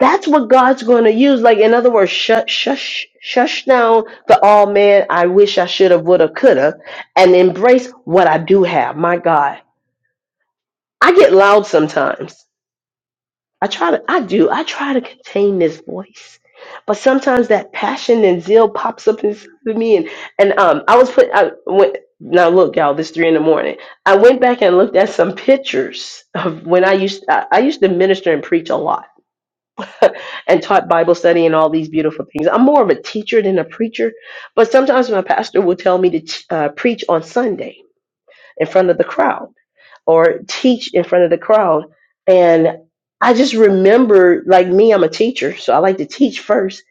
A: That's what God's going to use. Like in other words, shut, shush, shush down the oh man, I wish I should have, would have, could have, and embrace what I do have. My God, I get loud sometimes I try to, I do, I try to contain this voice, but sometimes that passion and zeal pops up inside of me. And and um, I was put, I went now. Look, y'all, this three in the morning. I went back and looked at some pictures of when I used, I, I used to minister and preach a lot, and taught Bible study and all these beautiful things. I'm more of a teacher than a preacher, but sometimes my pastor will tell me to t- uh, preach on Sunday in front of the crowd or teach in front of the crowd. And I just remember, like me, I'm a teacher, so I like to teach first.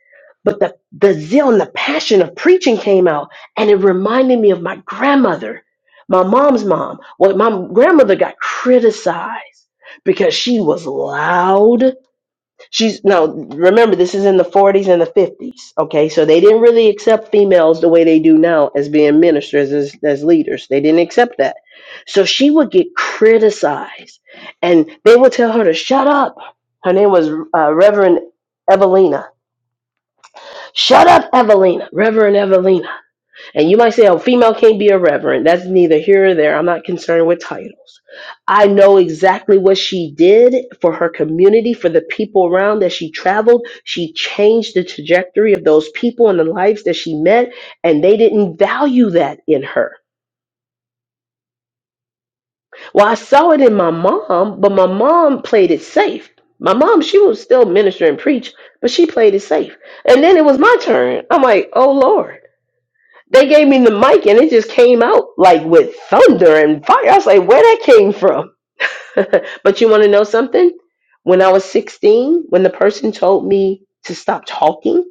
A: But the, the zeal and the passion of preaching came out, and it reminded me of my grandmother, my mom's mom. Well, my grandmother got criticized because she was loud She's now. remember this is in the 40s and the 50s, okay? So they didn't really accept females the way they do now as being ministers as as leaders. They didn't accept that. So she would get criticized and they would tell her to shut up. Her name was uh, Reverend Evelina. Shut up, Evelina. Reverend Evelina and you might say, oh, female can't be a reverend. That's neither here or there. I'm not concerned with titles. I know exactly what she did for her community, for the people around that she traveled. She changed the trajectory of those people and the lives that she met, and they didn't value that in her. Well, I saw it in my mom, but my mom played it safe. My mom, she would still minister and preach, but she played it safe. And then it was my turn. I'm like, oh, Lord. They gave me the mic and it just came out like with thunder and fire. I was like, where that came from? but you want to know something? When I was 16, when the person told me to stop talking,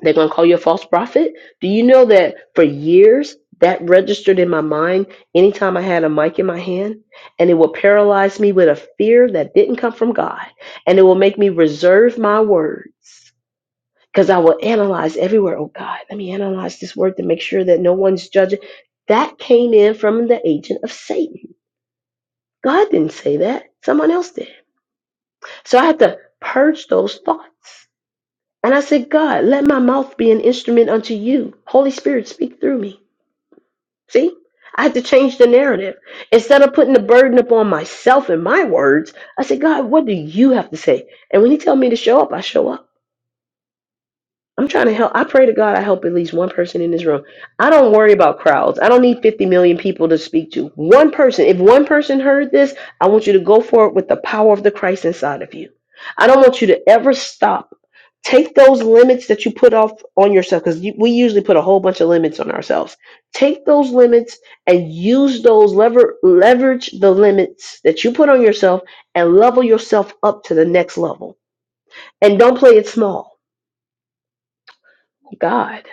A: they're going to call you a false prophet. Do you know that for years that registered in my mind anytime I had a mic in my hand? And it will paralyze me with a fear that didn't come from God. And it will make me reserve my words because I will analyze everywhere. Oh God, let me analyze this word to make sure that no one's judging. That came in from the agent of Satan. God didn't say that. Someone else did. So I had to purge those thoughts. And I said, God, let my mouth be an instrument unto you. Holy Spirit, speak through me. See? I had to change the narrative. Instead of putting the burden upon myself and my words, I said, God, what do you have to say? And when he tells me to show up, I show up. I'm trying to help. I pray to God I help at least one person in this room. I don't worry about crowds. I don't need 50 million people to speak to. One person. If one person heard this, I want you to go for it with the power of the Christ inside of you. I don't want you to ever stop. Take those limits that you put off on yourself because we usually put a whole bunch of limits on ourselves. Take those limits and use those lever leverage the limits that you put on yourself and level yourself up to the next level. And don't play it small. God.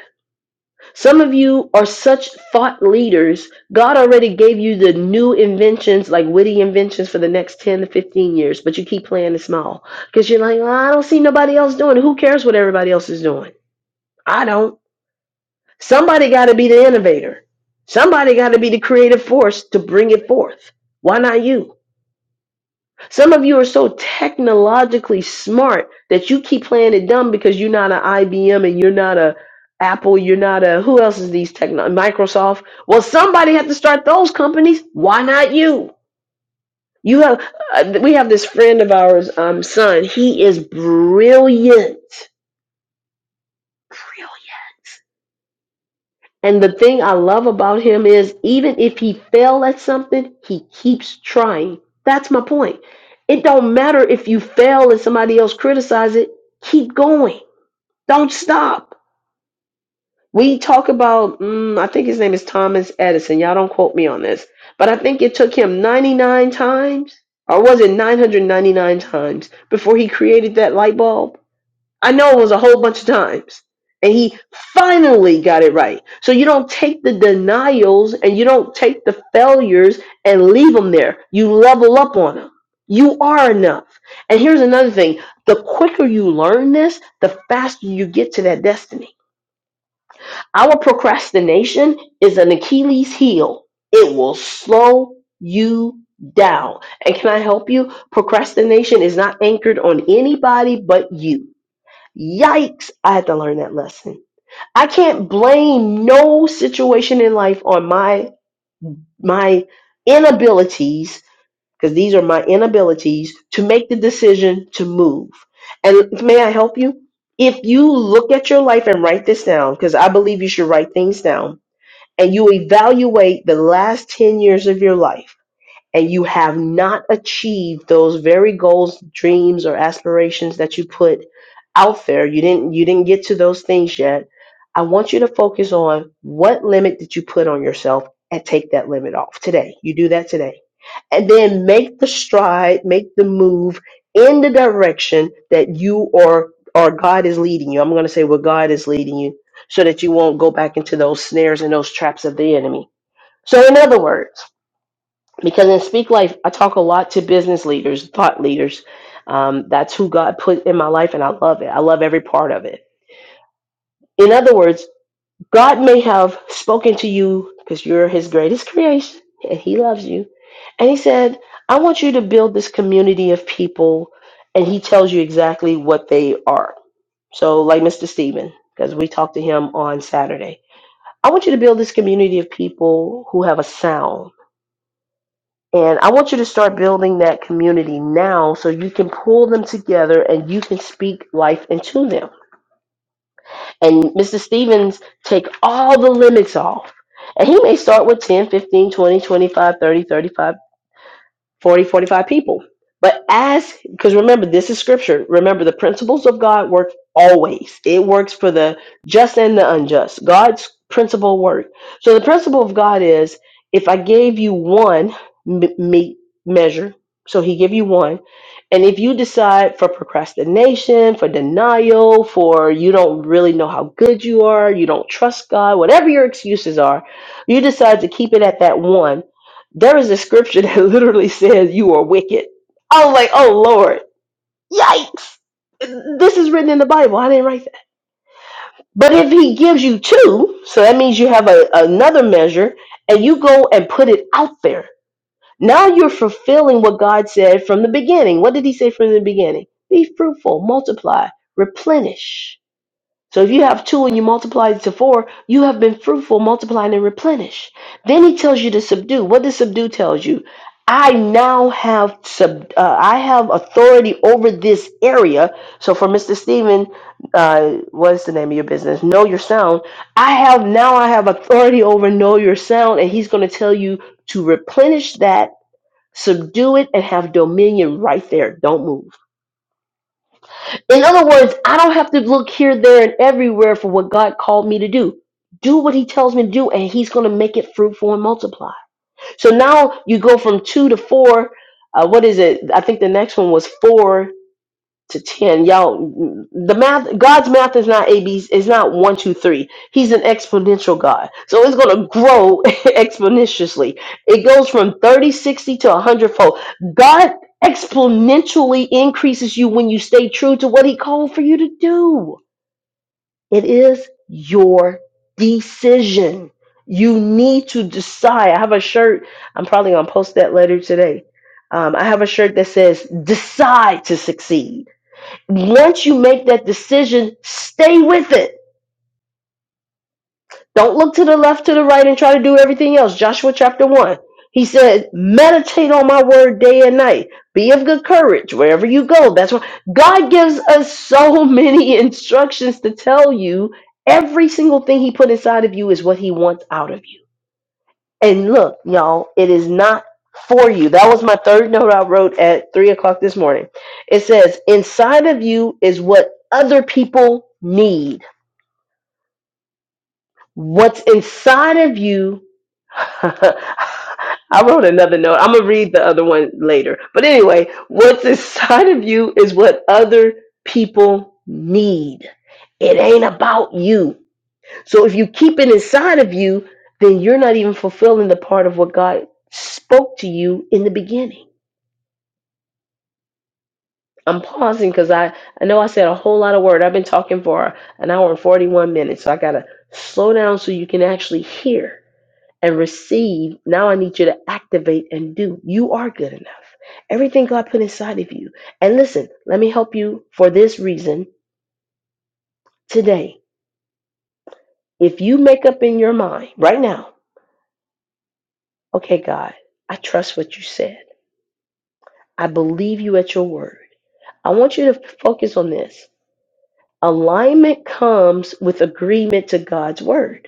A: Some of you are such thought leaders. God already gave you the new inventions, like witty inventions for the next 10 to 15 years, but you keep playing it small because you're like, "Well, I don't see nobody else doing it. Who cares what everybody else is doing? I don't. Somebody got to be the innovator, somebody got to be the creative force to bring it forth. Why not you? Some of you are so technologically smart that you keep playing it dumb because you're not an IBM and you're not a Apple, you're not a who else is these techno Microsoft. Well, somebody had to start those companies. Why not you? You have uh, we have this friend of ours, um, son. He is brilliant, And the thing I love about him is even if he fail at something, he keeps trying. That's my point. It don't matter if you fail and somebody else criticize it. Keep going. Don't stop. We talk about, mm, I think his name is Thomas Edison. Y'all don't quote me on this, but I think it took him 99 times, or was it 999 times before he created that light bulb? I know it was a whole bunch of times. And he finally got it right. So you don't take the denials and you don't take the failures and leave them there. You level up on them. You are enough. And here's another thing the quicker you learn this, the faster you get to that destiny. Our procrastination is an Achilles heel, it will slow you down. And can I help you? Procrastination is not anchored on anybody but you. Yikes, I had to learn that lesson. I can't blame no situation in life on my my inabilities because these are my inabilities to make the decision to move. And may I help you? If you look at your life and write this down because I believe you should write things down and you evaluate the last 10 years of your life and you have not achieved those very goals, dreams, or aspirations that you put out there, you didn't you didn't get to those things yet. I want you to focus on what limit did you put on yourself and take that limit off today. You do that today. And then make the stride, make the move in the direction that you or or God is leading you. I'm going to say where God is leading you so that you won't go back into those snares and those traps of the enemy. So in other words, because in speak life i talk a lot to business leaders thought leaders um, that's who god put in my life and i love it i love every part of it in other words god may have spoken to you because you're his greatest creation and he loves you and he said i want you to build this community of people and he tells you exactly what they are so like mr stephen because we talked to him on saturday i want you to build this community of people who have a sound And I want you to start building that community now so you can pull them together and you can speak life into them. And Mr. Stevens, take all the limits off. And he may start with 10, 15, 20, 25, 30, thirty-five. 40, 45 people. But as, because remember, this is scripture. Remember, the principles of God work always. It works for the just and the unjust. God's principle work. So the principle of God is if I gave you one me- me- measure, so he give you one, and if you decide for procrastination, for denial, for you don't really know how good you are, you don't trust God, whatever your excuses are, you decide to keep it at that one there is a scripture that literally says you are wicked. I was like, oh Lord, yikes. This is written in the Bible. I didn't write that. But if he gives you two, so that means you have a, another measure and you go and put it out there. Now you're fulfilling what God said from the beginning. What did he say from the beginning? Be fruitful, multiply, replenish. So if you have two and you multiply it to four, you have been fruitful, multiplying and replenish. Then he tells you to subdue. What does subdue tells you? I now have sub. Uh, I have authority over this area. So for Mister Stephen, uh, what is the name of your business? Know your sound. I have now. I have authority over know your sound, and he's going to tell you to replenish that, subdue it, and have dominion right there. Don't move. In other words, I don't have to look here, there, and everywhere for what God called me to do. Do what He tells me to do, and He's going to make it fruitful and multiply. So now you go from two to four. Uh, what is it? I think the next one was four to 10 y'all the math god's math is not a b is not one two three he's an exponential god so it's going to grow exponentially it goes from 30, 60 to 100 fold god exponentially increases you when you stay true to what he called for you to do it is your decision you need to decide i have a shirt i'm probably going to post that later today um, i have a shirt that says decide to succeed once you make that decision, stay with it. Don't look to the left, to the right, and try to do everything else. Joshua chapter 1. He said, Meditate on my word day and night. Be of good courage wherever you go. That's why God gives us so many instructions to tell you. Every single thing He put inside of you is what He wants out of you. And look, y'all, it is not for you. That was my third note I wrote at three o'clock this morning. It says, inside of you is what other people need. What's inside of you. I wrote another note. I'm going to read the other one later. But anyway, what's inside of you is what other people need. It ain't about you. So if you keep it inside of you, then you're not even fulfilling the part of what God spoke to you in the beginning. I'm pausing because I, I know I said a whole lot of word. I've been talking for an hour and 41 minutes. So I got to slow down so you can actually hear and receive. Now I need you to activate and do. You are good enough. Everything God put inside of you. And listen, let me help you for this reason today. If you make up in your mind right now, okay, God, I trust what you said. I believe you at your word. I want you to focus on this. Alignment comes with agreement to God's word.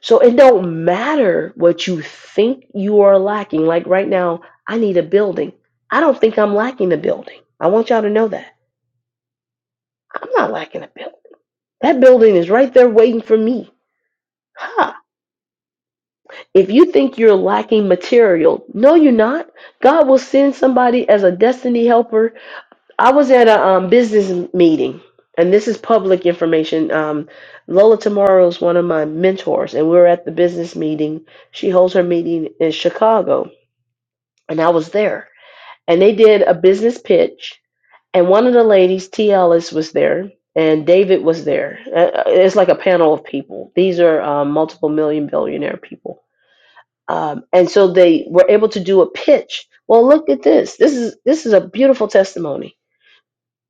A: So it don't matter what you think you are lacking. Like right now, I need a building. I don't think I'm lacking a building. I want y'all to know that. I'm not lacking a building. That building is right there waiting for me. Ha! If you think you're lacking material, no, you're not. God will send somebody as a destiny helper I was at a um, business meeting, and this is public information. Um, Lola Tomorrow is one of my mentors, and we were at the business meeting. She holds her meeting in Chicago, and I was there. And they did a business pitch, and one of the ladies, T. Ellis, was there, and David was there. Uh, uh, It's like a panel of people. These are um, multiple million billionaire people. Um, and so they were able to do a pitch. Well, look at this. This is this is a beautiful testimony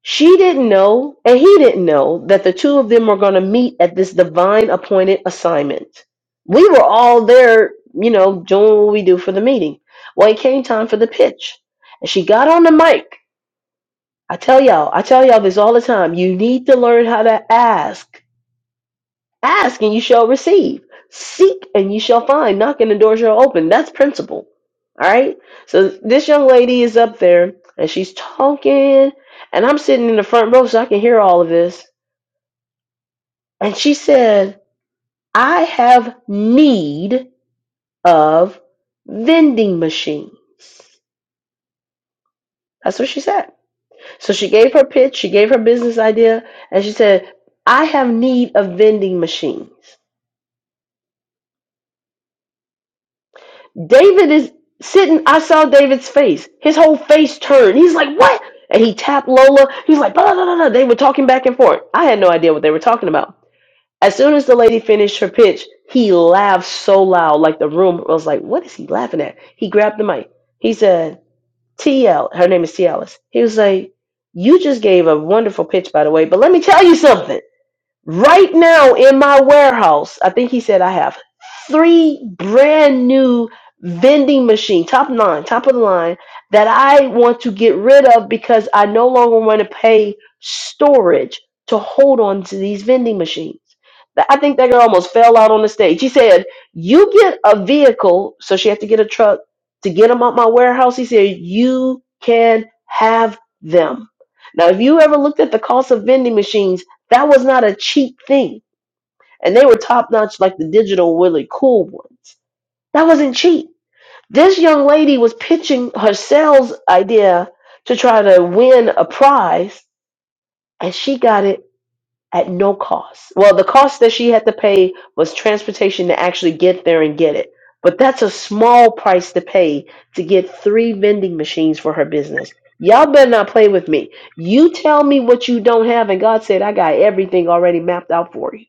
A: she didn't know, and he didn't know, that the two of them were going to meet at this divine appointed assignment. We were all there, you know, doing what we do for the meeting. Well, it came time for the pitch, and she got on the mic. I tell y'all, I tell y'all this all the time. You need to learn how to ask. Ask and you shall receive. Seek and you shall find. Knock and the door shall open. That's principle. All right. So this young lady is up there and she's talking, and I'm sitting in the front row so I can hear all of this. And she said, I have need of vending machines. That's what she said. So she gave her pitch, she gave her business idea, and she said, I have need of vending machines. David is sitting. I saw David's face. His whole face turned. He's like, "What?" And he tapped Lola. He's like, "Blah blah blah." blah. They were talking back and forth. I had no idea what they were talking about. As soon as the lady finished her pitch, he laughed so loud, like the room was like, "What is he laughing at?" He grabbed the mic. He said, "TL." Her name is T Alice. He was like, "You just gave a wonderful pitch, by the way. But let me tell you something." Right now in my warehouse, I think he said I have three brand new vending machine, top nine, top of the line, that I want to get rid of because I no longer want to pay storage to hold on to these vending machines. Th- I think that girl almost fell out on the stage. He said, You get a vehicle, so she had to get a truck to get them out my warehouse. He said, You can have them. Now, if you ever looked at the cost of vending machines, that was not a cheap thing. And they were top notch like the digital really cool ones. That wasn't cheap. This young lady was pitching her sales idea to try to win a prize, and she got it at no cost. Well, the cost that she had to pay was transportation to actually get there and get it. But that's a small price to pay to get three vending machines for her business. Y'all better not play with me. You tell me what you don't have, and God said, I got everything already mapped out for you.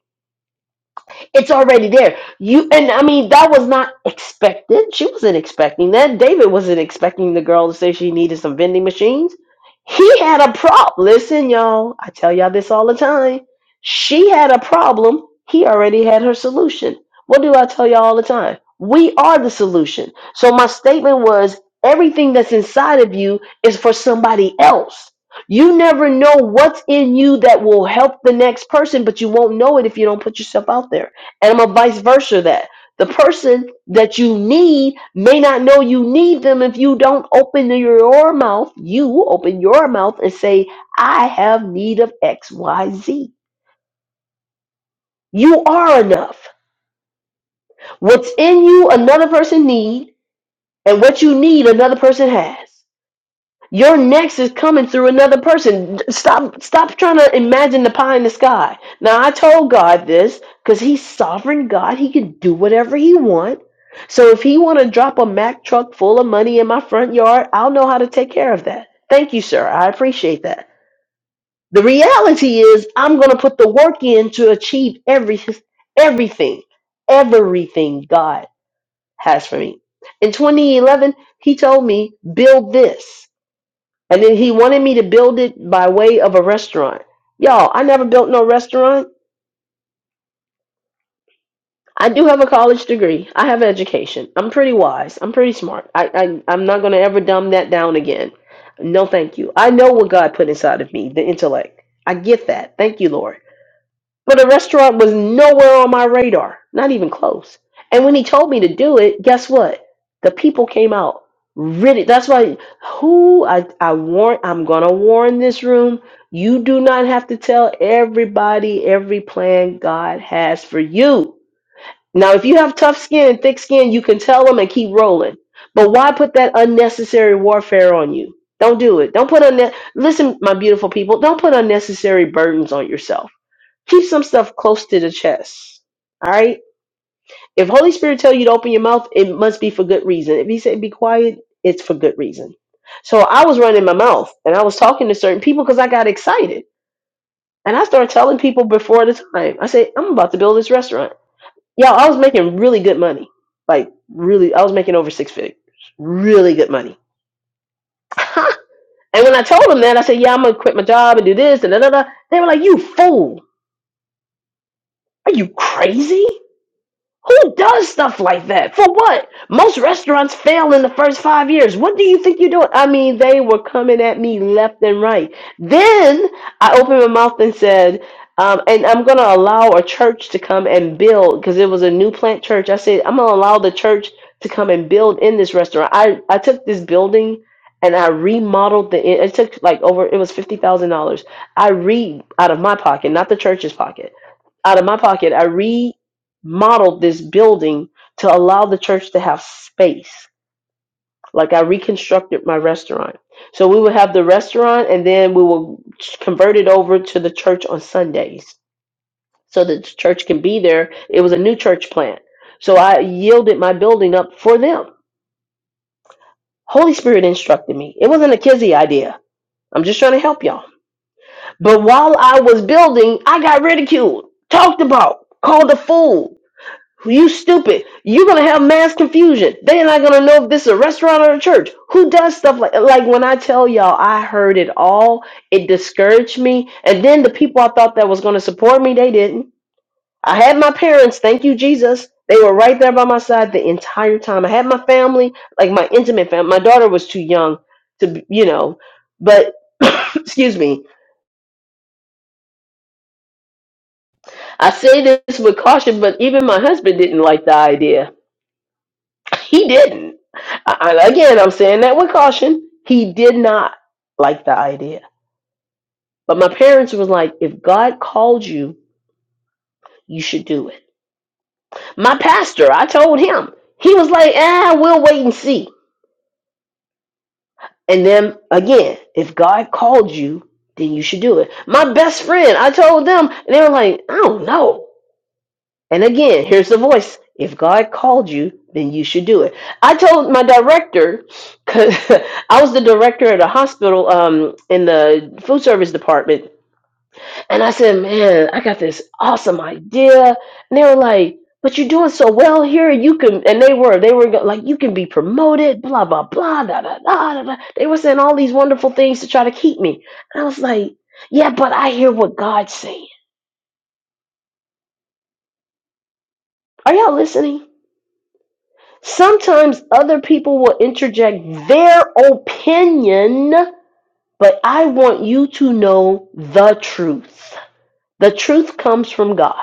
A: It's already there. You and I mean that was not expected. She wasn't expecting that. David wasn't expecting the girl to say she needed some vending machines. He had a problem. Listen, y'all, I tell y'all this all the time. She had a problem. He already had her solution. What do I tell y'all all the time? We are the solution. So my statement was everything that's inside of you is for somebody else. You never know what's in you that will help the next person, but you won't know it if you don't put yourself out there and I'm a vice versa that the person that you need may not know you need them if you don't open your mouth. You open your mouth and say, I have need of X, Y, Z. You are enough. What's in you, another person need, and what you need, another person has. Your next is coming through another person. Stop stop trying to imagine the pie in the sky. Now I told God this because he's sovereign God. He can do whatever he wants. So if he wanna drop a Mack truck full of money in my front yard, I'll know how to take care of that. Thank you, sir. I appreciate that. The reality is I'm gonna put the work in to achieve every everything. Everything God has for me. In 2011, he told me, build this. And then he wanted me to build it by way of a restaurant. Y'all, I never built no restaurant. I do have a college degree. I have education. I'm pretty wise. I'm pretty smart. I, I I'm not gonna ever dumb that down again. No, thank you. I know what God put inside of me, the intellect. I get that. Thank you, Lord. But the restaurant was nowhere on my radar, not even close. And when he told me to do it, guess what? The people came out. Really, that's why. Who I I warn? I'm gonna warn this room. You do not have to tell everybody every plan God has for you. Now, if you have tough skin, thick skin, you can tell them and keep rolling. But why put that unnecessary warfare on you? Don't do it. Don't put unne- listen, my beautiful people. Don't put unnecessary burdens on yourself Keep some stuff close to the chest. All right. If Holy Spirit tell you to open your mouth, it must be for good reason. If He said be quiet, it's for good reason. So I was running my mouth and I was talking to certain people because I got excited and I started telling people before the time. I said I'm about to build this restaurant. Yeah, I was making really good money. Like really, I was making over six figures. Really good money. and when I told them that, I said, "Yeah, I'm gonna quit my job and do this." And da da da. They were like, "You fool! Are you crazy?" Who does stuff like that? For what? Most restaurants fail in the first five years. What do you think you're doing? I mean, they were coming at me left and right. Then I opened my mouth and said, um, and I'm going to allow a church to come and build because it was a new plant church. I said, I'm going to allow the church to come and build in this restaurant. I, I took this building and I remodeled the, it took like over, it was $50,000. I re, out of my pocket, not the church's pocket out of my pocket. I modeled this building to allow the church to have space. Like I reconstructed my restaurant. So we would have the restaurant and then we will convert it over to the church on Sundays so that the church can be there. It was a new church plant. So I yielded my building up for them. Holy Spirit instructed me. It wasn't a kizzy idea. I'm just trying to help y'all. But while I was building, I got ridiculed, talked about, called a fool You stupid. You're gonna have mass confusion. They're not gonna know if this is a restaurant or a church. Who does stuff like like when I tell y'all I heard it all, it discouraged me. And then the people I thought that was gonna support me, they didn't. I had my parents, thank you, Jesus. They were right there by my side the entire time. I had my family, like my intimate family. My daughter was too young to, be- you know, but excuse me. I say this with caution, but even my husband didn't like the idea He didn't. I, I- again, I'm saying that with caution. He did not like the idea. But my parents was like, if God called you, you should do it. My pastor, I told him. He was like, ah, we'll wait and see. And then again, if God called you, then you should do it. My best friend, I told them, and they were like, I don't know. And again, here's the voice. If God called you, then you should do it. I told my director, because I was the director at a hospital um, in the food service department. And I said, man, I got this awesome idea. And they were like, but you're doing so well here. You can, and they were, they were go- like, you can be promoted, blah, blah, blah, da, da, da, da, da. They were saying all these wonderful things to try to keep me. And I was like, yeah, but I hear what God's saying. Are y'all listening? Sometimes other people will interject their opinion, but I want you to know the truth. The truth comes from God.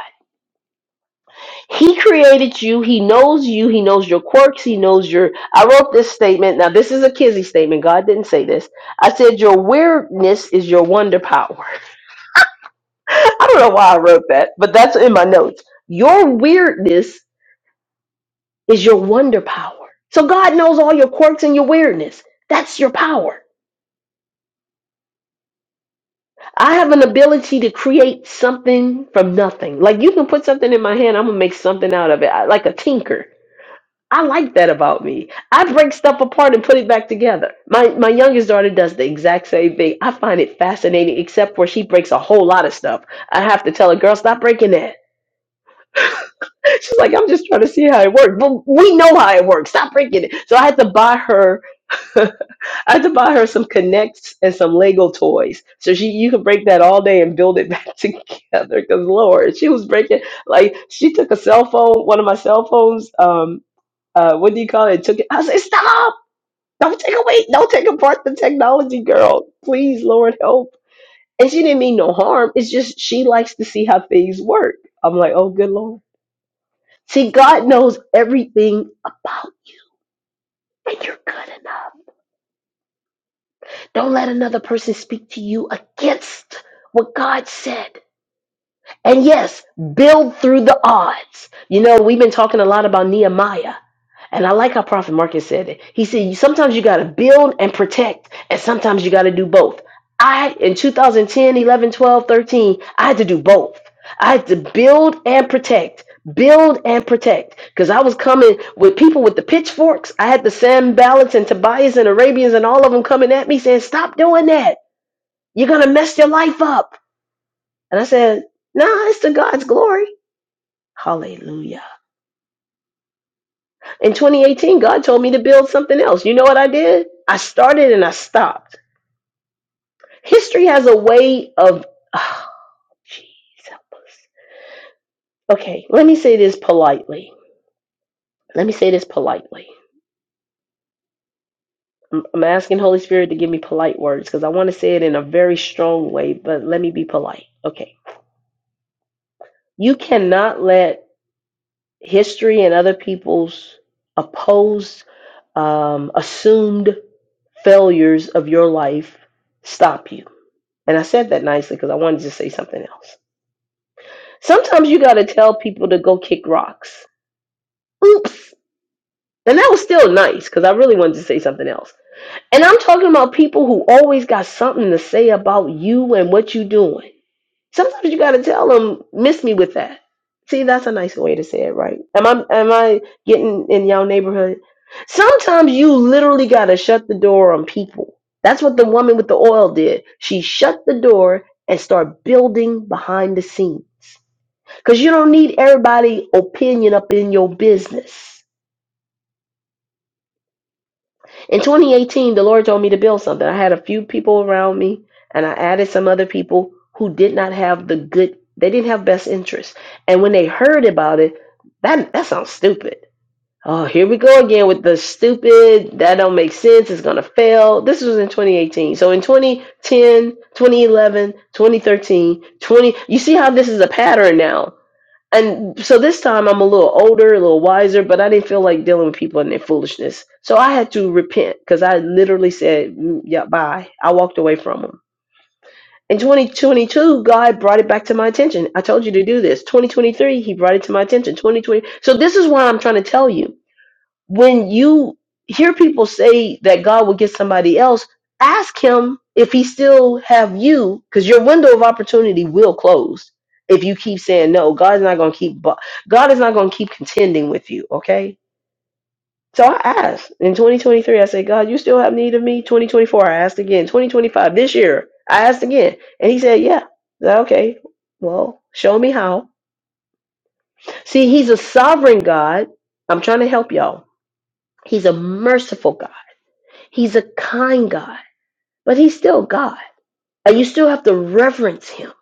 A: He created you. He knows you. He knows your quirks. He knows your. I wrote this statement. Now, this is a Kizzy statement. God didn't say this. I said, Your weirdness is your wonder power. I don't know why I wrote that, but that's in my notes. Your weirdness is your wonder power. So God knows all your quirks and your weirdness. That's your power. I have an ability to create something from nothing. Like you can put something in my hand, I'm gonna make something out of it. I, like a tinker. I like that about me. I break stuff apart and put it back together. My my youngest daughter does the exact same thing. I find it fascinating, except where she breaks a whole lot of stuff. I have to tell her, girl, stop breaking that. She's like, I'm just trying to see how it works. But we know how it works. Stop breaking it. So I had to buy her. I had to buy her some connects and some Lego toys. So she you could break that all day and build it back together. Cause Lord, she was breaking like she took a cell phone, one of my cell phones, um, uh, what do you call it? Took it. I said, Stop! Don't take away, don't take apart the technology, girl. Please, Lord, help. And she didn't mean no harm. It's just she likes to see how things work. I'm like, oh good Lord. See, God knows everything about when you're good enough. Don't let another person speak to you against what God said. And yes, build through the odds. You know, we've been talking a lot about Nehemiah. And I like how Prophet Marcus said it. He said, "You- sometimes you got to build and protect, and sometimes you got to do both. I, in 2010, 11, 12, 13, I had to do both. I had to build and protect, build and protect. Because I was coming with people with the pitchforks. I had the Sam Ballots and Tobias and Arabians and all of them coming at me saying, stop doing that. You're going to mess your life up. And I said, no, nah, it's to God's glory. Hallelujah. In 2018, God told me to build something else. You know what I did? I started and I stopped. History has a way of, oh, jeez, help us. Okay, let me say this politely. Let me say this politely. I'm I'm asking Holy Spirit to give me polite words because I want to say it in a very strong way, but let me be polite. Okay. You cannot let history and other people's opposed um, assumed failures of your life stop you. And I said that nicely because I wanted to say something else. Sometimes you got to tell people to go kick rocks. Oops. And that was still nice because I really wanted to say something else. And I'm talking about people who always got something to say about you and what you are doing. Sometimes you got to tell them, miss me with that. See, that's a nice way to say it, right? Am I am I getting in y'all neighborhood? Sometimes you literally got to shut the door on people. That's what the woman with the oil did. She shut the door and start building behind the scenes. Cuz you don't need everybody opinion up in your business. In 2018, the Lord told me to build something. I had a few people around me, and I added some other people who did not have the good, they didn't have best interest. And when they heard about it, that that sounds stupid. Oh, here we go again with the stupid, that don't make sense, it's gonna fail. This was in 2018. So in 2010, 2011, 2013, 20, thirteen, twenty, you see how this is a pattern now. And so this time I'm a little older, a little wiser, but I didn't feel like dealing with people and their foolishness. So I had to repent because I literally said, "Mm, yeah, bye. I walked away from them. In 2022, God brought it back to my attention. I told you to do this. 2023, He brought it to my attention. 2020. So this is why I'm trying to tell you when you hear people say that God will get somebody else, ask him if he still have you because your window of opportunity will close if you keep saying no. God's not going to keep bo- God is not going to keep contending with you, okay? So I asked in 2023, I said, God, you still have need of me? 2024, I asked again. 2025, this year, I asked again. And he said, Yeah. I said, okay, well, show me how. See, he's a sovereign God. I'm trying to help y'all. He's a merciful God. He's a kind God, but he's still God. And you still have to reverence him.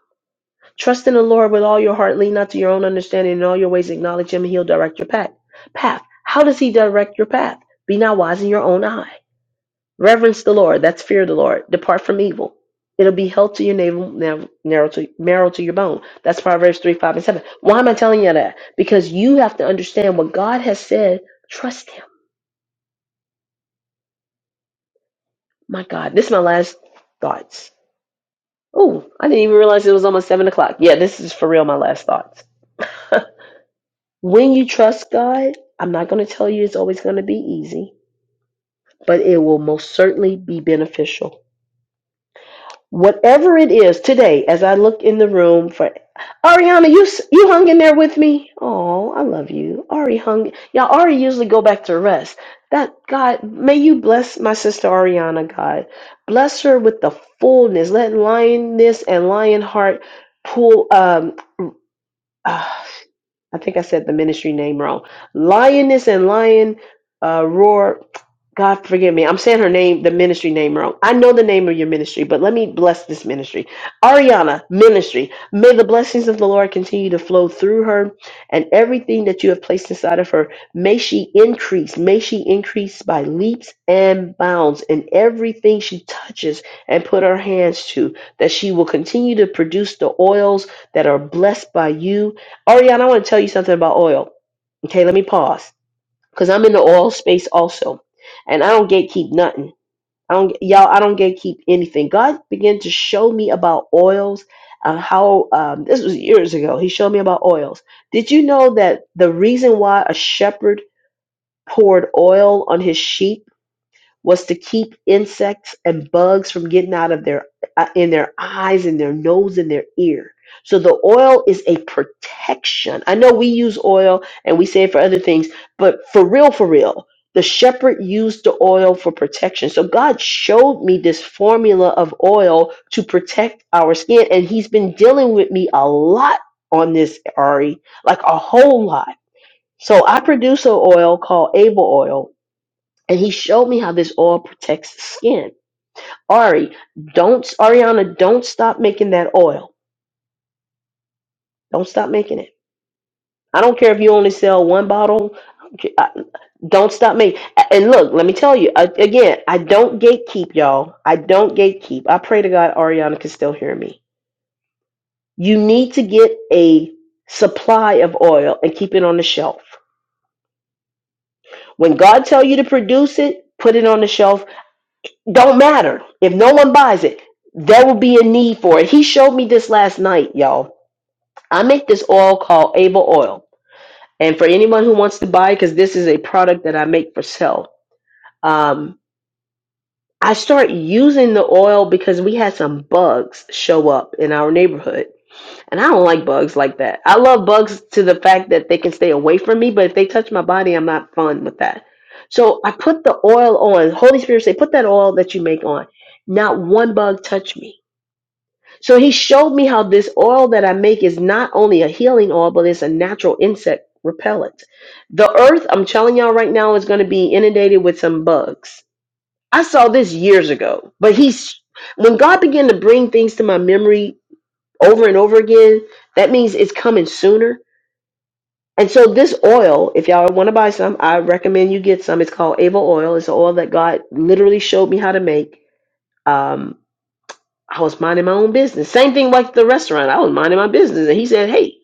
A: Trust in the Lord with all your heart. Lean not to your own understanding. In all your ways, acknowledge him, and he'll direct your path. Path. How does he direct your path? Be not wise in your own eye. Reverence the Lord. That's fear of the Lord. Depart from evil. It'll be health to your navel, nav- narrow to, marrow to your bone. That's Proverbs 3, 5, and 7. Why am I telling you that? Because you have to understand what God has said. Trust him. My God. This is my last thoughts Oh, I didn't even realize it was almost seven o'clock. Yeah, this is for real my last thoughts. when you trust God, I'm not going to tell you it's always going to be easy, but it will most certainly be beneficial. Whatever it is today, as I look in the room for Ariana, you s- you hung in there with me. Oh, I love you, Ari. Hung, y'all. Ari usually go back to rest. That God, may you bless my sister Ariana. God, bless her with the fullness. Let lioness and lion heart pull. Um, uh, I think I said the ministry name wrong. Lioness and Lion uh, Roar. God forgive me. I'm saying her name, the ministry name wrong. I know the name of your ministry, but let me bless this ministry. Ariana Ministry. May the blessings of the Lord continue to flow through her and everything that you have placed inside of her. May she increase. May she increase by leaps and bounds in everything she touches and put her hands to, that she will continue to produce the oils that are blessed by you Ariana, I want to tell you something about oil. Okay, let me pause because I'm in the oil space also, and I don't gatekeep nothing. I don't, y'all. I don't gatekeep anything. God began to show me about oils and how um, this was years ago. He showed me about oils. Did you know that the reason why a shepherd poured oil on his sheep was to keep insects and bugs from getting out of their uh, in their eyes and their nose and their ear. So the oil is a protection. I know we use oil and we say it for other things, but for real, for real, the shepherd used the oil for protection. So God showed me this formula of oil to protect our skin, and He's been dealing with me a lot on this, Ari, like a whole lot. So I produce an oil called Able Oil, and he showed me how this oil protects the skin. Ari, don't Ariana, don't stop making that oil. Don't stop making it. I don't care if you only sell one bottle. I- Don't stop making. And look, let me tell you I- again. I don't gatekeep, y'all. I don't gatekeep. I pray to God Ariana can still hear me. You need to get a supply of oil and keep it on the shelf. When God tell you to produce it, put it on the shelf don't matter if no one buys it there will be a need for it he showed me this last night y'all i make this oil called able oil and for anyone who wants to buy because this is a product that i make for sale um, i start using the oil because we had some bugs show up in our neighborhood and i don't like bugs like that i love bugs to the fact that they can stay away from me but if they touch my body i'm not fun with that so i put the oil on holy spirit say put that oil that you make on not one bug touched me So he showed me how this oil that I make is not only a healing oil, but it's a natural insect repellent. The earth, I'm telling y'all right now, is going to be inundated with some bugs. I saw this years ago, but he's when God began to bring things to my memory over and over again, that means it's coming sooner. And so this oil, if y'all want to buy some, I recommend you get some. It's called Ava oil. It's an oil that God literally showed me how to make. Um, I was minding my own business. Same thing like the restaurant. I was minding my business, and he said, "Hey,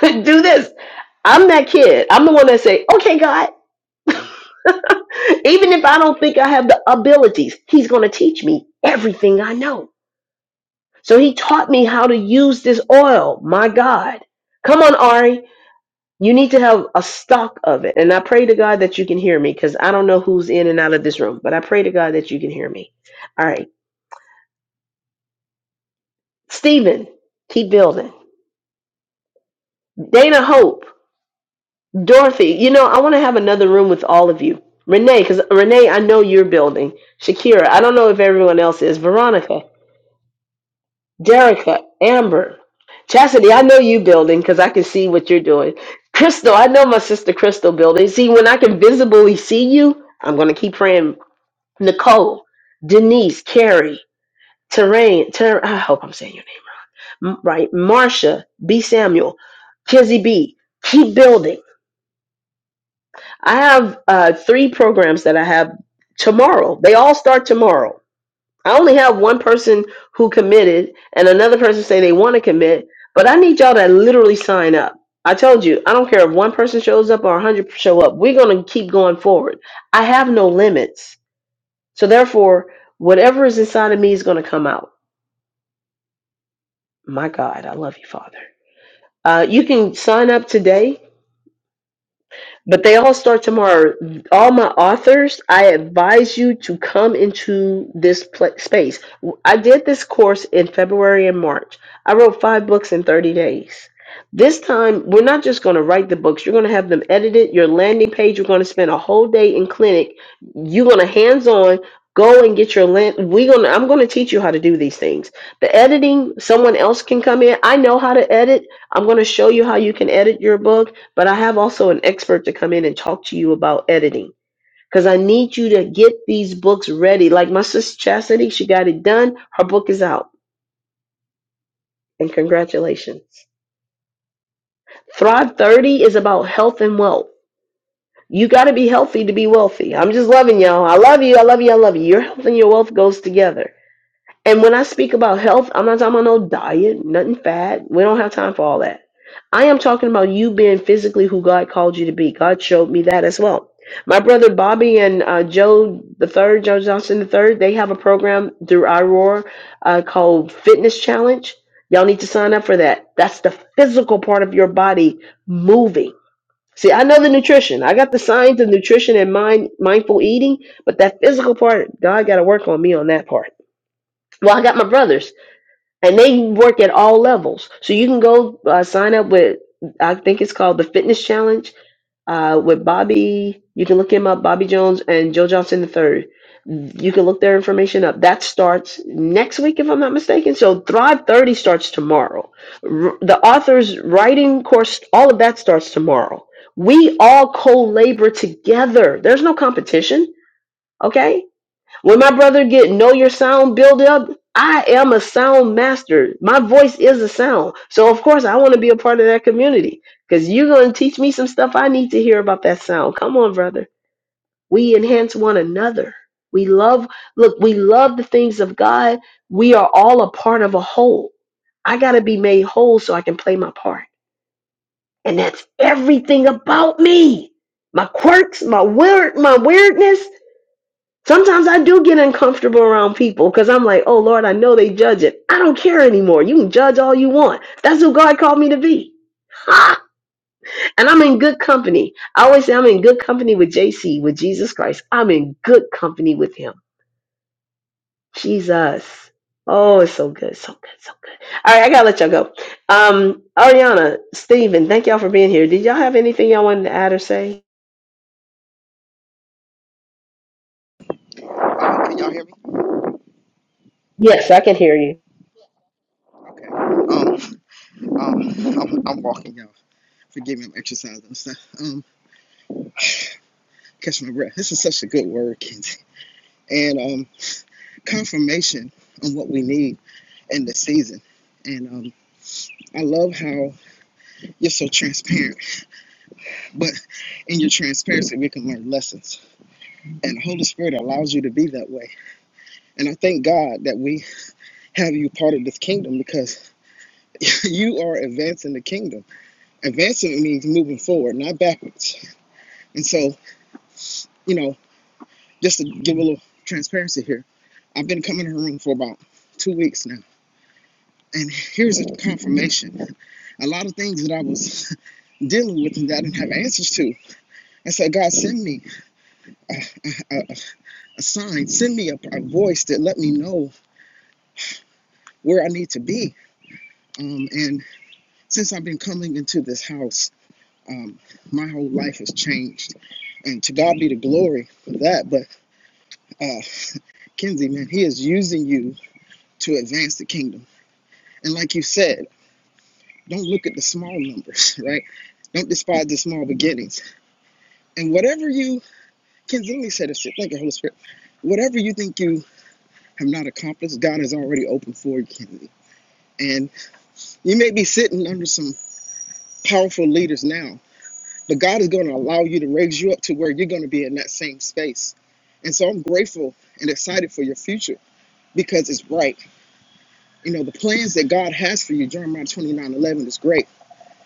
A: do this." I'm that kid. I'm the one that say, "Okay, God." Even if I don't think I have the abilities, He's going to teach me everything I know. So He taught me how to use this oil. My God, come on, Ari. You need to have a stock of it. And I pray to God that you can hear me because I don't know who's in and out of this room, but I pray to God that you can hear me. All right. Stephen, keep building. Dana Hope. Dorothy, you know, I want to have another room with all of you. Renee, because Renee, I know you're building. Shakira, I don't know if everyone else is. Veronica, Derica, Amber, Chastity, I know you building because I can see what you're doing. Crystal, I know my sister Crystal building. See, when I can visibly see you, I'm going to keep praying. Nicole, Denise, Carrie, Terrain, Ter- I hope I'm saying your name right. Marsha, B. Samuel, Kizzy B, keep building I have uh, three programs that I have tomorrow. They all start tomorrow. I only have one person who committed, and another person say they want to commit. But I need y'all to literally sign up. I told you, I don't care if one person shows up or a hundred show up. We're gonna keep going forward. I have no limits, so therefore, whatever is inside of me is gonna come out. My God, I love you, Father. Uh, you can sign up today But they all start tomorrow. All my authors, I advise you to come into this pla space. I did this course in February and March. I wrote five books in 30 days. This time, we're not just going to write the books, you're going to have them edited. Your landing page, you're going to spend a whole day in clinic. You're going to hands on go and get your land we going to i'm going to teach you how to do these things the editing someone else can come in i know how to edit i'm going to show you how you can edit your book but I have also an expert to come in and talk to you about editing because I need you to get these books ready. Like my sister Chastity, she got it done. Her book is out, and congratulations. Thrive 30 is about health and wealth. You got to be healthy to be wealthy. I'm just loving y'all. I love you. I love you. I love you. Your health and your wealth goes together. And when I speak about health, I'm not talking about no diet, nothing fat. We don't have time for all that. I am talking about you being physically who God called you to be. God showed me that as well. My brother Bobby and uh, Joe the third, Joe Johnson the third, they have a program through iRoar uh, called Fitness Challenge. Y'all need to sign up for that. That's the physical part of your body moving. See, I know the nutrition. I got the science of nutrition and mind mindful eating, but that physical part, God got to work on me on that part. Well, I got my brothers and they work at all levels. So you can go uh, sign up with, I think it's called the Fitness Challenge uh, with Bobby. You can look him up, Bobby Jones and Joe Johnson the Third. You can look their information up. That starts next week, if I'm not mistaken. So Thrive 30 starts tomorrow. R- the author's writing course, all of that starts tomorrow. We all co labor together. There's no competition, okay? When my brother get know your sound build up, I am a sound master. My voice is a sound. So of course I want to be a part of that community because you're gonna teach me some stuff I need to hear about that sound. Come on, brother. We enhance one another. We love look, we love the things of God. We are all a part of a whole. I gotta be made whole so I can play my part. And that's everything about me. My quirks, my weird my weirdness. Sometimes I do get uncomfortable around people because I'm like, oh Lord, I know they judge it. I don't care anymore. You can judge all you want. That's who God called me to be. Ha! And I'm in good company. I always say I'm in good company with JC, with Jesus Christ. I'm in good company with him. Jesus. Oh, it's so good. So good. So good. All right, I gotta let y'all go. Um, Ariana, Stephen, thank y'all for being here. Did y'all have anything y'all wanted to add or say?
C: Um, can y'all hear me?
A: Yes, I can hear you.
C: Okay. Um, um, I'm, I'm walking, y'all. Forgive me, I'm exercising and stuff. Um, catch my breath. This is such a good word, Kenzie. And um, confirmation on what we need in this season. And um, I love how you're so transparent, but in your transparency, we can learn lessons. And the Holy Spirit allows you to be that way. And I thank God that we have you part of this kingdom because you are advancing the kingdom. Advancing means moving forward, not backwards. And so, you know, just to give a little transparency here, I've been coming to her room for about two weeks now. And here's a confirmation. A lot of things that I was dealing with and that I didn't have answers to. I said, God, send me a, a, a sign, send me a, a voice that let me know where I need to be. Um, and since I've been coming into this house, um, my whole life has changed. And to God be the glory for that. But uh, Kenzie, man, He is using you to advance the kingdom. And like you said, Don't look at the small numbers, right? Don't despise the small beginnings. And whatever you, Kenzie, said, me say this shit. Thank you, Holy Spirit. Whatever you think you have not accomplished, God has already opened for you, Kenzie. And you may be sitting under some powerful leaders now, but God is going to allow you to raise you up to where you're going to be in that same space. And so I'm grateful and excited for your future because it's bright. You know, the plans that God has for you, Jeremiah 29:11 is great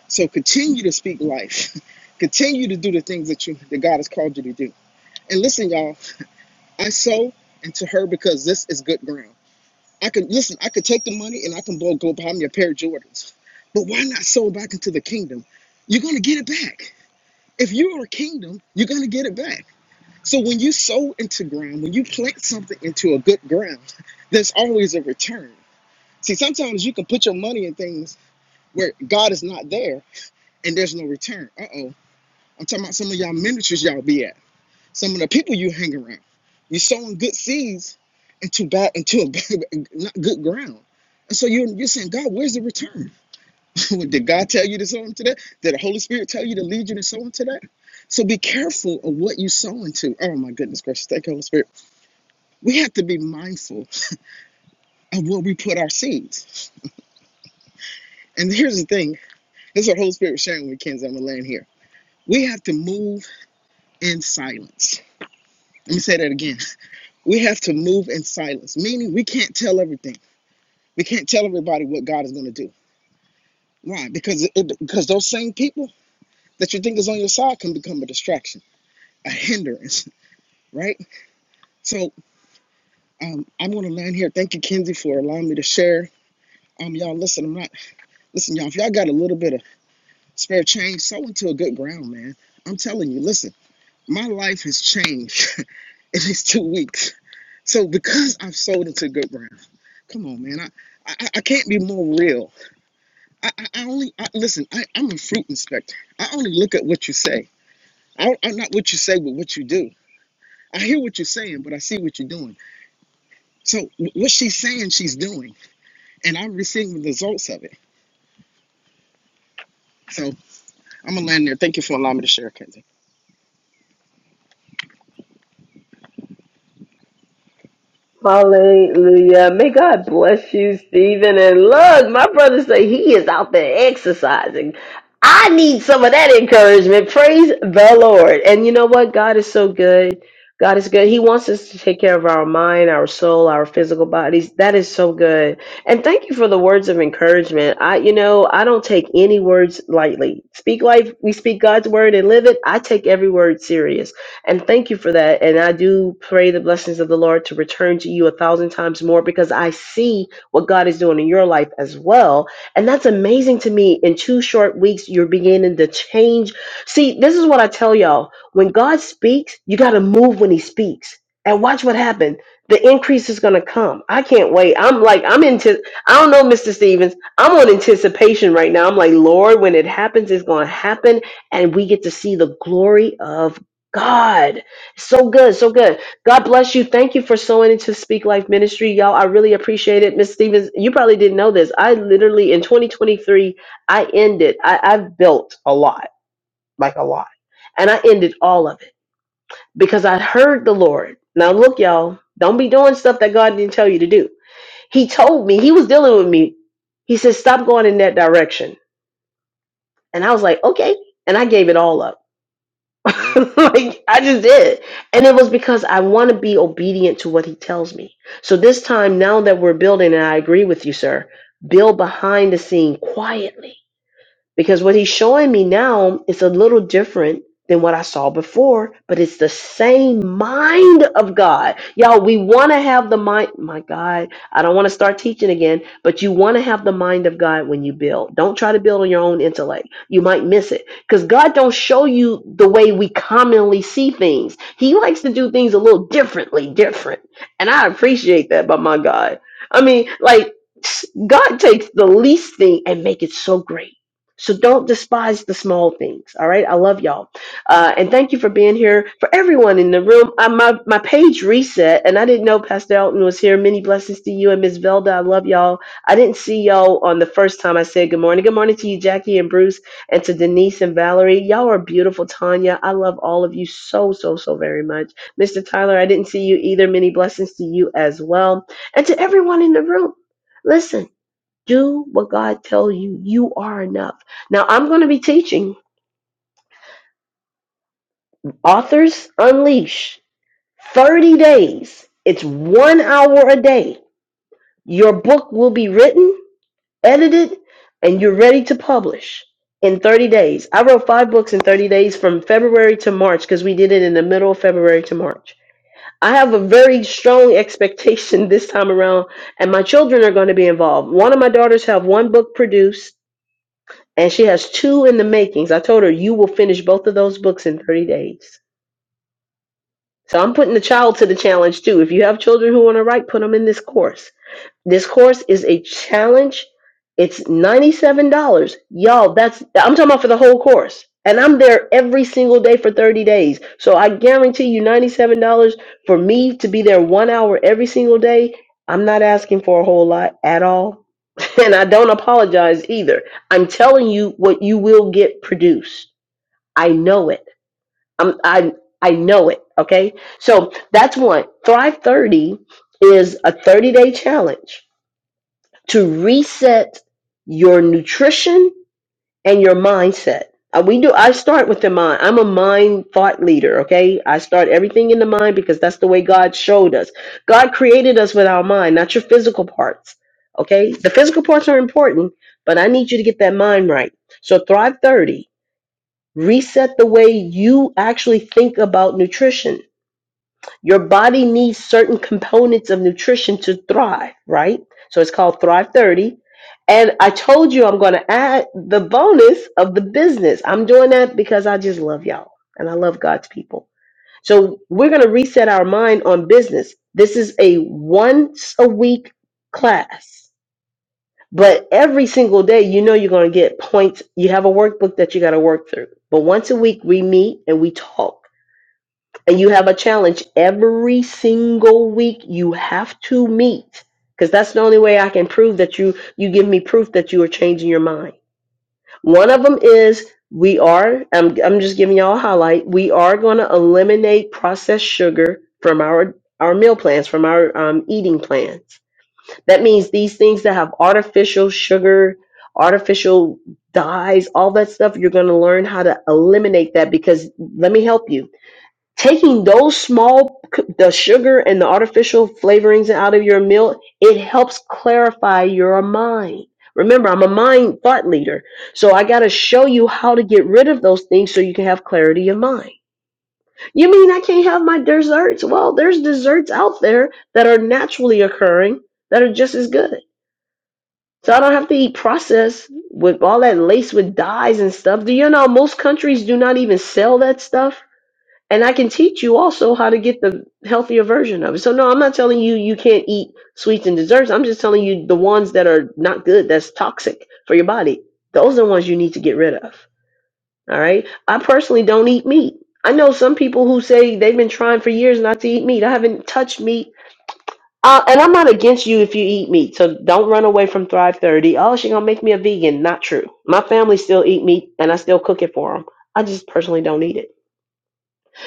C: So continue to speak life. Continue to do the things that you that God has called you to do. And listen, y'all, I sow into her because this is good ground. I can listen, I could take the money and I can blow go buy me a pair of Jordans. But why not sow back into the kingdom? You're gonna get it back. If you are a kingdom, you're gonna get it back. So when you sow into ground, when you plant something into a good ground, there's always a return. See, sometimes you can put your money in things where God is not there and there's no return. Uh oh I'm talking about some of y'all ministries y'all be at, some of the people you hang around. You're sowing good seeds into bad into a bad- not good ground. And so you're, you're saying, God, where's the return? Did God tell you to sow into that? Did the Holy Spirit tell you to lead you to sow into that? So be careful of what you sow into. Oh my goodness gracious, thank you, Holy Spirit. We have to be mindful of where we put our seeds. And here's the thing, this is what Holy Spirit was sharing with kids. I'm gonna land here. We have to move in silence. Let me say that again We have to move in silence, meaning we can't tell everything. We can't tell everybody what God is going to do. Why? Because it, it- because those same people that you think is on your side can become a distraction, a hindrance, right? So um, I'm going to land here. Thank you, Kenzie, for allowing me to share. Um, y'all, listen, I'm not listen, y'all. If y'all got a little bit of spare change, sow into a good ground, man. I'm telling you, listen, my life has changed in these two weeks. So because I've sold into good ground, come on, man, I, I I can't be more real I, I I only I, listen. I, I'm a fruit inspector. I only look at what you say. I, I'm not what you say, but what you do. I hear what you're saying, but I see what you're doing. So wh- what she's saying, she's doing, and I'm receiving the results of it. So I'm gonna land there. Thank you for allowing me to share, Kendra.
A: Hallelujah. May God bless you, Stephen. And look, my brother say he is out there exercising. I need some of that encouragement. Praise the Lord. And you know what? God is so good. God is good. He wants us to take care of our mind, our soul, our physical bodies. That is so good. And thank you for the words of encouragement. I, you know, I don't take any words lightly. Speak life. We speak God's word and live it. I take every word serious. And thank you for that. And I do pray the blessings of the Lord to return to you a thousand times more because I see what God is doing in your life as well. And that's amazing to me. In two short weeks, you're beginning to change. See, this is what I tell y'all when God speaks, you got to move when He speaks. And watch what happened. The increase is gonna come. I can't wait. I'm like, I'm into. I don't know, Mr. Stevens. I'm on anticipation right now. I'm like, Lord, when it happens, it's gonna happen, and we get to see the glory of God, so good, so good. God bless you. Thank you for sowing into Speak Life Ministry, y'all. I really appreciate it, Miss Stevens. You probably didn't know this. I literally in 2023, I ended. I, I've built a lot, like a lot, and I ended all of it because I heard the Lord. Now look, y'all, don't be doing stuff that God didn't tell you to do. He told me He was dealing with me. He said, "Stop going in that direction," and I was like, "Okay," and I gave it all up. like I just did. And it was because I want to be obedient to what he tells me. So this time now that we're building and I agree with you sir, build behind the scene quietly because what he's showing me now is a little different than what I saw before, but it's the same mind of God. Y'all, we want to have the mind. My God, I don't want to start teaching again, but you want to have the mind of God when you build. Don't try to build on your own intellect. You might miss it because God don't show you the way we commonly see things. He likes to do things a little differently, different. And I appreciate that, but my God. I mean, like, God takes the least thing and make it so great. So don't despise the small things. All right. I love y'all. Uh, and thank you for being here. For everyone in the room, I, my, my page reset, and I didn't know Pastor Elton was here. Many blessings to you and Miss Velda. I love y'all. I didn't see y'all on the first time I said good morning. Good morning to you, Jackie and Bruce, and to Denise and Valerie. Y'all are beautiful, Tanya. I love all of you so, so, so very much. Mr. Tyler, I didn't see you either. Many blessings to you as well. And to everyone in the room. Listen do what God tells you. You are enough. Now I'm going to be teaching Authors Unleash 30 days. It's one hour a day. Your book will be written, edited, and you're ready to publish in 30 days. I wrote five books in 30 days from February to March because we did it in the middle of February to March. I have a very strong expectation this time around, and my children are going to be involved. One of my daughters have one book produced and she has two in the makings. I told her you will finish both of those books in 30 days. So I'm putting the child to the challenge too. If you have children who want to write, put them in this course. This course is a challenge. It's $97. Y'all, that's I'm talking about for the whole course. And I'm there every single day for 30 days. So I guarantee you $97 for me to be there 1 hour every single day. I'm not asking for a whole lot at all and I don't apologize either. I'm telling you what you will get produced. I know it. I'm I I know it. Okay. So that's one. Thrive 30 is a 30 day challenge to reset your nutrition and your mindset. Uh, we do. I start with the mind. I'm a mind thought leader. Okay, I start everything in the mind because that's the way God showed us. God created us with our mind, not your physical parts. Okay, the physical parts are important, but I need you to get that mind right. So Thrive 30, reset the way you actually think about nutrition your body needs certain components of nutrition to thrive, right? So it's called Thrive 30. And I told you I'm going to add the bonus of the business. I'm doing that because I just love y'all and I love God's people. So we're going to reset our mind on business. This is a once a week class, but every single day, you know, you're going to get points. You have a workbook that you got to work through. But once a week, we meet and we talk and you have a challenge every single week you have to meet because that's the only way i can prove that you you give me proof that you are changing your mind one of them is we are i'm, I'm just giving y'all a highlight we are going to eliminate processed sugar from our our meal plans from our um, eating plans that means these things that have artificial sugar artificial dyes all that stuff you're going to learn how to eliminate that because let me help you taking those small the sugar and the artificial flavorings out of your meal it helps clarify your mind remember i'm a mind thought leader so i got to show you how to get rid of those things so you can have clarity of mind you mean i can't have my desserts well there's desserts out there that are naturally occurring that are just as good so i don't have to eat processed with all that laced with dyes and stuff do you know most countries do not even sell that stuff and I can teach you also how to get the healthier version of it. So no, I'm not telling you you can't eat sweets and desserts. I'm just telling you the ones that are not good, that's toxic for your body. Those are the ones you need to get rid of. All right. I personally don't eat meat. I know some people who say they've been trying for years not to eat meat. I haven't touched meat. Uh, and I'm not against you if you eat meat. So don't run away from Thrive 30. Oh, she's going to make me a vegan. Not true. My family still eat meat and I still cook it for them. I just personally don't eat it.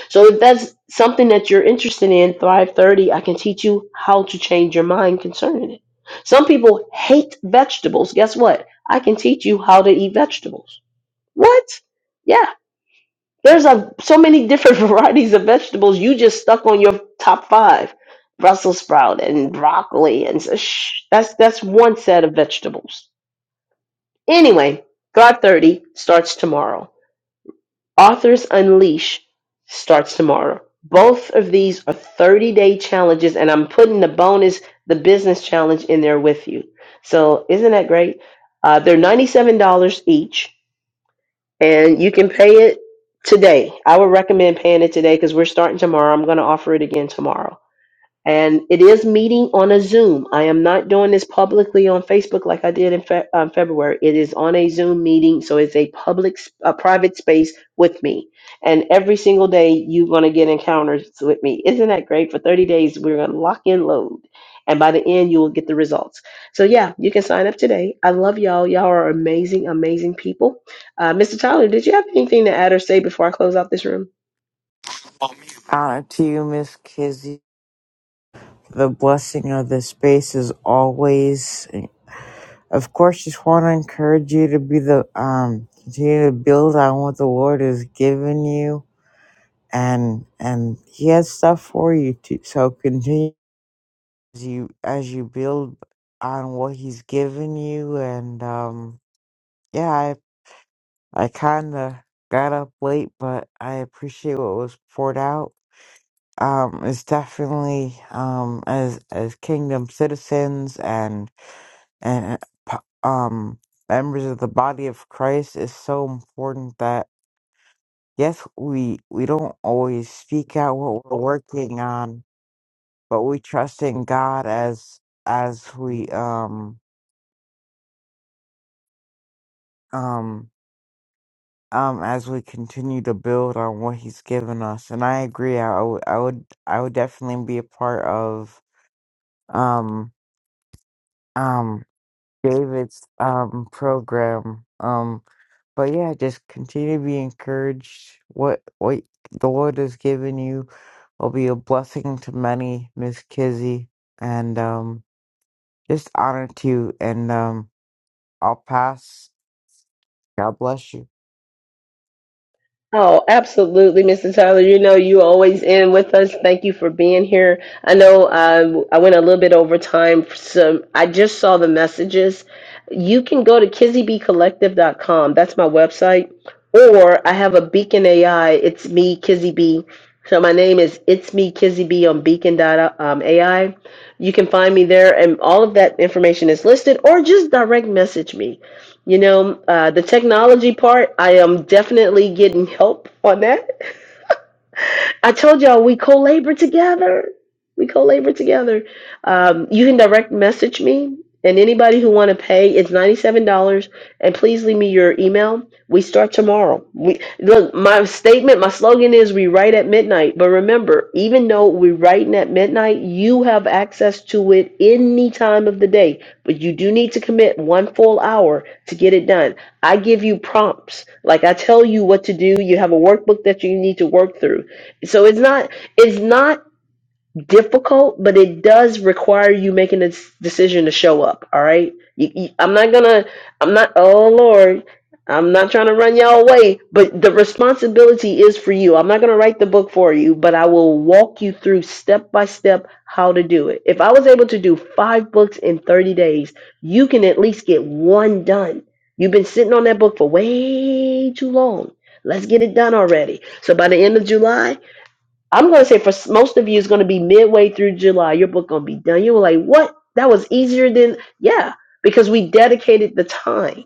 A: So if that's something that you're interested in, Thrive 30, I can teach you how to change your mind concerning it. Some people hate vegetables. Guess what? I can teach you how to eat vegetables. What? Yeah. There's a, so many different varieties of vegetables. You just stuck on your top five. Brussels sprout and broccoli and s- shh, that's that's one set of vegetables. Anyway, Thrive 30 starts tomorrow. Authors Unleash starts tomorrow. Both of these are 30 day challenges, and I'm putting the bonus, the business challenge, in there with you. So, isn't that great? Uh, they're $97 each, and you can pay it today. I would recommend paying it today because we're starting tomorrow. I'm going to offer it again tomorrow and it is meeting on a Zoom. I am not doing this publicly on Facebook like I did in Fe- um, February. It is on a Zoom meeting, so it's a public, s- a private space with me. And every single day, you're going to get encounters with me. Isn't that great? For 30 days, we're going to lock in load. And by the end, you will get the results. So, yeah, you can sign up today. I love y'all. Y'all are amazing, amazing people. Uh, Mr. Tyler, did you have anything to add or say before I close out this room?
D: Honor to you, Miss Kizzy. The blessing of this space is always. Of course, just want to encourage you to be the um, continue to build on what the Lord has given you, and and He has stuff for you too. So continue as you as you build on what He's given you, and um, yeah, I I kind of got up late, but I appreciate what was poured out um it's definitely um as as kingdom citizens and and uh, po- um members of the body of Christ is so important that yes we we don't always speak out what we're working on but we trust in God as as we um um um as we continue to build on what he's given us and I agree I would I would I would definitely be a part of um um David's um program. Um, but yeah, just continue to be encouraged. What what the Lord has given you will be a blessing to many, Miss Kizzy, and um, just honor to you. And um, I'll pass. God bless you.
A: Oh, absolutely, Mr. Tyler. You know, you always in with us. Thank you for being here. I know um, I went a little bit over time. So I just saw the messages. You can go to kizzybecollective.com. That's my website. Or I have a Beacon AI. It's me, Kizzy B. So my name is It's Me, Kizzy B on Beacon dot, um, AI. You can find me there, and all of that information is listed, or just direct message me. You know, uh, the technology part, I am definitely getting help on that. I told y'all we co-labor together. We co-labor together. Um, you can direct message me and anybody who want to pay, it's $97 and please leave me your email. We start tomorrow. We look, my statement, my slogan is we write at midnight, but remember, even though we're writing at midnight, you have access to it any time of the day, but you do need to commit one full hour to get it done. I give you prompts. Like I tell you what to do. You have a workbook that you need to work through so it's not it's not difficult, but it does require you making a decision to show up. All right, You- you- I'm not gonna. I'm not. Oh Lord, I'm not trying to run y'all away, but the responsibility is for you. I'm not gonna write the book for you, but I will walk you through step by step how to do it. If I was able to do five books in 30 days, you can at least get one done. You've been sitting on that book for way too long. Let's get it done already. So by the end of July. I'm going to say for s- most of you, it's going to be midway through July. Your book going to be done. You were like, what? That was easier than, yeah, because we dedicated the time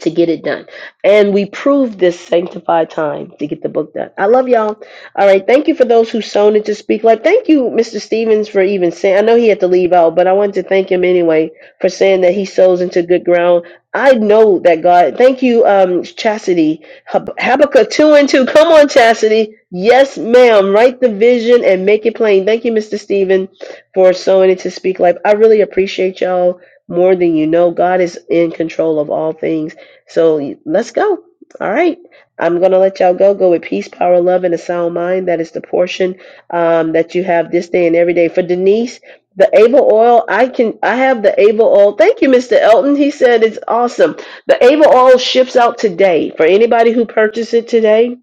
A: to get it done. And we proved this sanctified time to get the book done. I love y'all. All right. Thank you for those who sown into Speak Life. Thank you, Mr. Stevens, for even saying. I know he had to leave out, but I wanted to thank him anyway for saying that he sows into good ground. I know that God. Thank you, um, Chastity. Hab- Habakkuk 2 and 2. Come on, Chastity. Yes, ma'am. Write the vision and make it plain. Thank you, Mr. Stevens, for sowing into Speak Life. I really appreciate y'all more than you know. God is in control of all things so let's go. All right. I'm going to let y'all go. Go with peace, power, love, and a sound mind. That is the portion um, that you have this day and every day. For Denise, the Ava oil, I can, I have the Ava oil. Thank you, Mr. Elton. He said it's awesome. The Ava oil ships out today for anybody who purchased it today.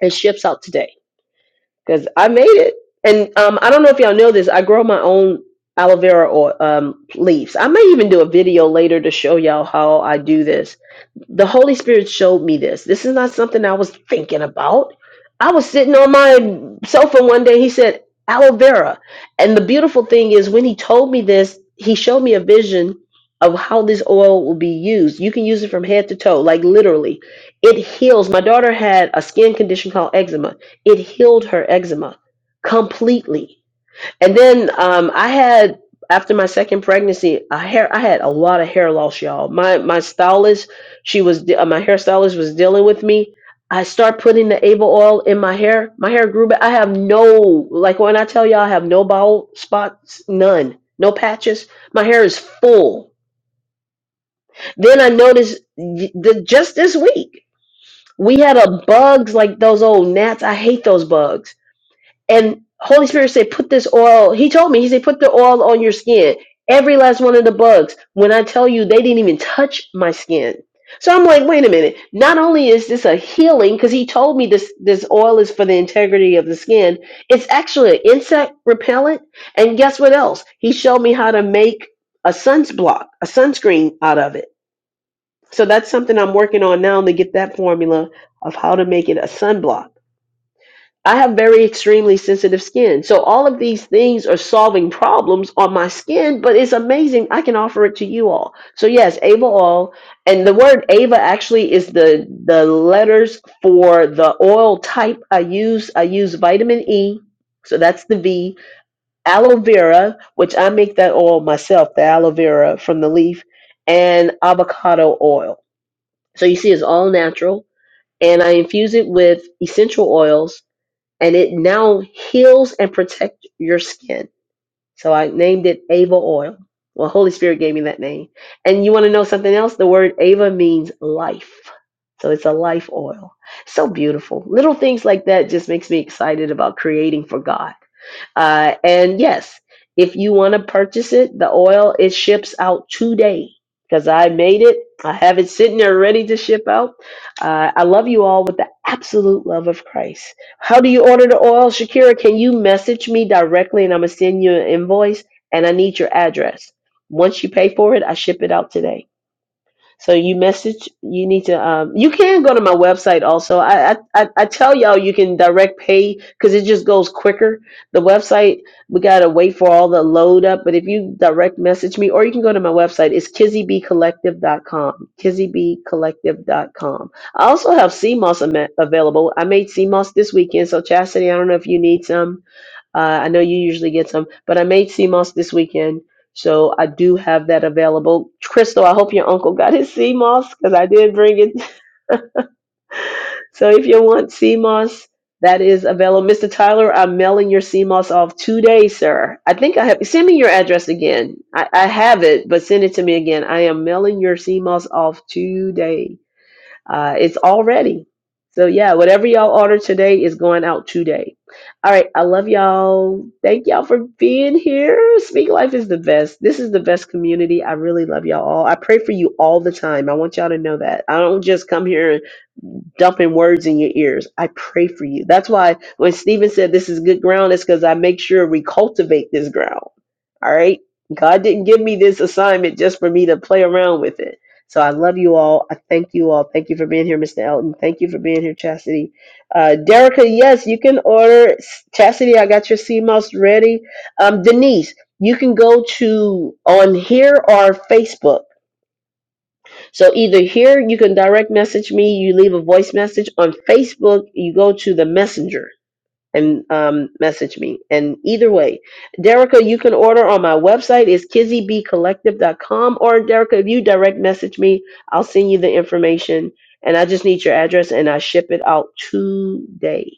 A: It ships out today because I made it. And um, I don't know if y'all know this. I grow my own aloe vera oil, um, leaves. I may even do a video later to show y'all how I do this the Holy Spirit showed me this. This is not something I was thinking about. I was sitting on my sofa one day. He said, aloe vera. And the beautiful thing is, when he told me this, he showed me a vision of how this oil will be used. You can use it from head to toe, like literally. It heals. My daughter had a skin condition called eczema, it healed her eczema completely and then um, I had after my second pregnancy, a hair I had a lot of hair loss, y'all. My my stylist, she was de- uh, my hairstylist was dealing with me. I start putting the Ava oil in my hair. My hair grew back. I have no like when I tell y'all I have no bald spots, none, no patches. My hair is full. Then I noticed y- the, just this week we had a bugs like those old gnats. I hate those bugs and Holy Spirit said, put this oil. He told me, he said, put the oil on your skin. Every last one of the bugs. When I tell you, they didn't even touch my skin. So I'm like, wait a minute. Not only is this a healing, because he told me this this oil is for the integrity of the skin. It's actually an insect repellent. And guess what else? He showed me how to make a sunblock, a sunscreen out of it. So that's something I'm working on now to get that formula of how to make it a sunblock I have very extremely sensitive skin. So all of these things are solving problems on my skin, but it's amazing. I can offer it to you all. So yes, Ava oil, and the word Ava actually is the the letters for the oil type I use. I use vitamin E. So that's the V. Aloe vera, which I make that oil myself, the aloe vera from the leaf, and avocado oil. So you see it's all natural. And I infuse it with essential oils and it now heals and protects your skin. So I named it Ava oil. Well, Holy Spirit gave me that name. And you want to know something else? The word Ava means life. So it's a life oil. So beautiful. Little things like that just makes me excited about creating for God. Uh, and yes, if you want to purchase it, the oil it ships out today because I made it. I have it sitting there ready to ship out. Uh, I love you all with the absolute love of Christ. How do you order the oil, Shakira? Can you message me directly, and I'm gonna send you an invoice, and I need your address. Once you pay for it, I ship it out today. So you message. You need to. Um, you can go to my website also. I I, I I tell y'all you can direct pay because it just goes quicker. The website we gotta wait for all the load up. But if you direct message me, or you can go to my website. It's kizzy b collective dot com. kizzy b collective dot com. I also have CMOS ama- available. I made CMOS this weekend. So Chastity, I don't know if you need some. Uh, I know you usually get some, but I made sea moss this weekend, so I do have that available. Crystal, I hope your uncle got his sea moss because I did bring it. So if you want sea moss, that is available. Mr. Tyler, I'm mailing your sea moss off today, sir. I think I have. Send me your address again. I, I have it, but send it to me again. I am mailing your sea moss off today. Uh, it's all ready. So yeah, whatever y'all order today is going out today. All right, I love y'all. Thank y'all for being here. Speak Life is the best. This is the best community. I really love y'all all. I pray for you all the time. I want y'all to know that. I don't just come here and dumping words in your ears. I pray for you. That's why when Stephen said this is good ground, it's because I make sure we cultivate this ground. All right. God didn't give me this assignment just for me to play around with it. So I love you all. I thank you all. Thank you for being here, Mr. Elton. Thank you for being here, Chastity. Uh, Derica, yes, you can order. Chastity, I got your sea mouse ready. Um, Denise, you can go to on here or Facebook. So either here, you can direct message me, you leave a voice message. On Facebook, you go to the messenger and um, message me. And either way, Derica, you can order on my website is kizzy b collective dot com. or Derica, if you direct message me, I'll send you the information. And I just need your address and I ship it out today.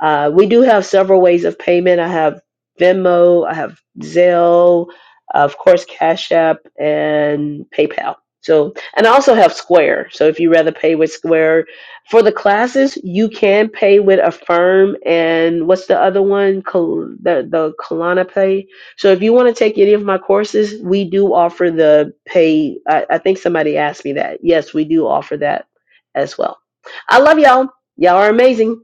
A: Uh, we do have several ways of payment. I have Venmo, I have Zelle, uh, of course, Cash App, and PayPal. So, and I also have Square. So, if you rather pay with Square for the classes, you can pay with Affirm and what's the other one? Col- the the Kalana Pay. So, if you want to take any of my courses, we do offer the pay. I, I think somebody asked me that. Yes, we do offer that as well. I love y'all. Y'all are amazing.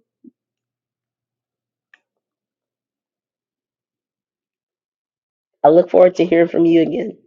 A: I look forward to hearing from you again.